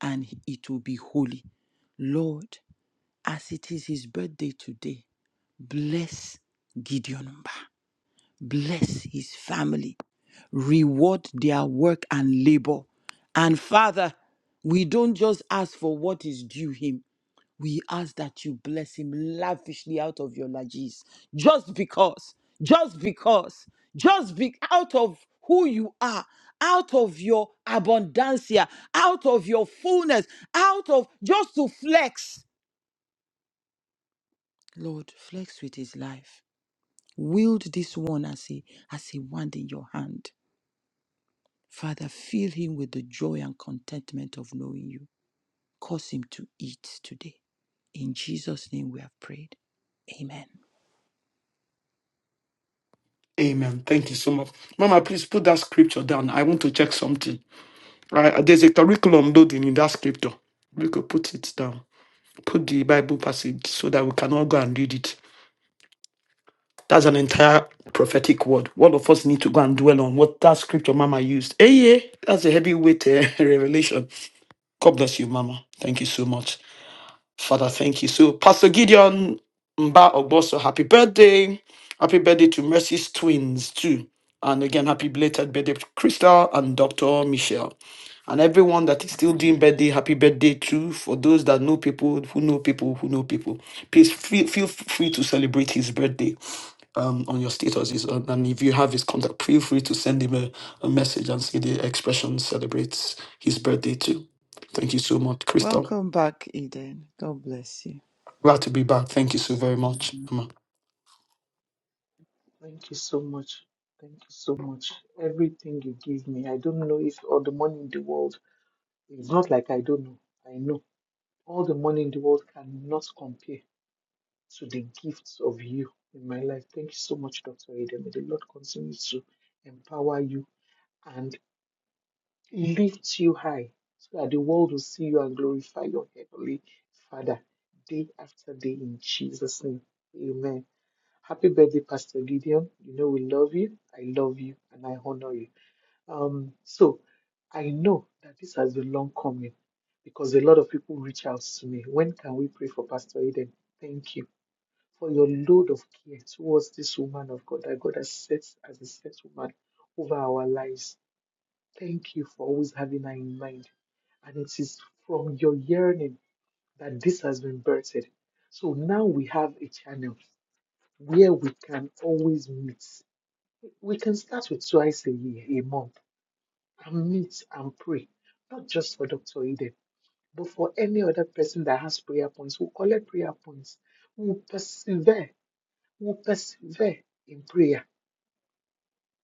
Speaker 14: and it will be holy lord as it is his birthday today bless gideon Mba. bless his family, reward their work and labor. And Father, we don't just ask for what is due him. We ask that you bless him lavishly out of your lages. Just because, just because, just be out of who you are, out of your abundancia, out of your fullness, out of just to flex. Lord, flex with his life. Wield this one as a as a wand in your hand Father, fill him with the joy and contentment of knowing you. Cause him to eat today. In Jesus' name we have prayed. Amen.
Speaker 1: Amen. Thank you so much. Mama, please put that scripture down. I want to check something. Right? There's a curriculum loading in that scripture. We could put it down. Put the Bible passage so that we can all go and read it. That's an entire prophetic word. All of us need to go and dwell on what that scripture Mama used. Hey, yeah, that's a heavyweight eh, revelation. God bless you, Mama. Thank you so much. Father, thank you. So, Pastor Gideon Mba Ogboso, happy birthday. Happy birthday to Mercy's twins, too. And again, happy belated birthday to Crystal and Dr. Michelle. And everyone that is still doing birthday, happy birthday too. For those that know people, who know people, who know people, please feel, feel free to celebrate his birthday um, on your statuses. And and if you have his contact, feel free to send him a, a message and say the expression celebrates his birthday too. Thank you so much, Crystal.
Speaker 14: Welcome back, Eden. God bless you.
Speaker 1: Glad to be back. Thank you so very much. Mama.
Speaker 4: Thank you so much. Thank you so much. Everything you give me, I don't know if all the money in the world, it's not like I don't know. I know all the money in the world cannot compare to the gifts of you in my life. Thank you so much, Dr. Ada. May the Lord continue to empower you. and. lift you high so that the world will see you and glorify your heavenly Father day after day in Jesus' name. Amen. Happy birthday, Pastor Gideon. You know we love you. I love you and I honor you. Um, so I know that this has been long coming because a lot of people reach out to me. When can we pray for Pastor Eden? Thank you for your load of care towards this woman of God that God has set as a set woman over our lives Thank you for always having her in mind. And it is from your yearning that this has been birthed. So now we have a channel where we can always meet. We can start with twice a year, a month, and meet and pray, not just for Dr. Eden, but for any other person that has prayer points. We'll collect prayer points. We'll persevere. We'll persevere in prayer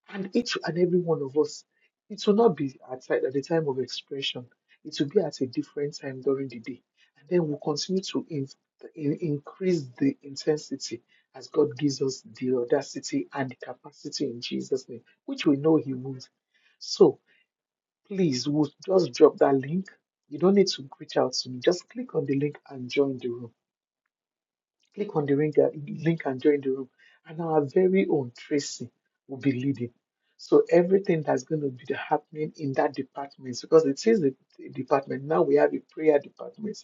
Speaker 4: And each and every one of us, it will not be at, ti- at the time of expression. It will be at a different time during the day. And then we'll continue to in, in- increase the intensity as God gives us the audacity and the capacity in Jesus' name, which we know He would. So please, we'll just drop that link. You don't need to reach out to me. Just click on the link and join the room Click on the link uh, link and join the room. And our very own Tracy will be leading. So everything that's going to be the happening in that department, because it is the the department, now we have a prayer department.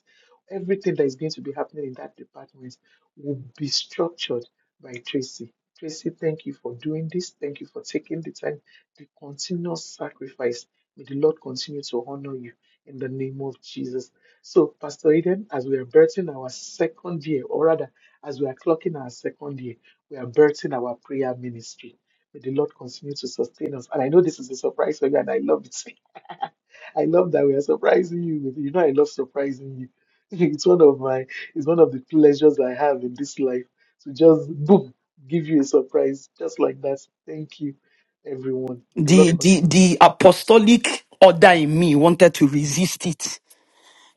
Speaker 4: Everything that is going to be happening in that department will be structured by Tracy. Tracy, thank you for doing this. Thank you for taking the time, the continuous sacrifice. May the Lord continue to honor you in the name of Jesus. So, Pastor Eden, as we are birthing our second year, or rather, as we are clocking our second year, we are birthing our prayer ministry. May the Lord continue to sustain us. And I know this is a surprise for you, and I love it. I love that we are surprising you. with- You know, I love surprising you. It's one of my, it's one of the pleasures I have in this life to just boom, give you a surprise just like that. Thank you, everyone. May the Lord
Speaker 1: the the
Speaker 4: continue to
Speaker 1: the
Speaker 4: sustain us.
Speaker 1: apostolic order in me wanted to resist it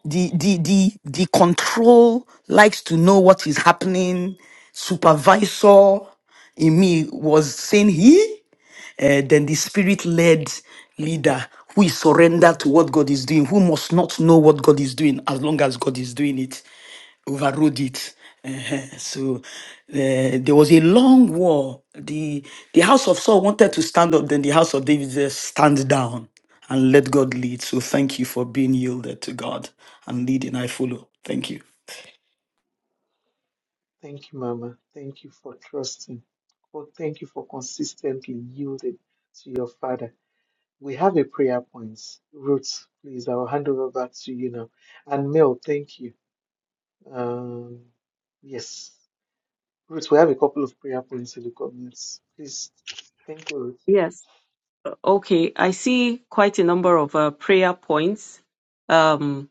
Speaker 1: the the the the control likes to know what is happening supervisor in me was saying he uh, then the spirit led leader who is surrendered to what God is doing, who must not know what God is doing as long as God is doing it, overrode it. Uh-huh. So uh, there was a long war. The, the house of Saul wanted to stand up, then the house of David said, Stand down and let God lead. So thank you for being yielded to God and leading. I follow. Thank you.
Speaker 4: Thank you, Mama. Thank you for trusting. Well, thank you for consistently yielding to your Father. We have a prayer point. Ruth, please, I will hand over back to you now. And Mel, thank you. Um, yes, Ruth, we have a couple of prayer points in the comments. Please, thank you, Ruth.
Speaker 3: Yes. Okay, I see quite a number of uh, prayer points. Um,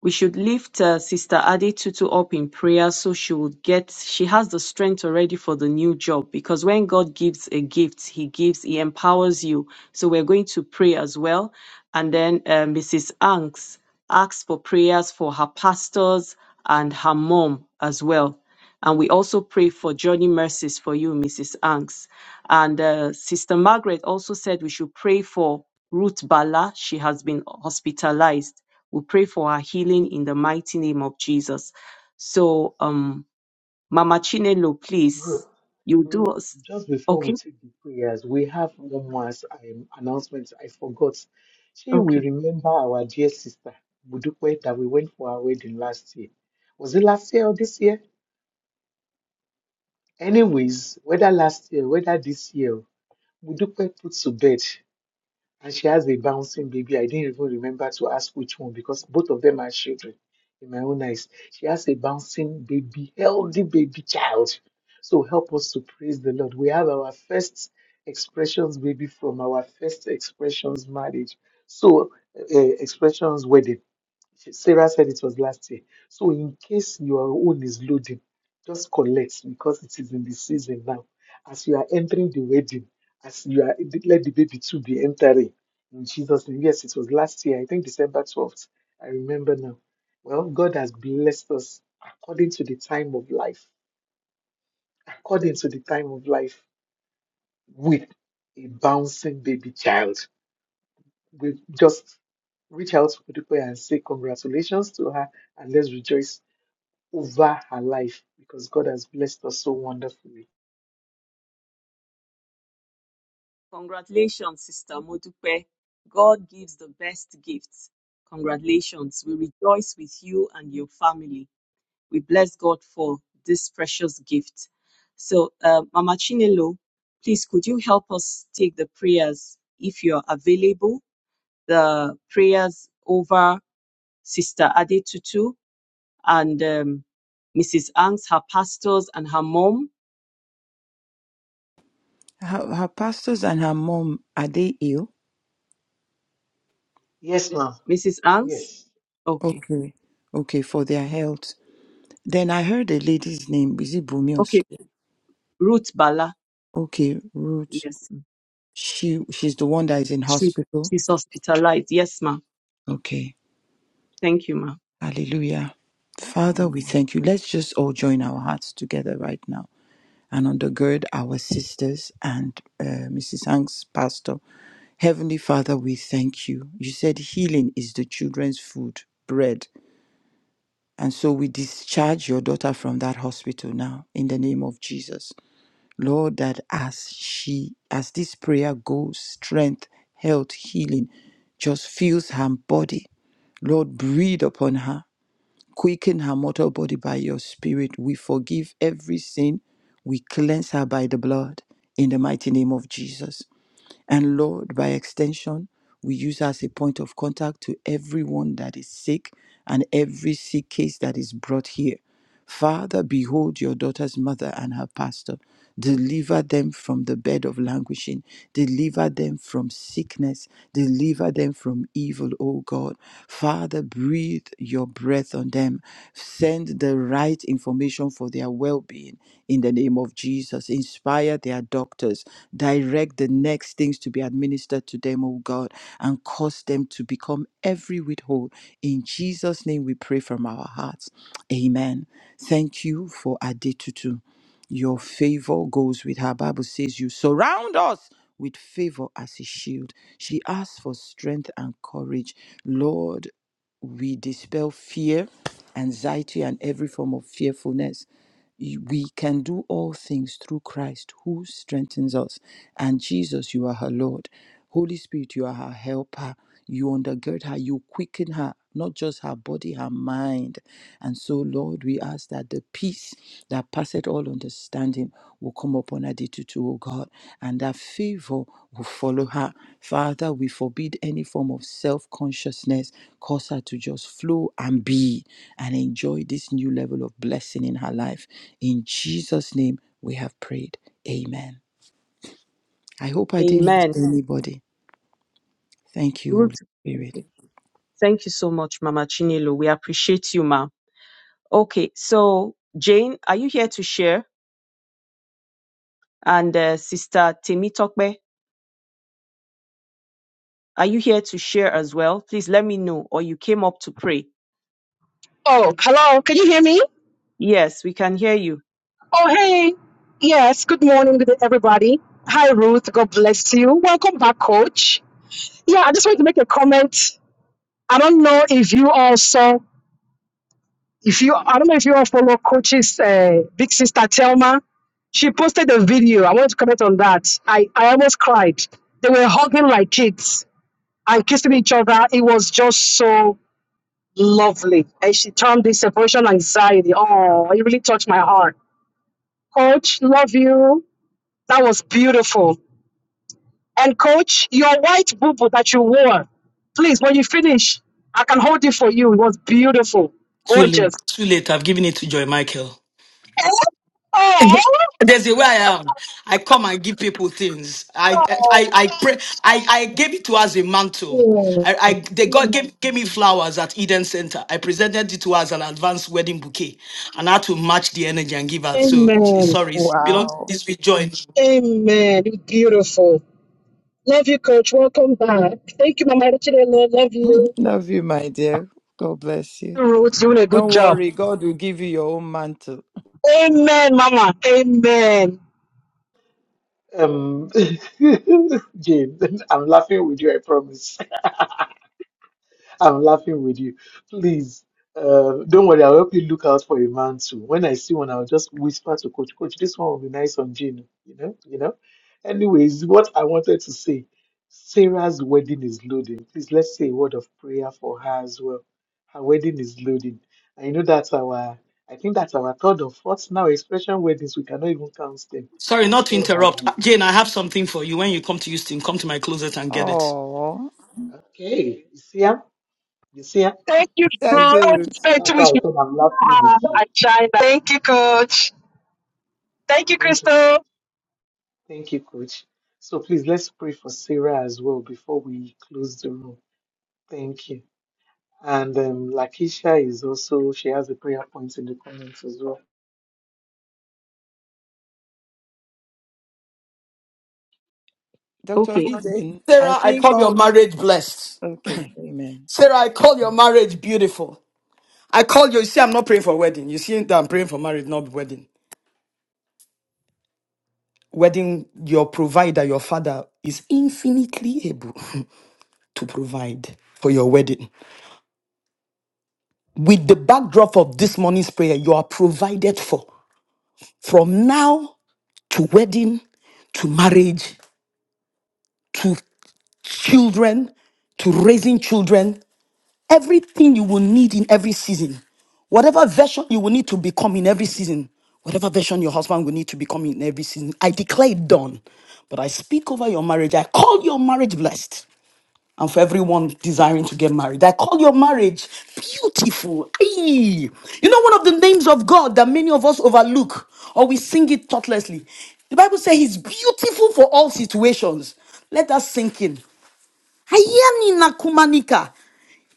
Speaker 3: we should lift uh, Sister Ade Tutu up in prayer so she will get, she has the strength already for the new job because when God gives a gift, He gives, He empowers you. So we're going to pray as well. And then uh, Mrs. Anks asks for prayers for her pastors and her mom as well. And we also pray for Johnny mercies for you, Mrs. Anks. And uh, Sister Margaret also said we should pray for Ruth Bala. She has been hospitalized. We pray for her healing in the mighty name of Jesus. So, um, Mama Chinelo,
Speaker 4: Ruth,
Speaker 3: please, you do
Speaker 4: Ruth,
Speaker 3: us.
Speaker 4: just before we
Speaker 3: Okay,
Speaker 4: take the prayers, we have one more as- um, announcement. I forgot. She will
Speaker 3: okay.
Speaker 4: remember our dear sister, Budukwe, that we went for our wedding last year. Was it last year or this year? Anyways, whether last year, whether this year, Budukwe put to bed. and she has a bouncing baby. I didn't even remember to ask which one because both of them are children in my own eyes. She has a bouncing baby, healthy baby child. So help us to praise the Lord. We have our first expressions baby from our first expressions marriage. So uh, expressions wedding. Sarah said it was last year. So in case your own is loading, just collect because it is in the season now. As you are entering the wedding, as you are let the baby too be entering in Jesus' name. Yes, it was last year, I think December 12th. I remember now. Well, God has blessed us according to the time of life, according to the time of life, with a bouncing baby child. We just reach out to people and say congratulations to her and let's rejoice over her life because God has blessed us so wonderfully.
Speaker 3: Congratulations, Sister Modupe. God gives the best gifts. Congratulations. We rejoice with you and your family. We bless God for this precious gift. So, uh, Mama Chinelo, please could you help us take the prayers if you're available? The prayers over Sister Adetutu and um, Mrs. Angst, her pastors, and her mom,
Speaker 14: Her, her pastors and her mom, are they ill?
Speaker 4: Yes, ma'am.
Speaker 3: Mrs. Angst.
Speaker 4: Yes.
Speaker 3: Okay,
Speaker 14: Okay. Okay, for their health. Then I heard a lady's name. Is it Bumi or so?
Speaker 3: okay, Ruth Bala.
Speaker 14: Okay, Ruth.
Speaker 3: Yes, ma'am.
Speaker 14: She she's the one that is in
Speaker 3: she
Speaker 14: hospital.
Speaker 3: she's hospitalized. Yes, ma'am.
Speaker 14: Okay.
Speaker 3: Thank you, ma'am.
Speaker 14: Hallelujah. Father, we thank you. Let's just all join our hearts together right now. and undergird our sisters and uh, Mrs. Hanks, Pastor. Heavenly Father, we thank you. You said healing is the children's food, bread. And so we discharge your daughter from that hospital now in the name of Jesus. Lord, that as she, as this prayer goes, strength, health, healing just fills her body. Lord, breathe upon her. Quicken her mortal body by your spirit. We forgive every sin. We cleanse her by the blood in the mighty name of Jesus. And Lord, by extension, we use her as a point of contact to everyone that is sick and every sick case that is brought here. Father, behold your daughter's mother and her pastor. Deliver them from the bed of languishing. Deliver them from sickness. Deliver them from evil, O God. Father, breathe your breath on them. Send the right information for their well being in the name of Jesus. Inspire their doctors. Direct the next things to be administered to them, O God, and cause them to become every whit whole. In Jesus' name we pray from our hearts. Amen. Thank you for Adetutu. Your favor goes with her. Bible says you surround us with favor as a shield. She asks for strength and courage. Lord, we dispel fear, anxiety, and every form of fearfulness you- we can do all things through Christ who strengthens us. And Jesus, you are her Lord. Holy Spirit, you are her helper. You undergird her, you quicken her, not just her body, her mind. And so, Lord, we ask that the peace that passeth all understanding will come upon Adetutu, O God, and that favor will follow her. Father, we forbid any form of self consciousness. Cause her to just flow and be and enjoy this new level of blessing in her life. In Jesus' name, we have prayed. Amen. I hope I didn't miss
Speaker 3: Amen.
Speaker 14: anybody. Thank you,
Speaker 3: Ruth.
Speaker 14: Holy Spirit.
Speaker 3: Okay. Thank you so much, Mama Chinelo. We appreciate you, ma'am. Okay, so Jane, are you here to share? And uh, Sister Temi Tokbe, are you here to share as well? Please let me know, or you came up to pray.
Speaker 15: Oh, hello. Can you hear me?
Speaker 3: Yes, we can hear you.
Speaker 15: Oh, hey. Yes. Good morning, good day, everybody. Hi, Ruth. God bless you. Welcome back, Coach. Yeah, I just wanted to make a comment. I don't know if you all saw, if you, I don't know if you all follow Coach's uh, big sister Telma. She posted a video. I wanted to comment on that. I, I almost cried. They were hugging like kids and kissing each other. It was just so lovely. And she termed this separation anxiety. Oh, it really touched my heart. Coach, love you. That was beautiful. And coach, your white boo boo that you wore, please, when you finish, I can hold it for you. It was beautiful,
Speaker 1: Too late.
Speaker 15: gorgeous.
Speaker 1: Too late. I've given it to Joy Michael.
Speaker 15: Oh,
Speaker 1: There's a way I am. I come and give people things. I I I pray. I I gave it to us a mantle. I,
Speaker 15: yeah.
Speaker 1: I they got gave, gave me flowers at Eden Center. I presented it to us as an advanced wedding bouquet, and I had to match the energy and give out. So it's-
Speaker 15: amen.
Speaker 1: sorry, it's belong.
Speaker 14: Wow.
Speaker 1: It's with joy.
Speaker 15: Amen. Beautiful. Love you, coach. Welcome back. Thank you, Mama. Echinelo. Love
Speaker 14: Mm,
Speaker 15: you.
Speaker 14: Love you, my dear. God bless you.
Speaker 15: Ruth, doing a good
Speaker 14: Don't
Speaker 15: job.
Speaker 14: worry, God will give you your own mantle.
Speaker 15: Amen, Mama. Amen.
Speaker 4: Um, Jane, I'm laughing with you, I promise. I'm laughing with you. Please, uh, don't worry. I'll help you look out for a man too. When I see one, I'll just whisper to coach, coach, this one will be nice on Jane. You know, you know. Anyways, what I wanted to say, Sarah's wedding is loading. Please let's say a word of prayer for her as well. Her wedding is loading. And you know that's our, I think that's our third or fourth now expression weddings. We cannot even count them.
Speaker 1: Sorry, not to
Speaker 4: God has it.
Speaker 1: interrupt. Uh, Jane, I have something for you. When you come to Houston, come to my closet and get it.
Speaker 14: Oh,
Speaker 4: Okay, you see, am? you see, am?
Speaker 15: Thank you,
Speaker 4: that's
Speaker 15: Ruth.
Speaker 14: settled.
Speaker 15: spend two
Speaker 4: why
Speaker 15: weeks
Speaker 4: I
Speaker 15: with
Speaker 4: said I'm laughing
Speaker 15: her
Speaker 4: with you.
Speaker 15: at China. Thank you, coach. Thank you,
Speaker 4: Thank
Speaker 15: Crystal.
Speaker 4: you. Thank you, Coach. So please let's pray for Sarah as well before we close the room. Thank you. And um, Lakisha is also, she has a prayer point in the comments as well.
Speaker 14: Dr.
Speaker 3: Okay.
Speaker 14: Eden, I
Speaker 1: Sarah, I
Speaker 14: think
Speaker 1: call your
Speaker 14: all.
Speaker 1: marriage blessed.
Speaker 14: Okay, amen.
Speaker 1: Sarah, I call your marriage beautiful. I call you. You see, I'm not praying for wedding. You see that I'm praying for marriage, not wedding. wedding, your provider, your father, is infinitely able to provide for your wedding. With the backdrop of this morning's prayer, you are provided for from now to wedding, to marriage, to children, to raising children. Everything you will need in every season, whatever version you will need to become in every season, whatever version your husband will need to become in every season, I declare it done. But I speak over your marriage. I call your marriage blessed. and for everyone desiring to get married. I call your marriage beautiful. Ayy. You know, one of the names of God that many of us overlook or we sing it thoughtlessly. The Bible says He's beautiful for all situations. Let us sink in. Hayanina Kumanika.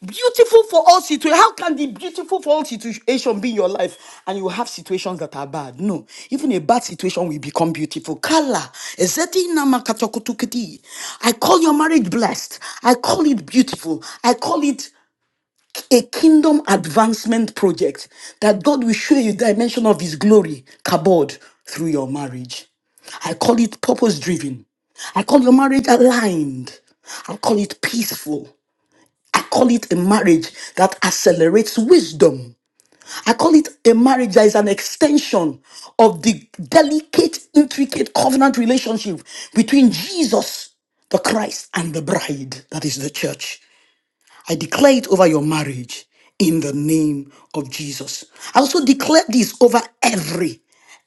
Speaker 1: Beautiful for all situations. How can the beautiful for all situation be in your life and you have situations that are bad? No. Even a bad situation will become beautiful. Kala. ezeti nama katakutukiti. I call your marriage blessed. I call it beautiful. I call it a kingdom advancement project that God will show you dimension of his glory, kabod, through your marriage. I call it purpose driven. I call your marriage aligned. I call it peaceful. I call it a marriage that accelerates wisdom. I call it a marriage that is an extension of the delicate, intricate covenant relationship between Jesus, the Christ, and the bride, that is the church. I declare it over your marriage in the name of Jesus. I also declare this over every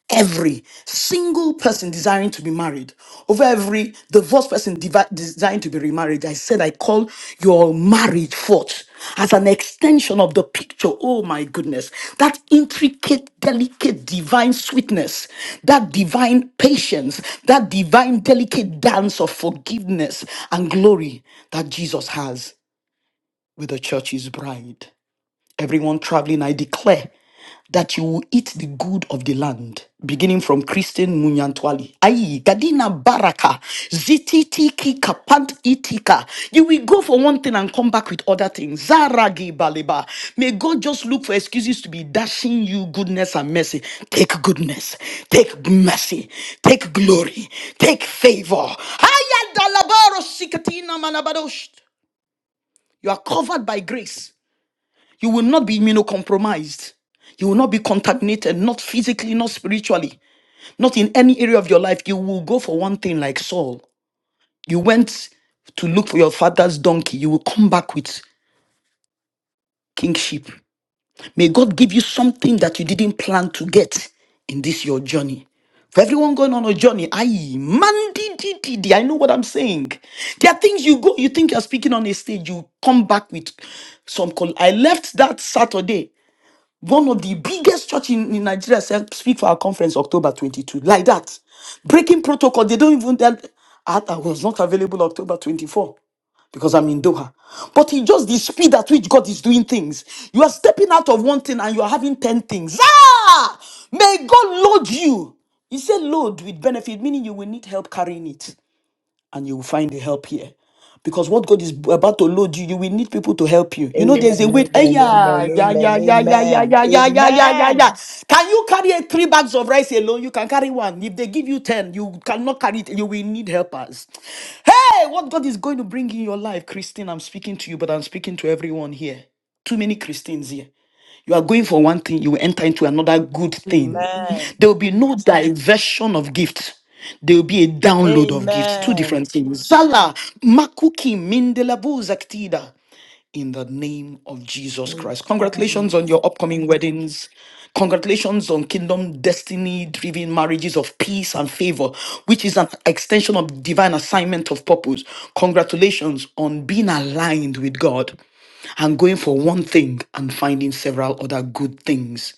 Speaker 1: every single person desiring to be married, over every divorced person devi- desiring to be remarried. I said, I call your marriage forth as an extension of the picture. Oh my goodness. That intricate, delicate, divine sweetness, that divine patience, that divine, delicate dance of forgiveness and glory that Jesus has with the church's bride. Everyone traveling, I declare that you will eat the good of the land, beginning from Christine Munyantwali. Aye, Gadina Baraka, Zititiki Kapant Itika. You will go for one thing and come back with other things. Zaragi Baleba. May God just look for excuses to be dashing you goodness and mercy. Take goodness, take mercy, take glory, take favor. Aya dalabaro sikatina manabadosh. You are covered by grace. You will not be immunocompromised. You will not be contaminated, not physically, not spiritually, not in any area of your life. You will go for one thing like Saul. You went to look for your father's donkey. You will come back with kingship. May God give you something that you didn't plan to get in this your journey. For everyone going on a journey, I man di- di- di- di, I know what I'm saying. There are things you go, you think you're speaking on a stage, you come back with some call. I left that Saturday. one of the biggest church in, in Nigeria said, speak for our conference October 22. Like that. Breaking protocol. They don't even tell I, I was not available October 24 because I'm in Doha. But it's just the speed at which God is doing things. You are stepping out of one thing and you are having 10 things. Ah! May God load you. He said load with benefit, meaning you will need help carrying it and you will find the help here. Because what God is about to load you, you will need people to help you. You know, there's a
Speaker 14: Amen.
Speaker 1: weight. Hey,
Speaker 14: Amen.
Speaker 1: yeah,
Speaker 14: Amen.
Speaker 1: yeah, yeah, yeah,
Speaker 14: Amen.
Speaker 1: yeah, yeah, yeah, yeah, yeah, yeah, yeah, yeah.
Speaker 14: Amen.
Speaker 1: yeah. Can you carry a three bags of rice alone? You can carry one. If they give you 10, you cannot carry it. You will need helpers. Hey, what God is going to bring in your life, Christine, I'm speaking to you, but I'm speaking to everyone here. Too many Christines here. You are going for one thing, you will enter into another good
Speaker 14: Amen. Amen.
Speaker 1: thing.
Speaker 14: Amen.
Speaker 1: There will be no diversion of gifts. There will be a download of gifts. Two different things. Zala, Makuki, Mindelabu, Zaktida. In the name of Jesus Christ. Congratulations on your upcoming weddings. Congratulations on kingdom destiny driven marriages of peace and favor, which is an extension of divine assignment of purpose. Congratulations on being aligned with God and going for one thing and finding several other good things.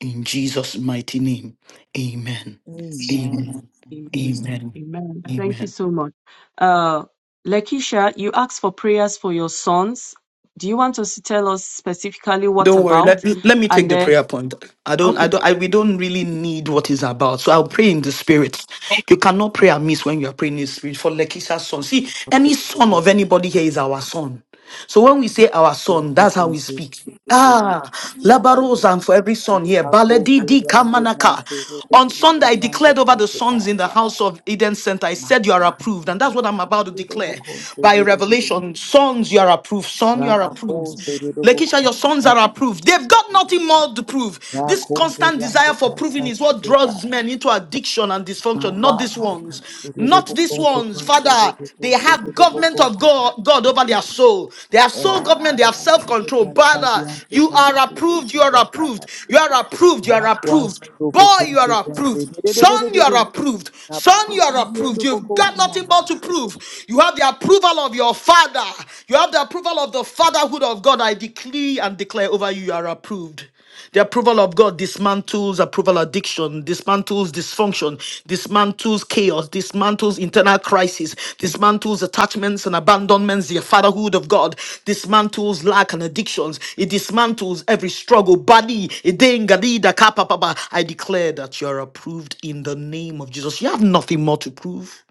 Speaker 1: In Jesus' mighty name, amen.
Speaker 14: Amen.
Speaker 1: Amen. Amen.
Speaker 3: Amen. Thank you
Speaker 1: Amen.
Speaker 3: so much. Uh, Lakeisha, you asked for prayers for your sons. Do you want us to tell us specifically what
Speaker 1: Don't worry. Let
Speaker 3: about?
Speaker 1: me let me take
Speaker 3: And
Speaker 1: the
Speaker 3: then,
Speaker 1: prayer point. I don't I don't I we don't really need what is about. So I'll pray in the spirit. You cannot pray amiss when you are praying in the spirit for Lekisha's son. See, any son of anybody here is our son. So when we say our son, that's how we speak. Ah, labaros and for every son here.
Speaker 14: Amen. Amen.
Speaker 1: Baledi di kamanaka. On Sunday, I declared over the sons in the house of Eden Center. I said, You are approved. And that's what I'm about to declare by revelation. Sons, you are approved. Son, you are approved. Lakeisha, your sons are approved. They've got nothing
Speaker 14: Amen.
Speaker 1: more to prove. This constant
Speaker 14: Rakumbelande
Speaker 1: desire for proving is what
Speaker 14: kasarumbela
Speaker 1: draws men into addiction and dysfunction, not these
Speaker 14: mabande
Speaker 1: ones.
Speaker 14: kanserere
Speaker 1: Not these
Speaker 14: bokonze
Speaker 1: ones. Father,
Speaker 14: kanserere
Speaker 1: they have
Speaker 14: konserere
Speaker 1: government of
Speaker 14: bokonze
Speaker 1: God, God over
Speaker 14: kanserere
Speaker 1: their soul. They have soul government, they have self
Speaker 14: rakambelande
Speaker 1: control. Father,
Speaker 14: kansariande
Speaker 1: you are
Speaker 14: karuku
Speaker 1: approved, you are
Speaker 14: konserere
Speaker 1: approved, you
Speaker 14: kanserere
Speaker 1: are approved, you are approved.
Speaker 14: rakwansero
Speaker 1: Boy, you are
Speaker 14: bokonze
Speaker 1: approved. Son, you
Speaker 14: kanserere
Speaker 1: are approved. Son, you are
Speaker 14: rabakonsirio
Speaker 1: approved. You've got
Speaker 14: bokonfina
Speaker 1: nothing but to
Speaker 14: hanse.
Speaker 1: prove. You have the approval of your father. You have the approval of the fatherhood of God. I decree and declare over you, you are approved. The approval of God dismantles approval addiction, dismantles dysfunction, dismantles chaos, dismantles internal crisis, dismantles attachments and abandonments, the fatherhood of God, dismantles lack and addictions, it dismantles every struggle. Badi, idengadida kapapapa. I declare that you are approved in the name of Jesus. You have nothing more to prove.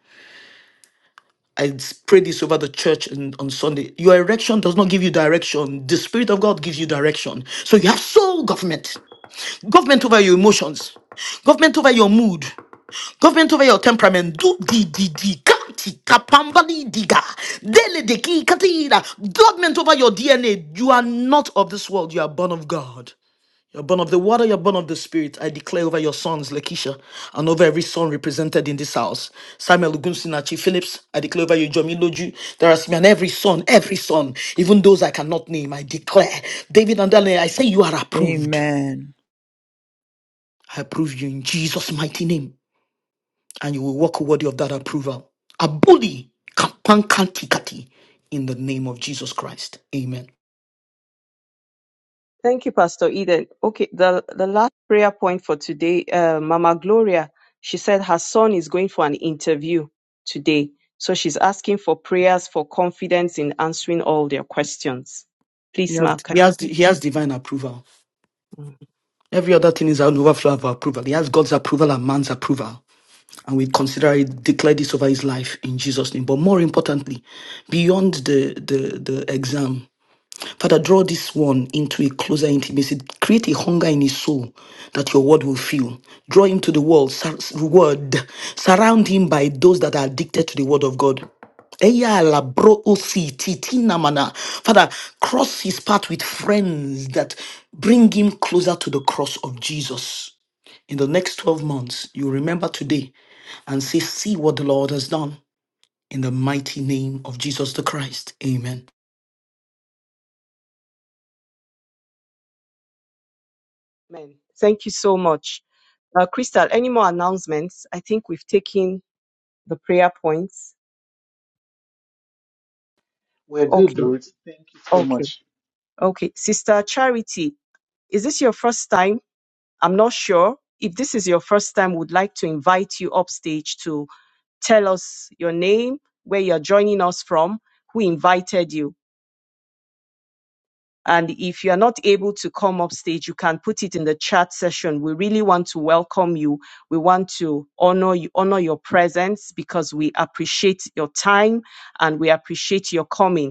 Speaker 1: I pray this over the church and on Sunday. Your erection does not give you direction. The Spirit of God gives you direction. So you have soul government, government over your emotions, government over your mood, Government over your temperament. Do di di di kati kapambali diga. Dele de ki katira. Government over your DNA. You are not of this world. You are born of God. You're born of the water, you're born of the spirit. I declare over your sons, Lakeisha, and over every son represented in this house. Samuel Ugunsinachi Phillips, I declare over you, Jomi Loju, Darasmi, and every son, every son, even those I cannot name, I declare. David and Daniel, I say you are approved.
Speaker 14: Amen.
Speaker 1: I approve you in Jesus' mighty name and you will walk worthy of that approval. Abuli kapankantikati in the name of Jesus Christ. Amen.
Speaker 3: Thank you, Pastor Eden. Okay, the, the last prayer point for today, uh, Mama Gloria, she said her son is going for an interview today. So she's asking for prayers for confidence in answering all their questions.
Speaker 1: He
Speaker 3: Please,
Speaker 1: has,
Speaker 3: Ma. Can-
Speaker 1: he has, he has divine approval.
Speaker 3: Mm.
Speaker 1: Every other thing is an overflow of approval. He has God's approval and man's approval. And we consider it, declare this over his life in Jesus' name. But more importantly, beyond the, the, the exam, Father, draw this one into a closer intimacy. Create a hunger in his soul that your word will fill. Draw him to the world, sur- word. Surround him by those that are addicted to the word of God. Eya la bro o si ti ti na mana. Father, cross his path with friends that bring him closer to the cross of Jesus. In the next 12 months, you remember today and say, See what the Lord has done in the mighty name of Jesus the Christ. Amen.
Speaker 3: Amen. Thank you so much. Uh, Crystal, any more announcements? I think we've taken the prayer points.
Speaker 4: We're good,
Speaker 3: Okay,
Speaker 4: Ruth. Thank you so
Speaker 3: okay,
Speaker 4: much.
Speaker 3: okay. Sister Charity, is this your first time? I'm not sure. If this is your first time, would like to invite you upstage to tell us your name, where you're joining us from, who invited you. And if you're not able to come up stage, you can put it in the chat session. We really want to welcome you. We want to honor you, honor your presence because we appreciate your time and we appreciate your coming.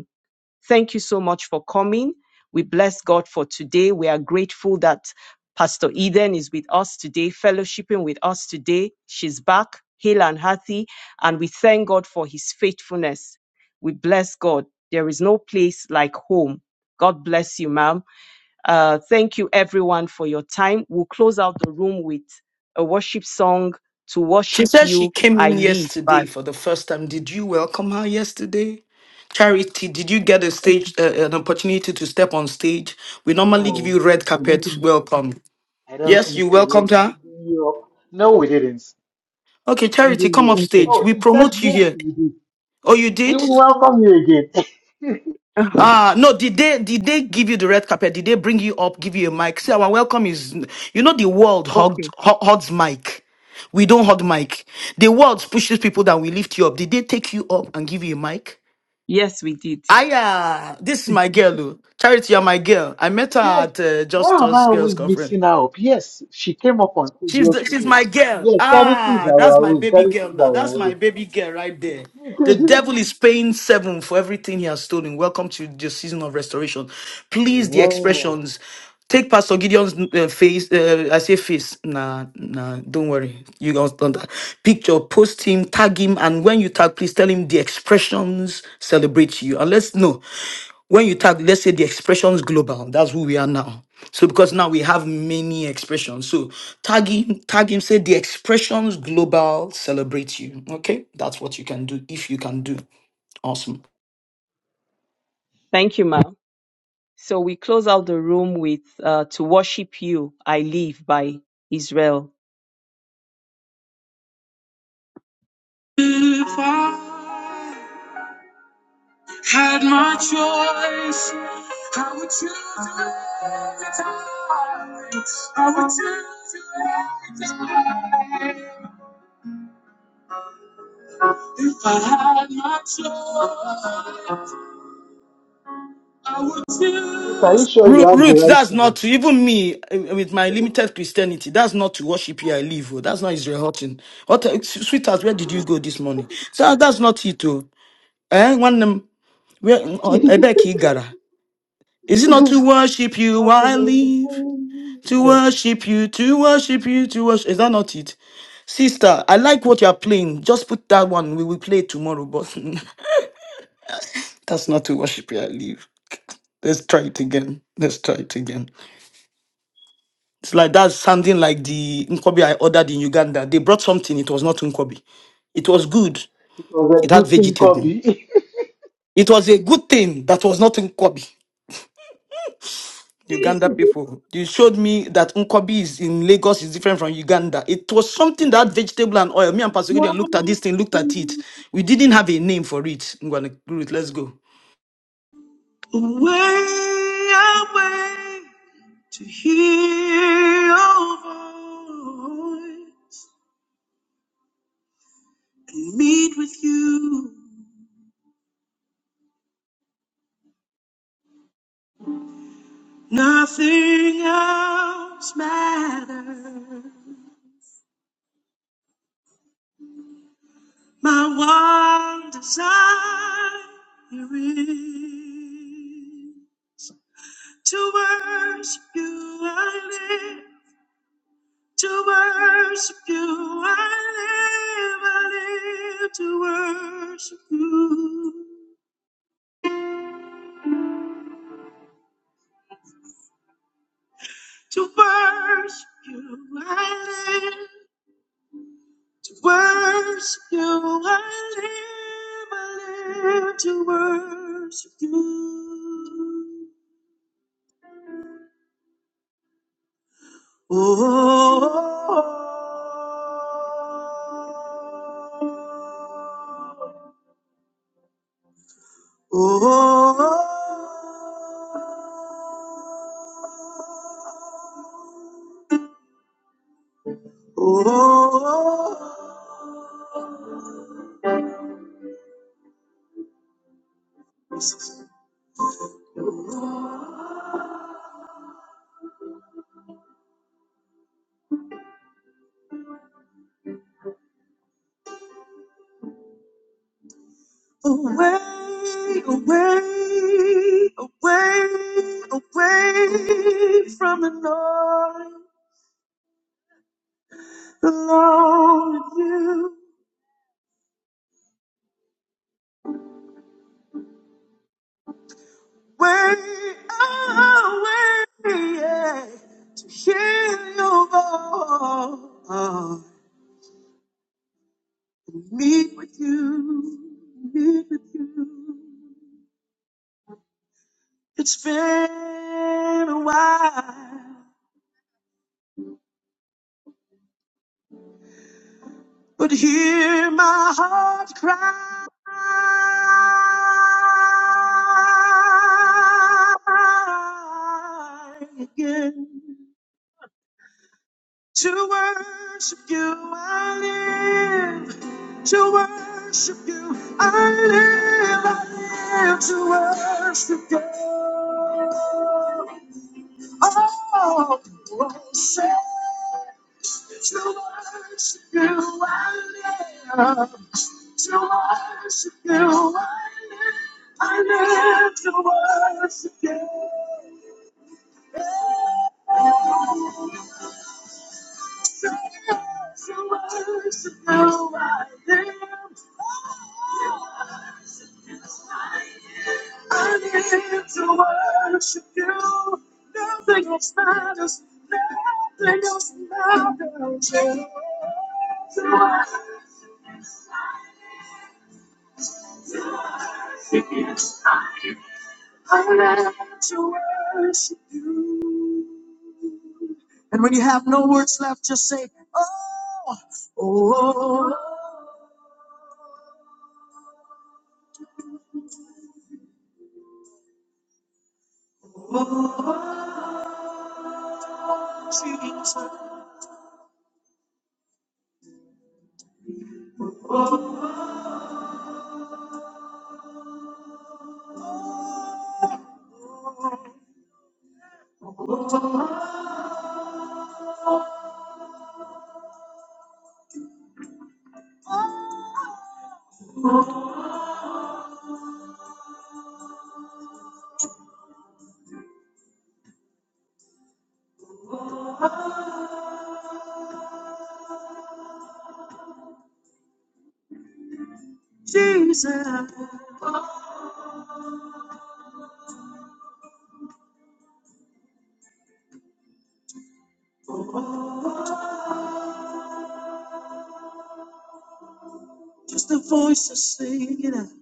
Speaker 3: Thank you so much for coming. We bless God for today. We are grateful that Pastor Eden is with us today, fellowshipping with us today. She's back, hale and healthy, and we thank God for his faithfulness. We bless God. There is no place like home. God bless you, ma'am. Uh, thank you, everyone, for your time. We'll close out the room with a worship song to
Speaker 1: She
Speaker 3: worship
Speaker 1: said she
Speaker 3: you.
Speaker 1: came
Speaker 3: I
Speaker 1: in
Speaker 3: live.
Speaker 1: yesterday
Speaker 3: But
Speaker 1: for the first time. Did you welcome her yesterday? Charity, did you get a stage, uh, an opportunity to step on stage? We normally give you
Speaker 4: No,
Speaker 1: red
Speaker 4: I don't
Speaker 1: carpet
Speaker 4: think so.
Speaker 1: welcome.
Speaker 4: I don't
Speaker 1: Yes,
Speaker 4: think
Speaker 1: you
Speaker 4: so. We're
Speaker 1: welcomed her.
Speaker 4: bringing you up. No, we didn't.
Speaker 1: Okay,
Speaker 4: We're
Speaker 1: Charity,
Speaker 4: bringing
Speaker 1: come
Speaker 4: you
Speaker 1: up
Speaker 4: up.
Speaker 1: stage.
Speaker 4: Oh,
Speaker 1: We
Speaker 4: she said
Speaker 1: promote you
Speaker 4: yes,
Speaker 1: here.
Speaker 4: we did.
Speaker 1: Oh, you
Speaker 4: We
Speaker 1: did?
Speaker 4: will welcome you again.
Speaker 1: Ah, no. Did they? Did they give you the red carpet? Did they bring you up, give you a mic? See, our welcome is, you know, the world hugged, hu- hugs mic. We don't hug mic. The world pushes people that we lift you up. Did they take you up and give you a mic?
Speaker 3: yes, we did.
Speaker 1: Aya, this is my girl. oh. Charity, you're my girl. I met her
Speaker 4: Yes.
Speaker 1: at uh,
Speaker 4: Why
Speaker 1: Just
Speaker 4: am I
Speaker 1: Us Girls
Speaker 4: always
Speaker 1: Conference.
Speaker 4: mixing her up? Yes, she came up on stage
Speaker 1: She's the, she's
Speaker 4: yesterday.
Speaker 1: my girl.
Speaker 4: Yes, charity is
Speaker 1: Ah, that's
Speaker 4: our
Speaker 1: my
Speaker 4: role.
Speaker 1: baby
Speaker 4: Charity
Speaker 1: girl
Speaker 4: is
Speaker 1: now.
Speaker 4: our
Speaker 1: That's my
Speaker 4: role.
Speaker 1: baby girl right there. The devil is paying seven for everything he has stolen. Welcome to the season of restoration. Please, the
Speaker 4: Wow.
Speaker 1: expressions. Take Pastor Gideon's uh, face. Uh, I say face. Nah, nah. Don't worry. You guys done that. Picture. Post him. Tag him. And when you tag, please tell him the expressions celebrate you. And let's know when you tag. Let's say the expressions global. That's who we are now. So because now we have many expressions. So tag him, tag him, say the expressions global celebrate you. Okay, that's what you can do if you can do. Awesome.
Speaker 3: Thank you, ma'am. So we close out the room with uh, To Worship You, I Live by Israel. If I had my choice, I would choose you every time. I would choose you every time. If I had my choice, I would
Speaker 4: Wait,
Speaker 3: choose.
Speaker 4: Are you sure you
Speaker 1: Root,
Speaker 4: have the
Speaker 1: root,
Speaker 4: right
Speaker 1: that's not
Speaker 4: thing?
Speaker 1: to even me eh, eh, with my limited Christianity. That's not to worship here. I live. Oh. That's not Israel hurting. What, eh, sweetheart, where did you go this morning? So ah, that's not it. Oh, eh? One them where mm,
Speaker 4: yeah,
Speaker 1: oh, I beg he gara. Is it not to worship you? while I live to worship you, to worship you, to worship. Is that not it? Sister, I like what you are playing. Just put that one. We will play it tomorrow, but that's not to worship here. Leave. Let's try it again. Let's try it again. It's like that sounding like the Nkobi I ordered in Uganda. They brought something. It was not Nkobi. It was good.
Speaker 4: it was
Speaker 1: It
Speaker 4: a
Speaker 1: had
Speaker 4: good thing,
Speaker 1: vegetable.
Speaker 4: Kobe.
Speaker 1: It was a good thing that was not Nkobi. Uganda people. You showed me that Nkobi is in Lagos is different from Uganda. It was something that had vegetable and oil. Me and Pastor Gideon looked at this thing, looked at it. We didn't have a name for it. Ngwane, Ruth, let's go.
Speaker 3: Away, away to hear your voice and meet with you. Oh, oh, oh, away, away, away, away from the noise, alone with you. To worship you, I live, I live to worship you. So how I am, I need to worship you. Nothing else matters. Nothing else matters. Jesus, Jesus, just the voice is singing.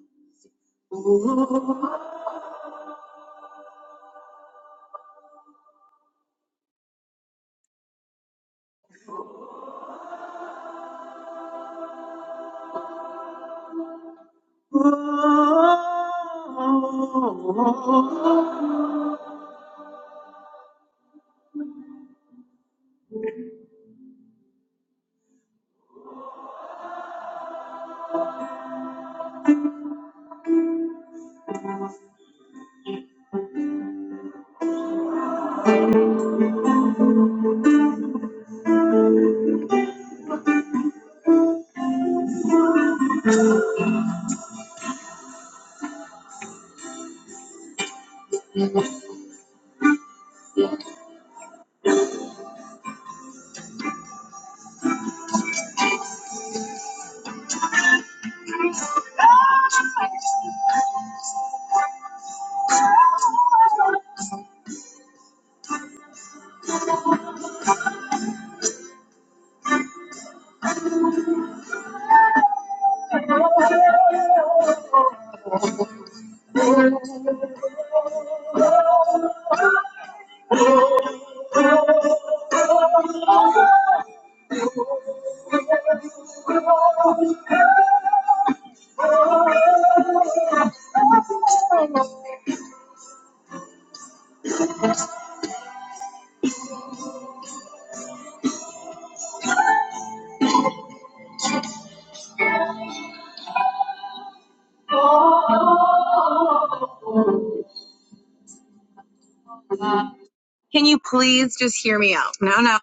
Speaker 3: Can you please just hear me out? No, no.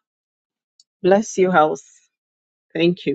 Speaker 3: Bless you, house. Thank you.